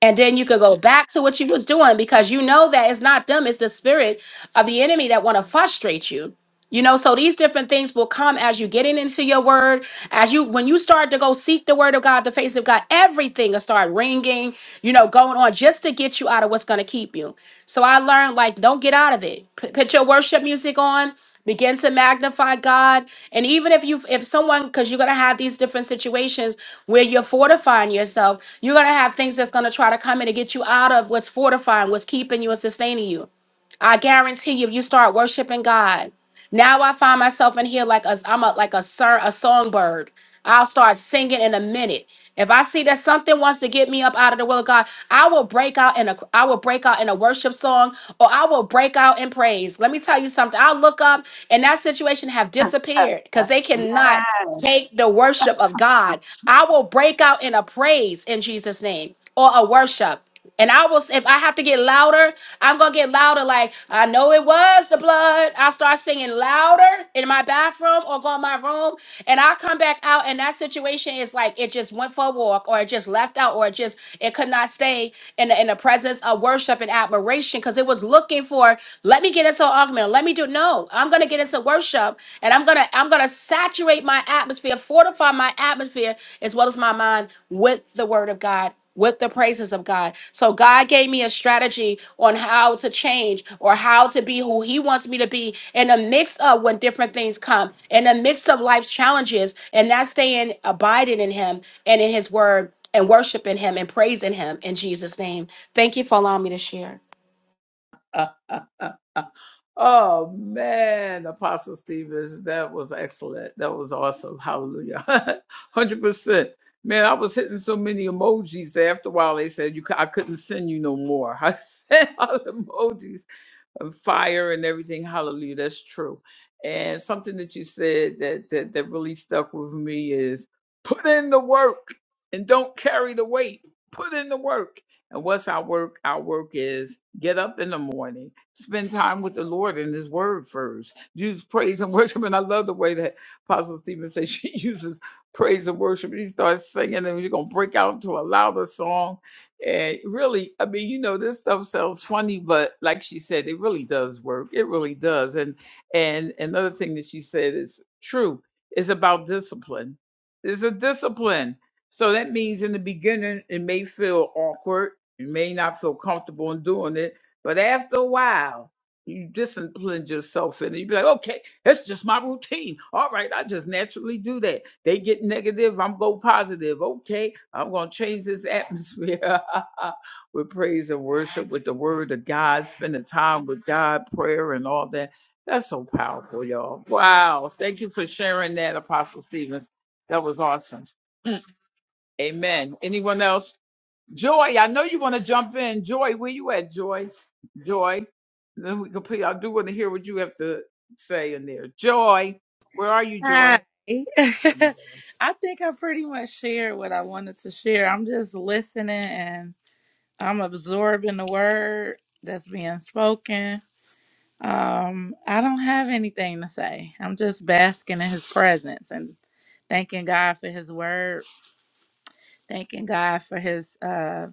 [SPEAKER 6] And then you could go back to what you was doing because you know that it's not them, it's the spirit of the enemy that want to frustrate you. You know, so these different things will come as you getting into your word, as you when you start to go seek the word of God, the face of God, everything will start ringing, you know, going on just to get you out of what's going to keep you. So I learned like don't get out of it. P- put your worship music on, begin to magnify God, and even if you if someone because you're going to have these different situations where you're fortifying yourself, you're going to have things that's going to try to come in to get you out of what's fortifying, what's keeping you and sustaining you. I guarantee you, if you start worshiping God. Now I find myself in here like a I'm a like a sir a songbird. I'll start singing in a minute. If I see that something wants to get me up out of the will of God, I will break out in a I will break out in a worship song or I will break out in praise. Let me tell you something. I'll look up and that situation have disappeared because they cannot take the worship of God. I will break out in a praise in Jesus' name or a worship. And I will, if I have to get louder, I'm gonna get louder. Like I know it was the blood. I start singing louder in my bathroom or go in my room, and I come back out, and that situation is like it just went for a walk, or it just left out, or it just it could not stay in the, in the presence of worship and admiration because it was looking for. Let me get into an argument. Let me do no. I'm gonna get into worship, and I'm gonna I'm gonna saturate my atmosphere, fortify my atmosphere as well as my mind with the word of God with the praises of God. So God gave me a strategy on how to change or how to be who he wants me to be in the mix of when different things come, in the mix of life's challenges, and that's staying abiding in him and in his word and worshiping him and praising him in Jesus' name. Thank you for allowing me to share.
[SPEAKER 1] The emojis after fire and everything. Hallelujah. That's true. And something that you said that, that that really stuck with me is put in the work and don't carry the weight. Put in the work. And what's our work? Our work is get up in the morning, spend time with the Lord and His Word first. Use praise and worship. And I love the way that Apostle Stevens says she uses praise and worship. He starts singing, and you're gonna break out into a louder song And really, I mean, you know, this stuff sounds funny, but like she said, it really does work. It really does. And and another thing that she said is true, is about discipline. It's a discipline. So that means in the beginning it may feel awkward, you may not feel comfortable in doing it, but after a while, you just okay, that's just my routine naturally do that. They get negative, I'm go positive. Okay, I'm gonna change this atmosphere with praise and worship, with the word of God, spending time with God, prayer and all that. That's so powerful, y'all. Wow. Thank you for sharing that, Apostle Stevens. That was awesome. Amen. Anyone else? Joy, I know you want to jump in. Joy, where you at, Joy? Joy. Then we complete. I do want to hear what you have to say in there. Joy, where are you,
[SPEAKER 2] Hi.
[SPEAKER 1] Joy?
[SPEAKER 2] I think I pretty much shared what I wanted to share. I'm just listening and I'm absorbing the word that's being spoken. Um, I don't have anything to say. I'm just basking in his presence and thanking God for his word, thanking God for his uh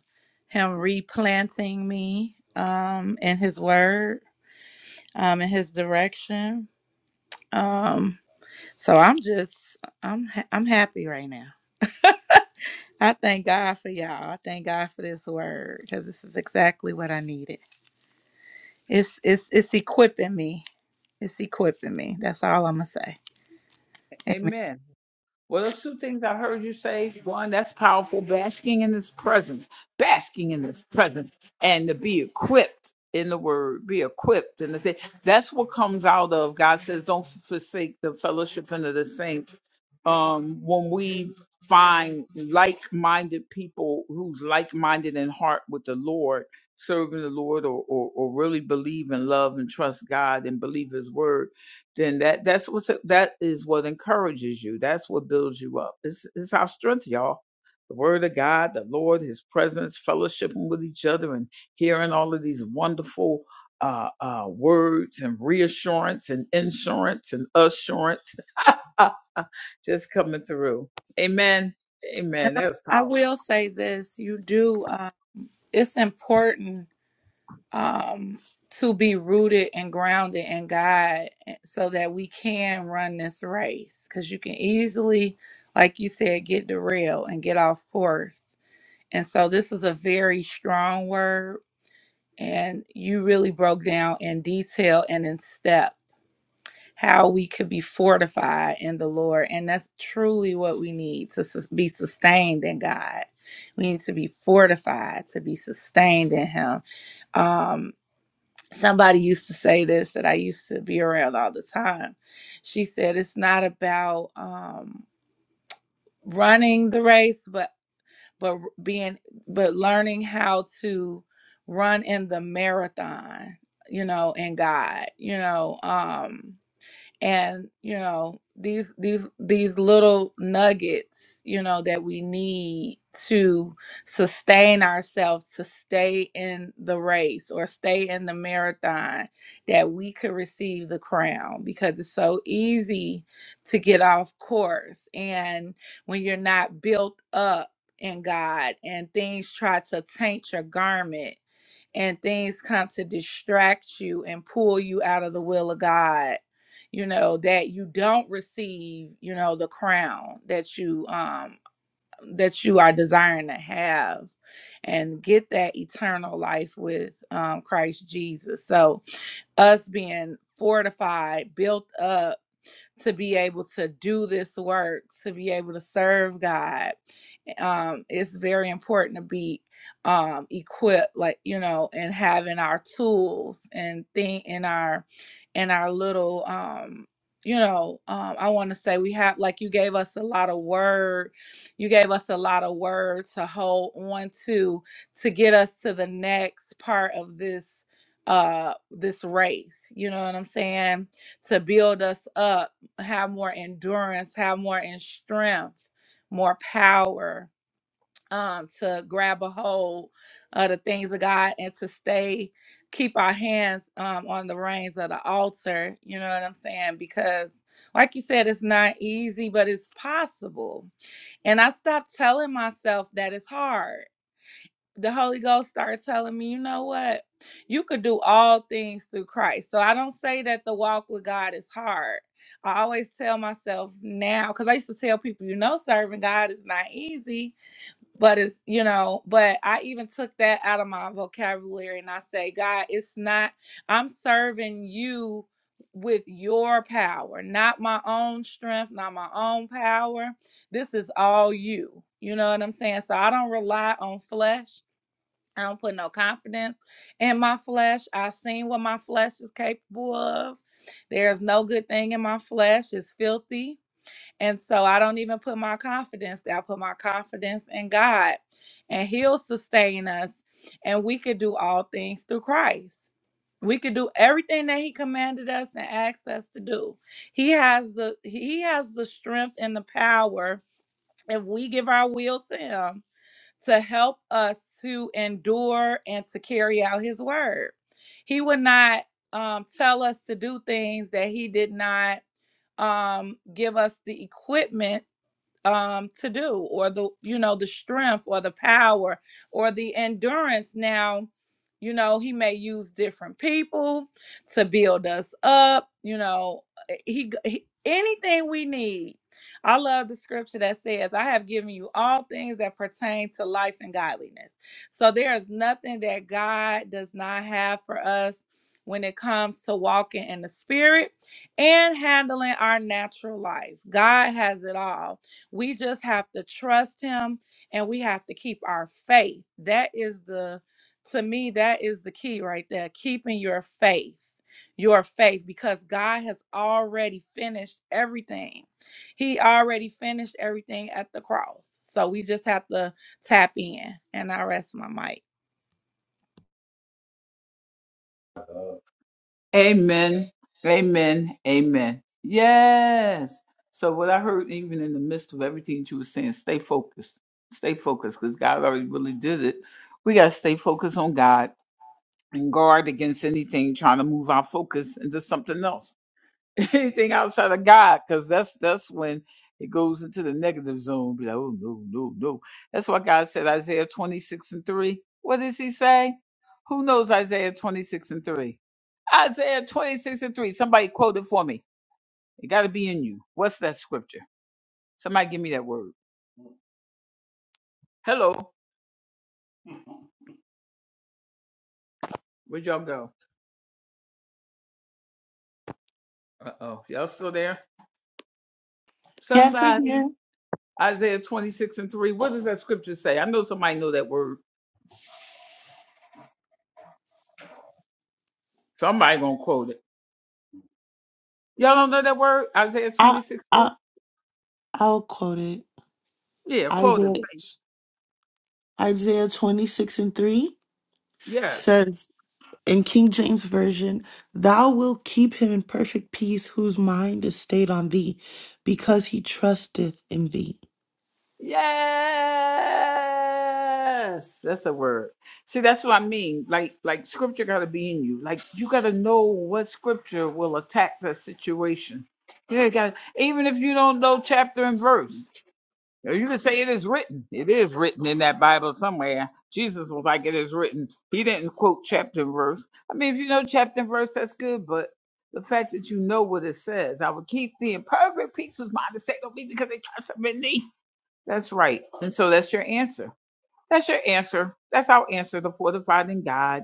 [SPEAKER 2] him replanting me um in his word, um in his direction. Um so I'm just I'm ha- I'm happy right now. I thank God for y'all. I thank God for this word because this is exactly what I needed. It's it's it's equipping me. It's equipping me. That's all I'm gonna say. Amen.
[SPEAKER 1] Amen. Well, those two things I heard you say, one, that's powerful, basking in his presence, basking in his presence, and to be equipped in the word, be equipped in the thing. That's what comes out of God says, don't forsake the fellowship into the saints. Um, when we find like minded people who's like minded in heart with the Lord, serving the Lord or, or, or really believe and love and trust God and believe his word then that that's what that is what encourages you. That's what builds you up. It's it's our strength, y'all. The word of God, the Lord, His presence, fellowshipping with each other, and hearing all of these wonderful uh, uh, words and reassurance and insurance and assurance just coming through. Amen.
[SPEAKER 2] And
[SPEAKER 1] Amen. That's
[SPEAKER 2] I,
[SPEAKER 1] powerful.
[SPEAKER 2] I will say this: you do. Uh, it's important um, to be rooted and grounded in God so that we can run this race. Because you can easily, like you said, get derailed and get off course. And so this is a very strong word. And you really broke down in detail and in step how we could be fortified in the Lord. And that's truly what we need to sus- be sustained in God. We need to be fortified, to be sustained in Him. Um somebody used to say this that I used to be around all the time. She said it's not about um running the race but but being but learning how to run in the marathon, you know, in God, you know, um and you know these these these little nuggets you know that we need to sustain ourselves to stay in the race or stay in the marathon that we could receive the crown because it's so easy to get off course and when you're not built up in God and things try to taint your garment and things come to distract you and pull you out of the will of God you know that you don't receive you know the crown that you um that you are desiring to have and get that eternal life with um, christ jesus so us being fortified built up to be able to do this work, to be able to serve God. Um, it's very important to be um, equipped, like you know, and having our tools and thing in our in our little. Um, you know, um, I want to say we have like you gave us a lot of word, you gave us a lot of word to hold on to to get us to the next part of this uh this race you know what i'm saying to build us up have more endurance, have more in strength, more power um, to grab a hold of the things of God and to stay, keep our hands um, on the reins of the altar. You know what I'm saying? Because, like you said, it's not easy, but it's possible. And I stopped telling myself that it's hard the Holy Ghost started telling me, you know what? You could do all things through Christ. So I don't say that the walk with God is hard. I always tell myself now, because I used to tell people, you know, serving God is not easy, but it's, you know, but I even took that out of my vocabulary and I say, God, it's not, I'm serving you with your power, not my own strength, not my own power. This is all you. You know what I'm saying? So I don't rely on flesh. I don't put no confidence in my flesh. I seen what my flesh is capable of. There's no good thing in my flesh. It's filthy. And so I don't even put my confidence there. I put my confidence in God. And He'll sustain us. And we could do all things through Christ. We could do everything that He commanded us and asked us to do. He has the He has the strength and the power if we give our will to Him to help us to endure and to carry out his word. He would not um, tell us to do things that he did not um, give us the equipment um to do or the you know the strength or the power or the endurance now you know he may use different people to build us up you know eh, he, he anything we need i love the scripture that says i have given you all things that pertain to life and godliness so there is nothing that god does not have for us when it comes to walking in the spirit and handling our natural life god has it all we just have to trust him and we have to keep our faith. That is the, to me, that is the key right there. Keeping your faith, your faith, because God has already finished everything. He already finished everything at the cross. So we just have to tap in and I rest my mic.
[SPEAKER 1] Amen. Amen. Amen. Yes. So what I heard even in the midst of everything that you were saying, stay focused. Stay focused because God already really did it. We gotta stay focused on God and guard against anything trying to move our focus into something else. anything outside of God, because that's that's when it goes into the negative zone. Be like, oh no, no, no. That's why God said Isaiah 26 and 3. What does he say? Who knows Isaiah 26 and 3? Isaiah 26 and 3. Somebody quote it for me. It gotta be in you. What's that scripture? Somebody give me that word. Hello. Where'd y'all go? Uh oh. Y'all still there?
[SPEAKER 5] Yes, we
[SPEAKER 1] Somebody.
[SPEAKER 5] can.
[SPEAKER 1] Isaiah 26 and 3. What does that scripture say? I know somebody know that word. Somebody gonna quote it. Y'all don't know that word? Isaiah
[SPEAKER 5] I,
[SPEAKER 1] 26
[SPEAKER 5] I, I'll quote it.
[SPEAKER 1] Yeah, quote of
[SPEAKER 5] Isaiah,
[SPEAKER 1] faith.
[SPEAKER 5] Isaiah 26 and 3
[SPEAKER 1] Yes.
[SPEAKER 5] says in King James Version, Thou wilt keep him in perfect peace whose mind is stayed on thee because he trusteth in thee.
[SPEAKER 1] Yes. That's a word. See, that's what I mean. Like, like scripture gotta be in you. Like you gotta know what scripture will attack the situation. Yeah, got even if you don't know chapter and verse. Or You can say it is written. It is written in that Bible somewhere. Jesus was like, it is written. He didn't quote chapter and verse. I mean, if you know chapter and verse, that's good, but the fact that you know what it says, I will keep thee in perfect peace whose mind is set on me because they trust him in thee. That's right. And so that's your answer. That's your answer. That's our answer to fortifying God.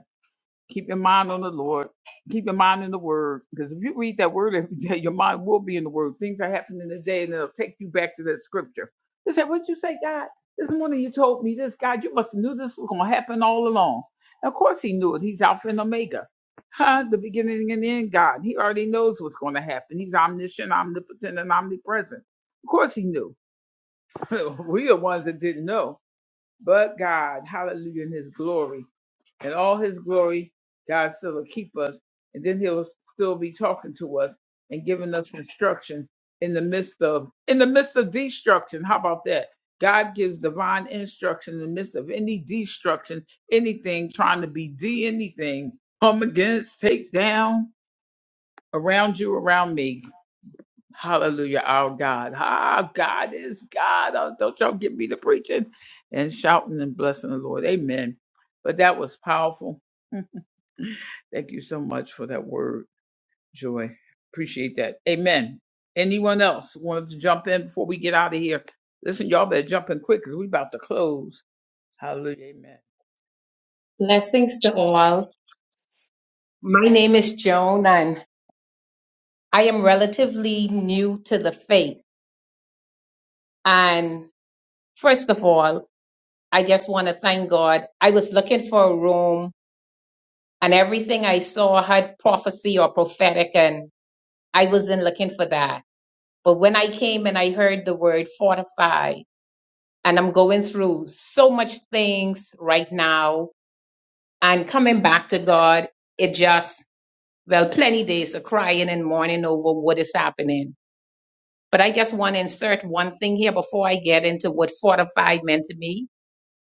[SPEAKER 1] Keep your mind on the Lord. Keep your mind in the Word. Because if you read that Word every day, your mind will be in the Word. Things are happening today, and it'll take you back to that Scripture. You say, "What you say, God? This morning you told me this, God. You must have knew this was going to happen all along." And of course, He knew it. He's Alpha and Omega, huh? The beginning and the end. God. He already knows what's going to happen. He's omniscient, omnipotent, and omnipresent. Of course, He knew. we are ones that didn't know. But God, Hallelujah, in His glory and all his glory, God still will keep us. And then he'll still be talking to us and giving us instruction in the midst of in the midst of destruction. How about that? God gives divine instruction in the midst of any destruction, anything trying to be de anything, come and get take down around you, around me. It's God. And the Lord, amen. But that was powerful. Thank you so much for that word. Joy. Appreciate that. Amen. Anyone else wanted to jump in before we get out of here? Listen, y'all better jump in quick because we about to close. Hallelujah. Amen.
[SPEAKER 8] Blessings to all. My name is Joan, and I am relatively new to the faith. And first of all, I just want to thank God. I was looking for a room, and everything I saw had prophecy or prophetic, and I wasn't looking for that. But when I came and I heard the word fortify, and I'm going through so much things right now, and coming back to God, it just, well, plenty days of crying and mourning over what is happening But I just want to insert one thing here before I get into what fortified meant to me.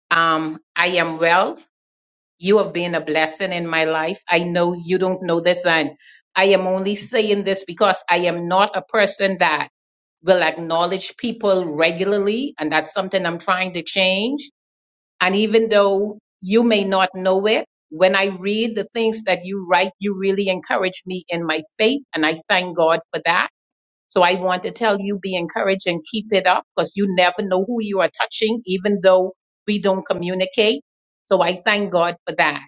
[SPEAKER 8] Um, I am wealth. You have been a blessing in my life. I know you don't know this, and I am only saying this because I am not a person that will acknowledge people regularly, and that's something I'm trying to change. And even though you may not know it, when I read the things that you write, you really encourage me in my faith, and I thank God for that. So I want to tell you, be encouraged and keep it up because you never know who you are touching, even though we don't communicate. So I thank God for that.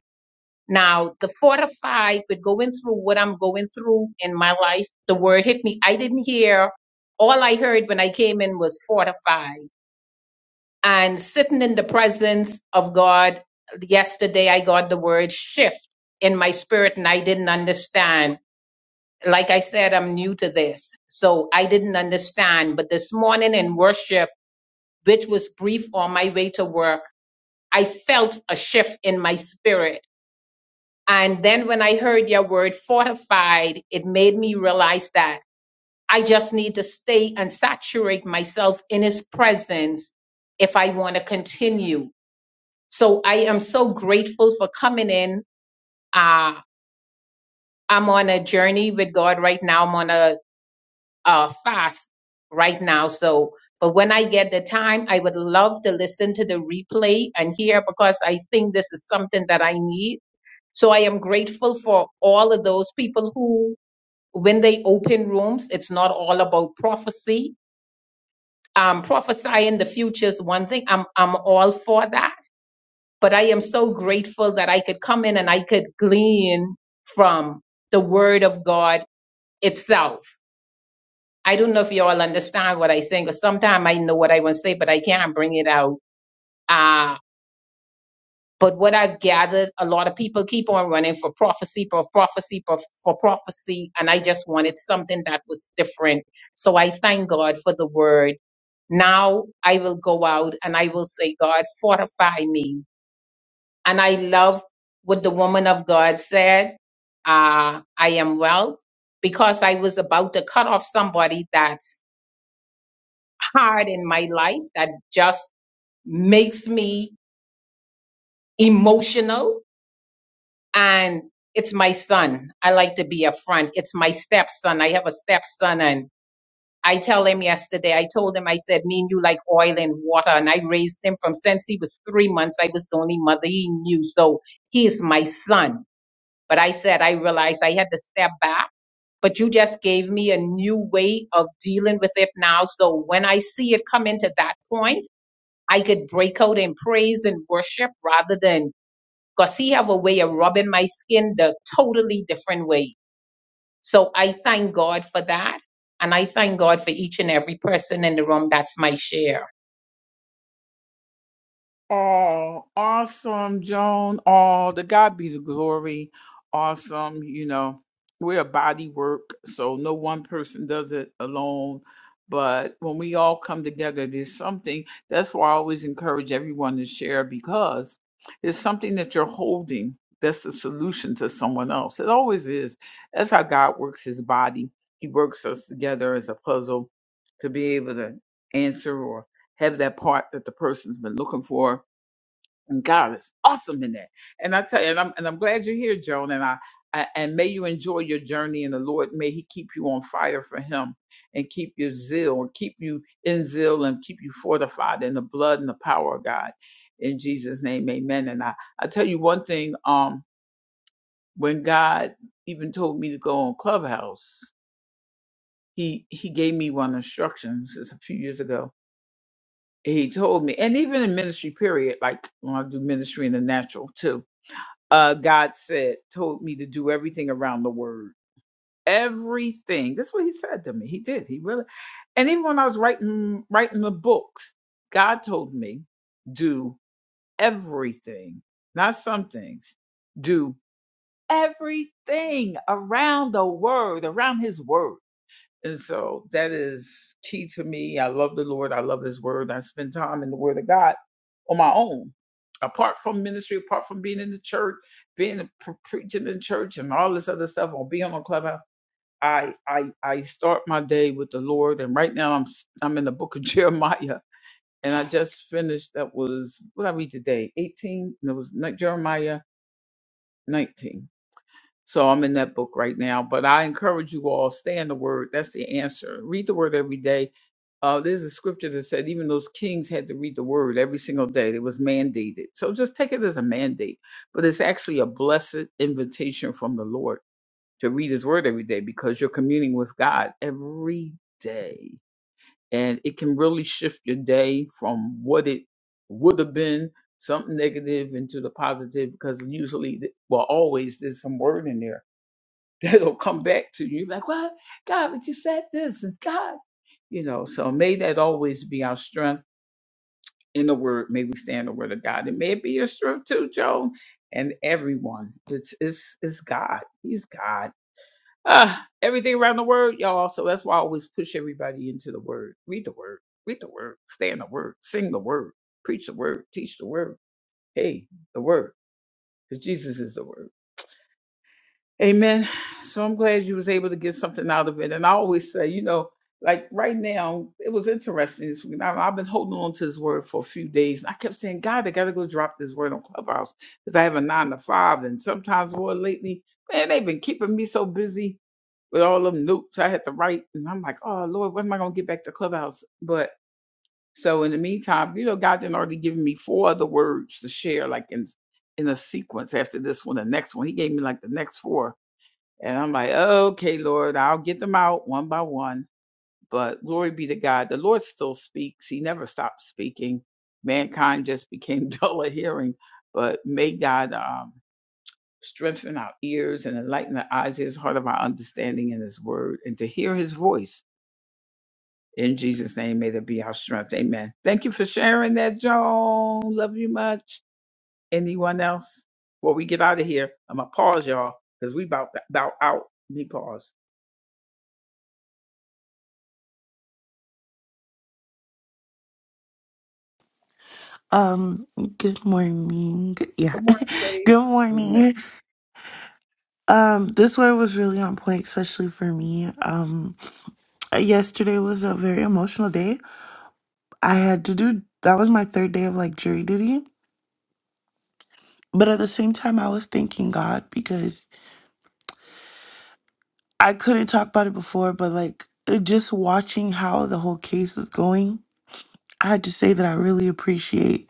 [SPEAKER 8] Now, the fortified with going through what I'm going through in my life, the word hit me. I didn't hear, all I heard when I came in was fortified. And sitting in the presence of God yesterday, I got the word shift in my spirit and I didn't understand like I said, I'm new to this, so I didn't understand. But this morning in worship, which was brief on my way to work, I felt a shift in my spirit. And then when I heard your word fortified, it made me realize that I just need to stay and saturate myself in his presence if I want to continue. So I am so grateful for coming in. Uh, I'm on a journey with God right now. I'm on a uh, fast right now. So, but when I get the time, I would love to listen to the replay and hear because I think this is something that I need. So I am grateful for all of those people who, when they open rooms, it's not all about prophecy. Um, prophesying the future is one thing. I'm I'm all for that, but I am so grateful that I could come in and I could glean from the Word of God itself I don't know if you all understand what I'm saying, because sometimes I know what I want to say, but I can't bring it out. Uh, but what I've gathered, a lot of people keep on running for prophecy, for prophecy, for, for prophecy, and I just wanted something that was different. So I thank God for the word. Now I will go out and I will say, God, fortify me. And I love what the woman of God said. Uh, I am well because I was about to cut off somebody that. hard in my life that just makes me emotional and it's my son. I like to be upfront. It's my stepson. I have a stepson and I tell him yesterday, I told him, I said, me and you like oil and water. And I raised him from since he was three months. I was the only mother he knew. So he is my son. But I said, I realized I had to step back but you just gave me a new way of dealing with it now. So when I see it come into that point, I could break out in praise and worship rather than because he have a way of rubbing my skin the totally different way. So I thank God for that. And I thank God for each and every person in the room. That's my share.
[SPEAKER 1] Oh, awesome, Joan. Oh, the God be the glory. Awesome. You know, we're a body work, so no one person does it alone. But when we all come together, there's something. That's why I always encourage everyone to share because there's something that you're holding that's the solution to someone else. It always is. That's how God works his body. He works us together as a puzzle to be able to answer or have that part that the person's been looking for and God is awesome in that. And I tell you, and I'm and I'm glad you're here, Joan. And I, I and may you enjoy your journey in the Lord. May He keep you on fire for Him and keep your zeal and keep you in zeal and keep you fortified in the blood and the power of God. In Jesus' name, amen. And I, I tell you one thing, um, when God even told me to go on Clubhouse, He He gave me one instruction this is a few years ago. He told me, and even in ministry period, like when I do ministry in the natural too uh, God said, told me to do everything around the word. Everything. That's what he said to me. He did. He really. And even when I was writing writing the books, God told me do everything, not some things. Do everything around the word, around His word. And so that is key to me. I love the Lord. I love His word. I spend time in the Word of God on my own, apart from ministry, apart from being in the church, being pre- preaching in church, and all this other stuff, or being on Clubhouse. I I I start my day with the Lord, and right now I'm s- I'm in the Book of Jeremiah, and I just finished. That was what I read today, 18, and it was ni- Jeremiah 19. So I'm in that book right now. But I encourage you all, stay in the Word. That's the answer. Read the Word every day uh, there's a scripture that said even those kings had to read the word every single day. It was mandated. So just take it as a mandate, but it's actually a blessed invitation from the Lord to read his word every day because you're communing with God every day. And it can really shift your day from what it would have been, something negative, into the positive because usually, th- well, always there's some word in there that'll come back to you. You're like, what? God, but you said this, and God. You know, so may that always be our strength in the word. May we stand the word of God. It may be your strength too, Joan, and everyone. It's it's it's God. He's God. Ah, everything around the word, y'all. So that's why I always push everybody into the word. Read the word. Read the word. Stay in the word. Sing the word. Preach the word. Teach the word. Hey, the word. Because Jesus is the word. Amen. So I'm glad you was able to get something out of it. And I always say, you know, like right now, it was interesting this week. I- I've been holding on to this word for a few days. I kept saying, God, I gotta go drop this word on Clubhouse because I have a nine to five, and sometimes more lately, man, they've been keeping me so busy with all them notes I had to write, and I'm like, oh Lord, when am I gonna get back to Clubhouse? But so in the meantime, you know, God did already given me four other words to share, like in in a sequence after this one, the next one. He gave me like the next four. And I'm like, okay, Lord, I'll get them out one by one. But glory be to God. The Lord still speaks. He never stopped speaking. Mankind just became dull of hearing. But may God um, strengthen our ears and enlighten the eyes, his heart of our understanding in his word and to hear his voice. In Jesus' name, may that be our strength. Amen. Thank you for sharing that, Joan. Love you much. Anyone else? Before we get out of here, I'm going to pause, y'all, because we about, about out. Let me pause.
[SPEAKER 5] Um, good morning. Good- Yeah,
[SPEAKER 1] Good morning, Faith.
[SPEAKER 5] good
[SPEAKER 1] Amen.
[SPEAKER 5] morning. Um, this word was really on point, especially for me. Um, yesterday was a very emotional day. I had to do that was my third day of like jury duty, but at the same time, I was thanking God because I couldn't talk about it before, but like uh, just watching how the whole case was going, I had to say that I really appreciate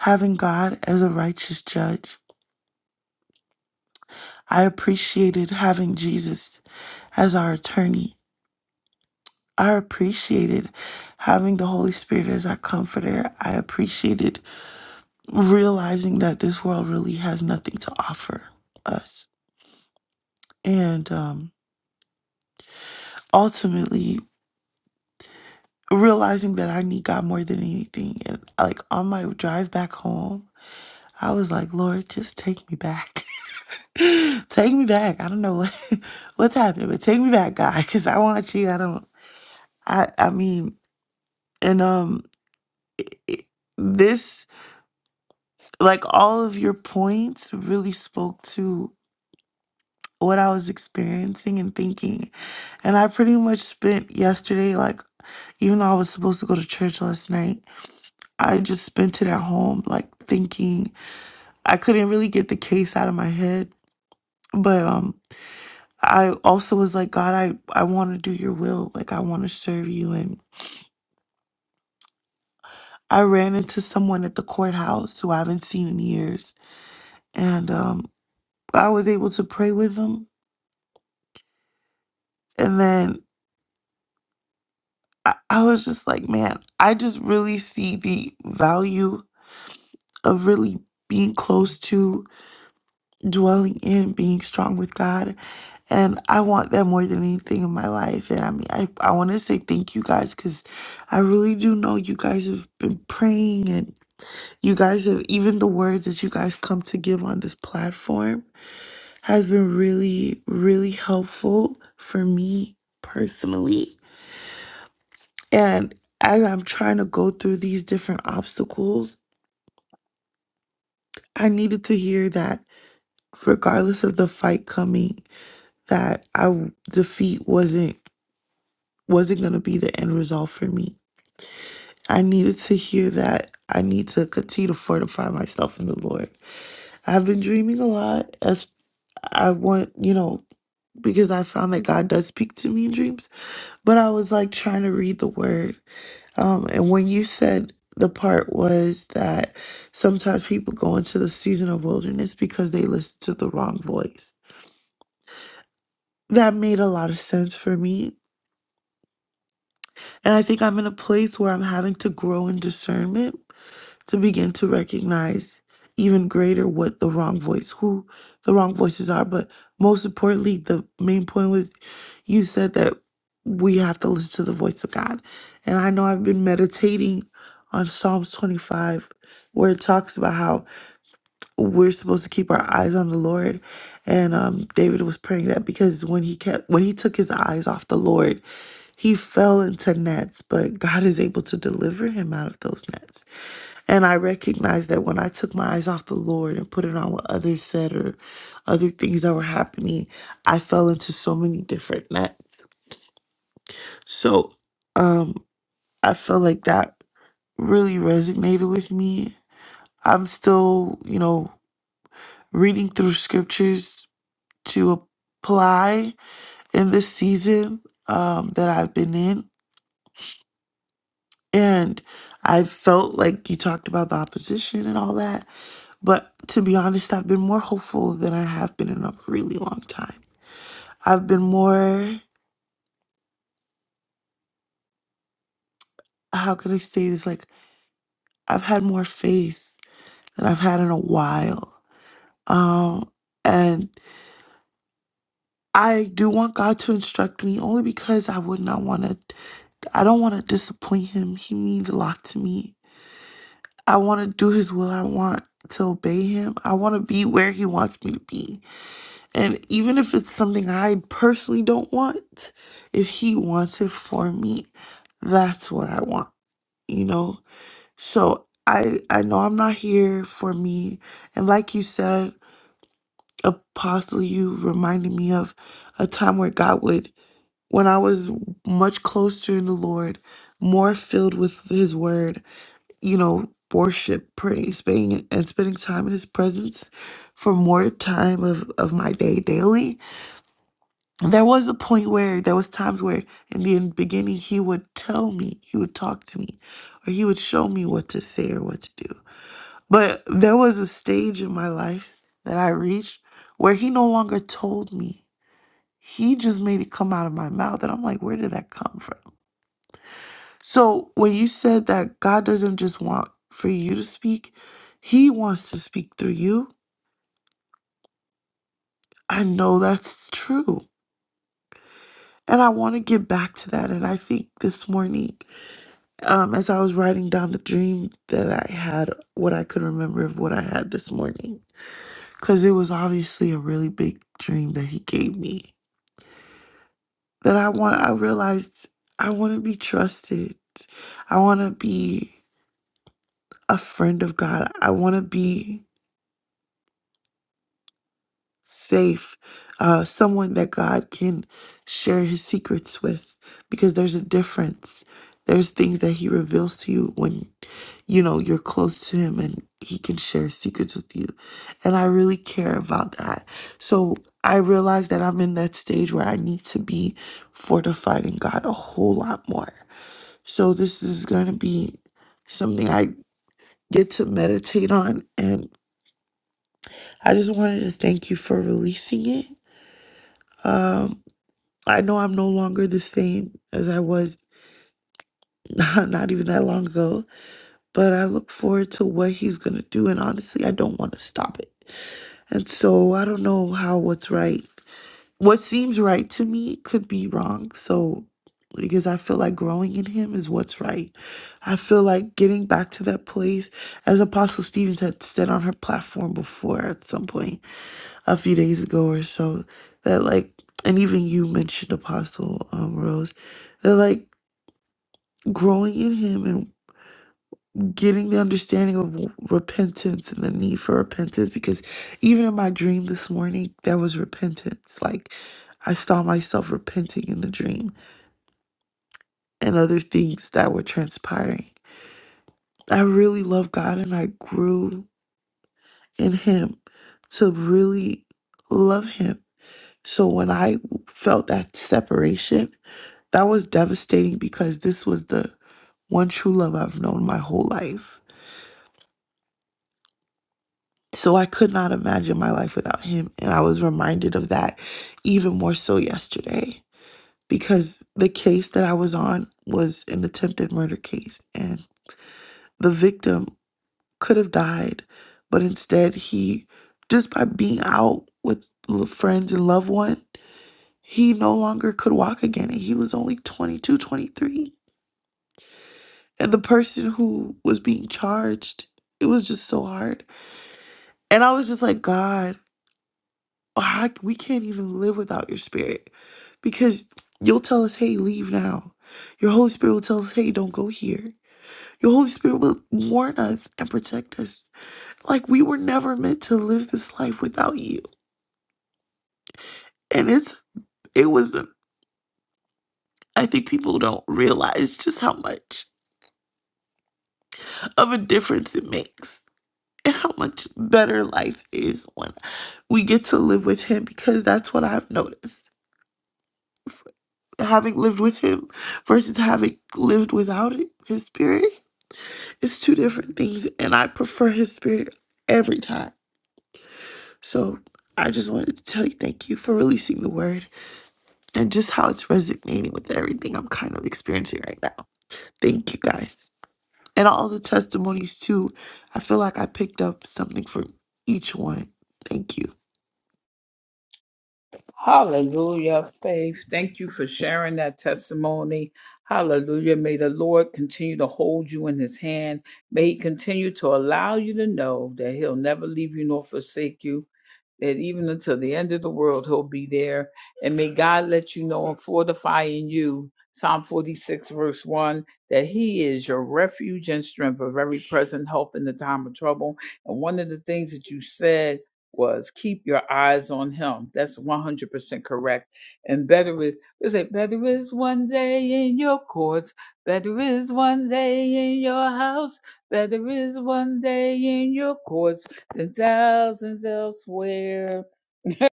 [SPEAKER 5] having God as a righteous judge. I appreciated having Jesus as our attorney. I appreciated having the Holy Spirit as our comforter. I appreciated realizing that this world really has nothing to offer us. And um, ultimately, realizing that I need God more than anything. And like on my drive back home, I was like, Lord, just take me back. take me back. I don't know what, what's happened, but take me back, God, because I want you. I don't, I, I mean, and um, it, it, this like all of your points really spoke to what I was experiencing and thinking. And I pretty much spent yesterday, like, even though I was supposed to go to church last night, I just spent it at home, like, thinking. I couldn't really get the case out of my head. But, um, I also was like, God, I, I want to do your will. Like, I want to serve you. And I ran into someone at the courthouse who I haven't seen in years. And, um, I was able to pray with them. And then I, I was just like, man, I just really see the value of really being close to, dwelling in, being strong with God. And I want that more than anything in my life. And I mean, I, I want to say thank you guys because I really do know you guys have been praying and you guys have, even the words that you guys come to give on this platform has been really, really helpful for me personally And as I'm trying to go through these different obstacles, I needed to hear that regardless of the fight coming, that I w- defeat wasn't wasn't going to be the end result for me. I needed to hear that I need to continue to fortify myself in the Lord. I've been dreaming a lot as I want, you know, because I found that God does speak to me in dreams, but I was like trying to read the word Um, and when you said the part was that sometimes people go into the season of wilderness because they listen to the wrong voice, that made a lot of sense for me. And I think I'm in a place where I'm having to grow in discernment to begin to recognize even greater what the wrong voice who the wrong voices are but most importantly the main point was you said that we have to listen to the voice of god and i know i've been meditating on psalms 25 where it talks about how we're supposed to keep our eyes on the lord and um, david was praying that because when he kept when he took his eyes off the lord he fell into nets but god is able to deliver him out of those nets and I recognized that when I took my eyes off the Lord and put it on what others said or other things that were happening, I fell into so many different nets. So um I felt like that really resonated with me. I'm still, you know, reading through scriptures to apply in this season um that I've been in. And I felt like you talked about the opposition and all that. But to be honest, I've been more hopeful than I have been in a really long time. I've been more, how could I say this? Like, I've had more faith than I've had in a while. Um, and I do want God to instruct me only because I would not want to, I don't want to disappoint Him. He means a lot to me. I want to do His will. I want to obey Him. I want to be where He wants me to be. And even if it's something I personally don't want, if he wants it for me, that's what I want, you know? So I I know I'm not here for me. And like you said, Apostle, you reminded me of a time where God would when I was much closer in the Lord, more filled with his word, you know, worship, praise, spending and spending time in his presence for more time of, of my day daily there was a point where there was times where in the beginning he would tell me he would talk to me or he would show me what to say or what to do but there was a stage in my life that i reached where he no longer told me he just made it come out of my mouth and i'm like where did that come from so when you said that god doesn't just want for you to speak he wants to speak through you i know that's true and i want to get back to that and i think this morning Um, as I was writing down the dream that I had, what I could remember of what I had this morning, because it was obviously a really big dream that he gave me. That I want, I realized I want to be trusted. I want to be a friend of God. I want to be. safe, uh, someone that God can share his secrets with because there's a difference. There's things that he reveals to you when you know you're close to him and he can share secrets with you. And I really care about that. So I realize that I'm in that stage where I need to be fortified in God a whole lot more. So this is going to be something I get to meditate on and I just wanted to thank you for releasing it. Um I know I'm no longer the same as I was not, even that long ago, but I look forward to what he's going to do. And honestly, I don't want to stop it. And so I don't know how what's right. What seems right to me could be wrong. So, because I feel like growing in him is what's right. I feel like getting back to that place, as Apostle Stevens had said on her platform before at some point a few days ago or so, that like, and even you mentioned Apostle um, Rose, that like, growing in him and getting the understanding of repentance and the need for repentance because even in my dream this morning there was repentance like i saw myself repenting in the dream and other things that were transpiring i really love god and i grew in him to really love him so when i felt that separation that was devastating because this was the one true love i've known my whole life So I could not imagine my life without him. And I was reminded of that even more so yesterday because the case that I was on was an attempted murder case. And the victim could have died, but instead, he, just by being out with l- friends and loved one, he no longer could walk again. And he was only 22, 23, And the person who was being charged, it was just so hard. And I was just like, God. Or I, we can't even live without your spirit because you'll tell us, hey, leave now. Your Holy Spirit will tell us, hey, don't go here. Your Holy Spirit will warn us and protect us. Like we were never meant to live this life without you. And it's, it was, a- I think people don't realize just how much of a difference it makes and how much better life is when we get to live with Him because that's what I've noticed having lived with him versus having lived without it, his spirit. It's two different things, and I prefer his spirit every time. So I just wanted to tell you thank you for releasing the word and just how it's resonating with everything I'm kind of experiencing right now. Thank you guys. And all the testimonies too. I feel like I picked up something from each one. Thank you.
[SPEAKER 1] Hallelujah, Faith. Thank you for sharing that testimony. Hallelujah. May the Lord continue to hold you in his hand. May he continue to allow you to know that he'll never leave you nor forsake you. that even until the end of the world he'll be there. And may God let you know and fortify in you, Psalm 46, verse 1, that he is your refuge and strength, a very present help in the time of trouble. And one of the things that you said was keep your eyes on him. That's 100% correct. And better is, we say, better is one day in your courts, better is one day in your house, better is one day in your courts the thousands elsewhere.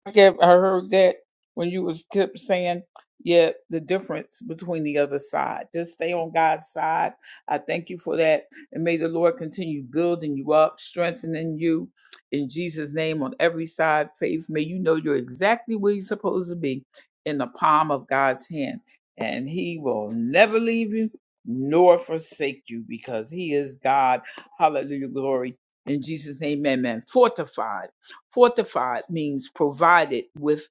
[SPEAKER 1] I get- I heard that when you was kept saying, yeah, the difference between the other side. Just stay on God's side. I thank you for that. And may the Lord continue building you up, strengthening you in Jesus' name on every side. Faith, may you know you're exactly where you're supposed to be in the palm of God's hand. And He will never leave you nor forsake you because God, hallelujah, glory. In Jesus' name, amen. Five. with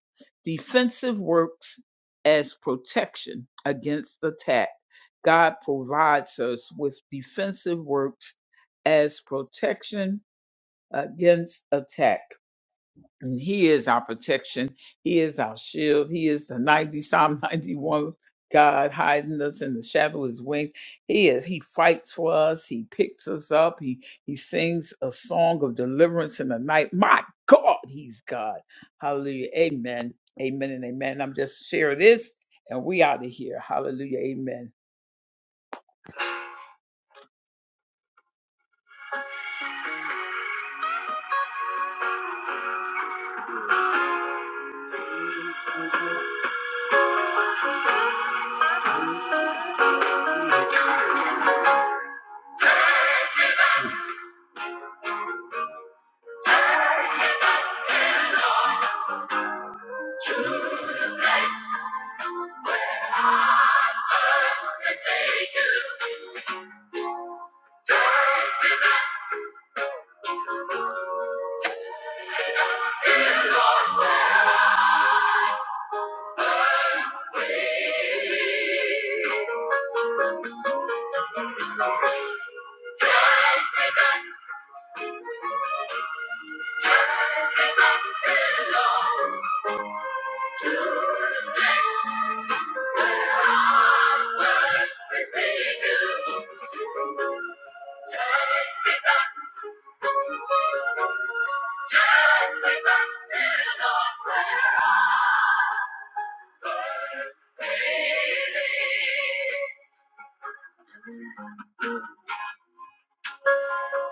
[SPEAKER 1] defensive works as protection against attack. God provides us with defensive works as protection against attack. And he is our protection. He is our shield. He is the 90 Psalm 91 God hiding us in the shadow of his wings. He is he fights for us. He picks us up. He he sings a song of deliverance in the night. My God, he's God. Hallelujah. Amen. Amen and amen. I'm just sharing this and we out of here. Hallelujah. Amen.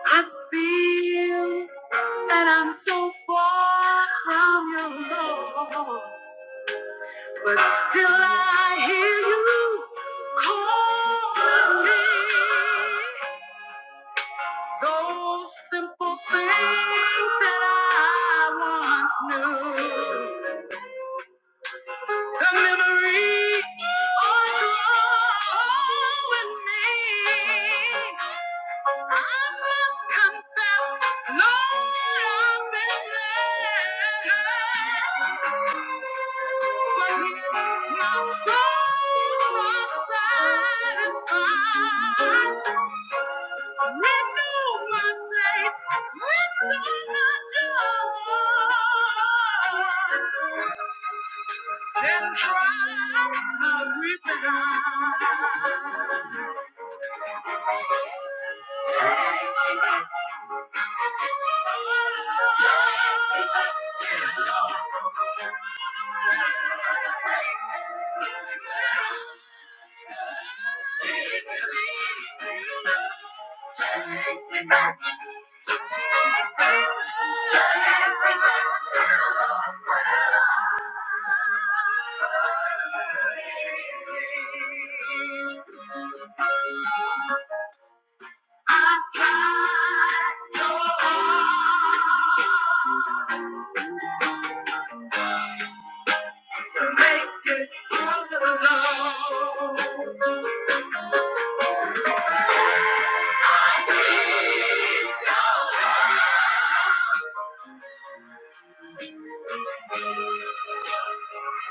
[SPEAKER 1] I feel that I'm so far from your love. But still I hear you calling me. Those simple things that I once knew. The memories are drawing me. I must confess, Lord, I've been led. But yet my soul's not satisfied. Renew my faith, restore my joy. Then try how we began. Thank you. I tried so hard to make it through alone.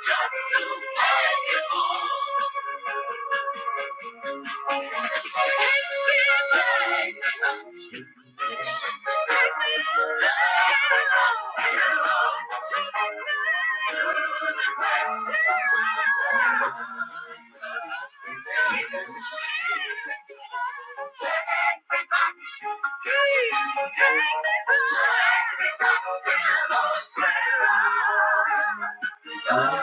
[SPEAKER 1] Just to make it home. It didn't take much. Take me back. Thank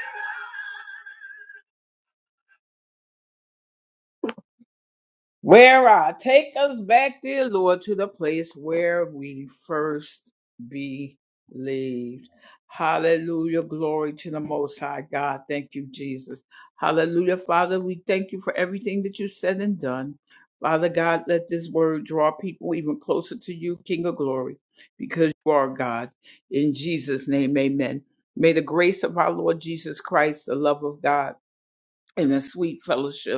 [SPEAKER 1] you. Where I take us back, dear Lord, to the place where we first believed. Hallelujah. Glory to the Most High God. Thank you, Jesus. Hallelujah. Father, we thank you for everything that you said and done. Father God, let this word draw people even closer to you, King of glory, because you are God. In Jesus' name, amen. May the grace of our Lord Jesus Christ, the love of God, and the sweet fellowship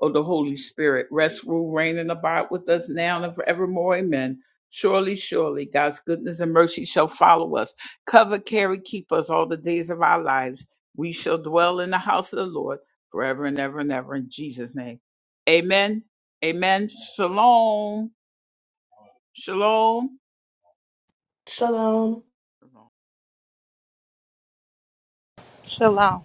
[SPEAKER 1] O the Holy Spirit, rest, rule, reign, and abide with us now and forevermore. Amen. Surely, surely, God's goodness and mercy shall follow us, cover, carry, keep us all the days of our lives. We shall dwell in the house of the Lord forever and ever and ever in Jesus' name. Amen. Amen. Shalom. Shalom.
[SPEAKER 5] Shalom.
[SPEAKER 2] Shalom.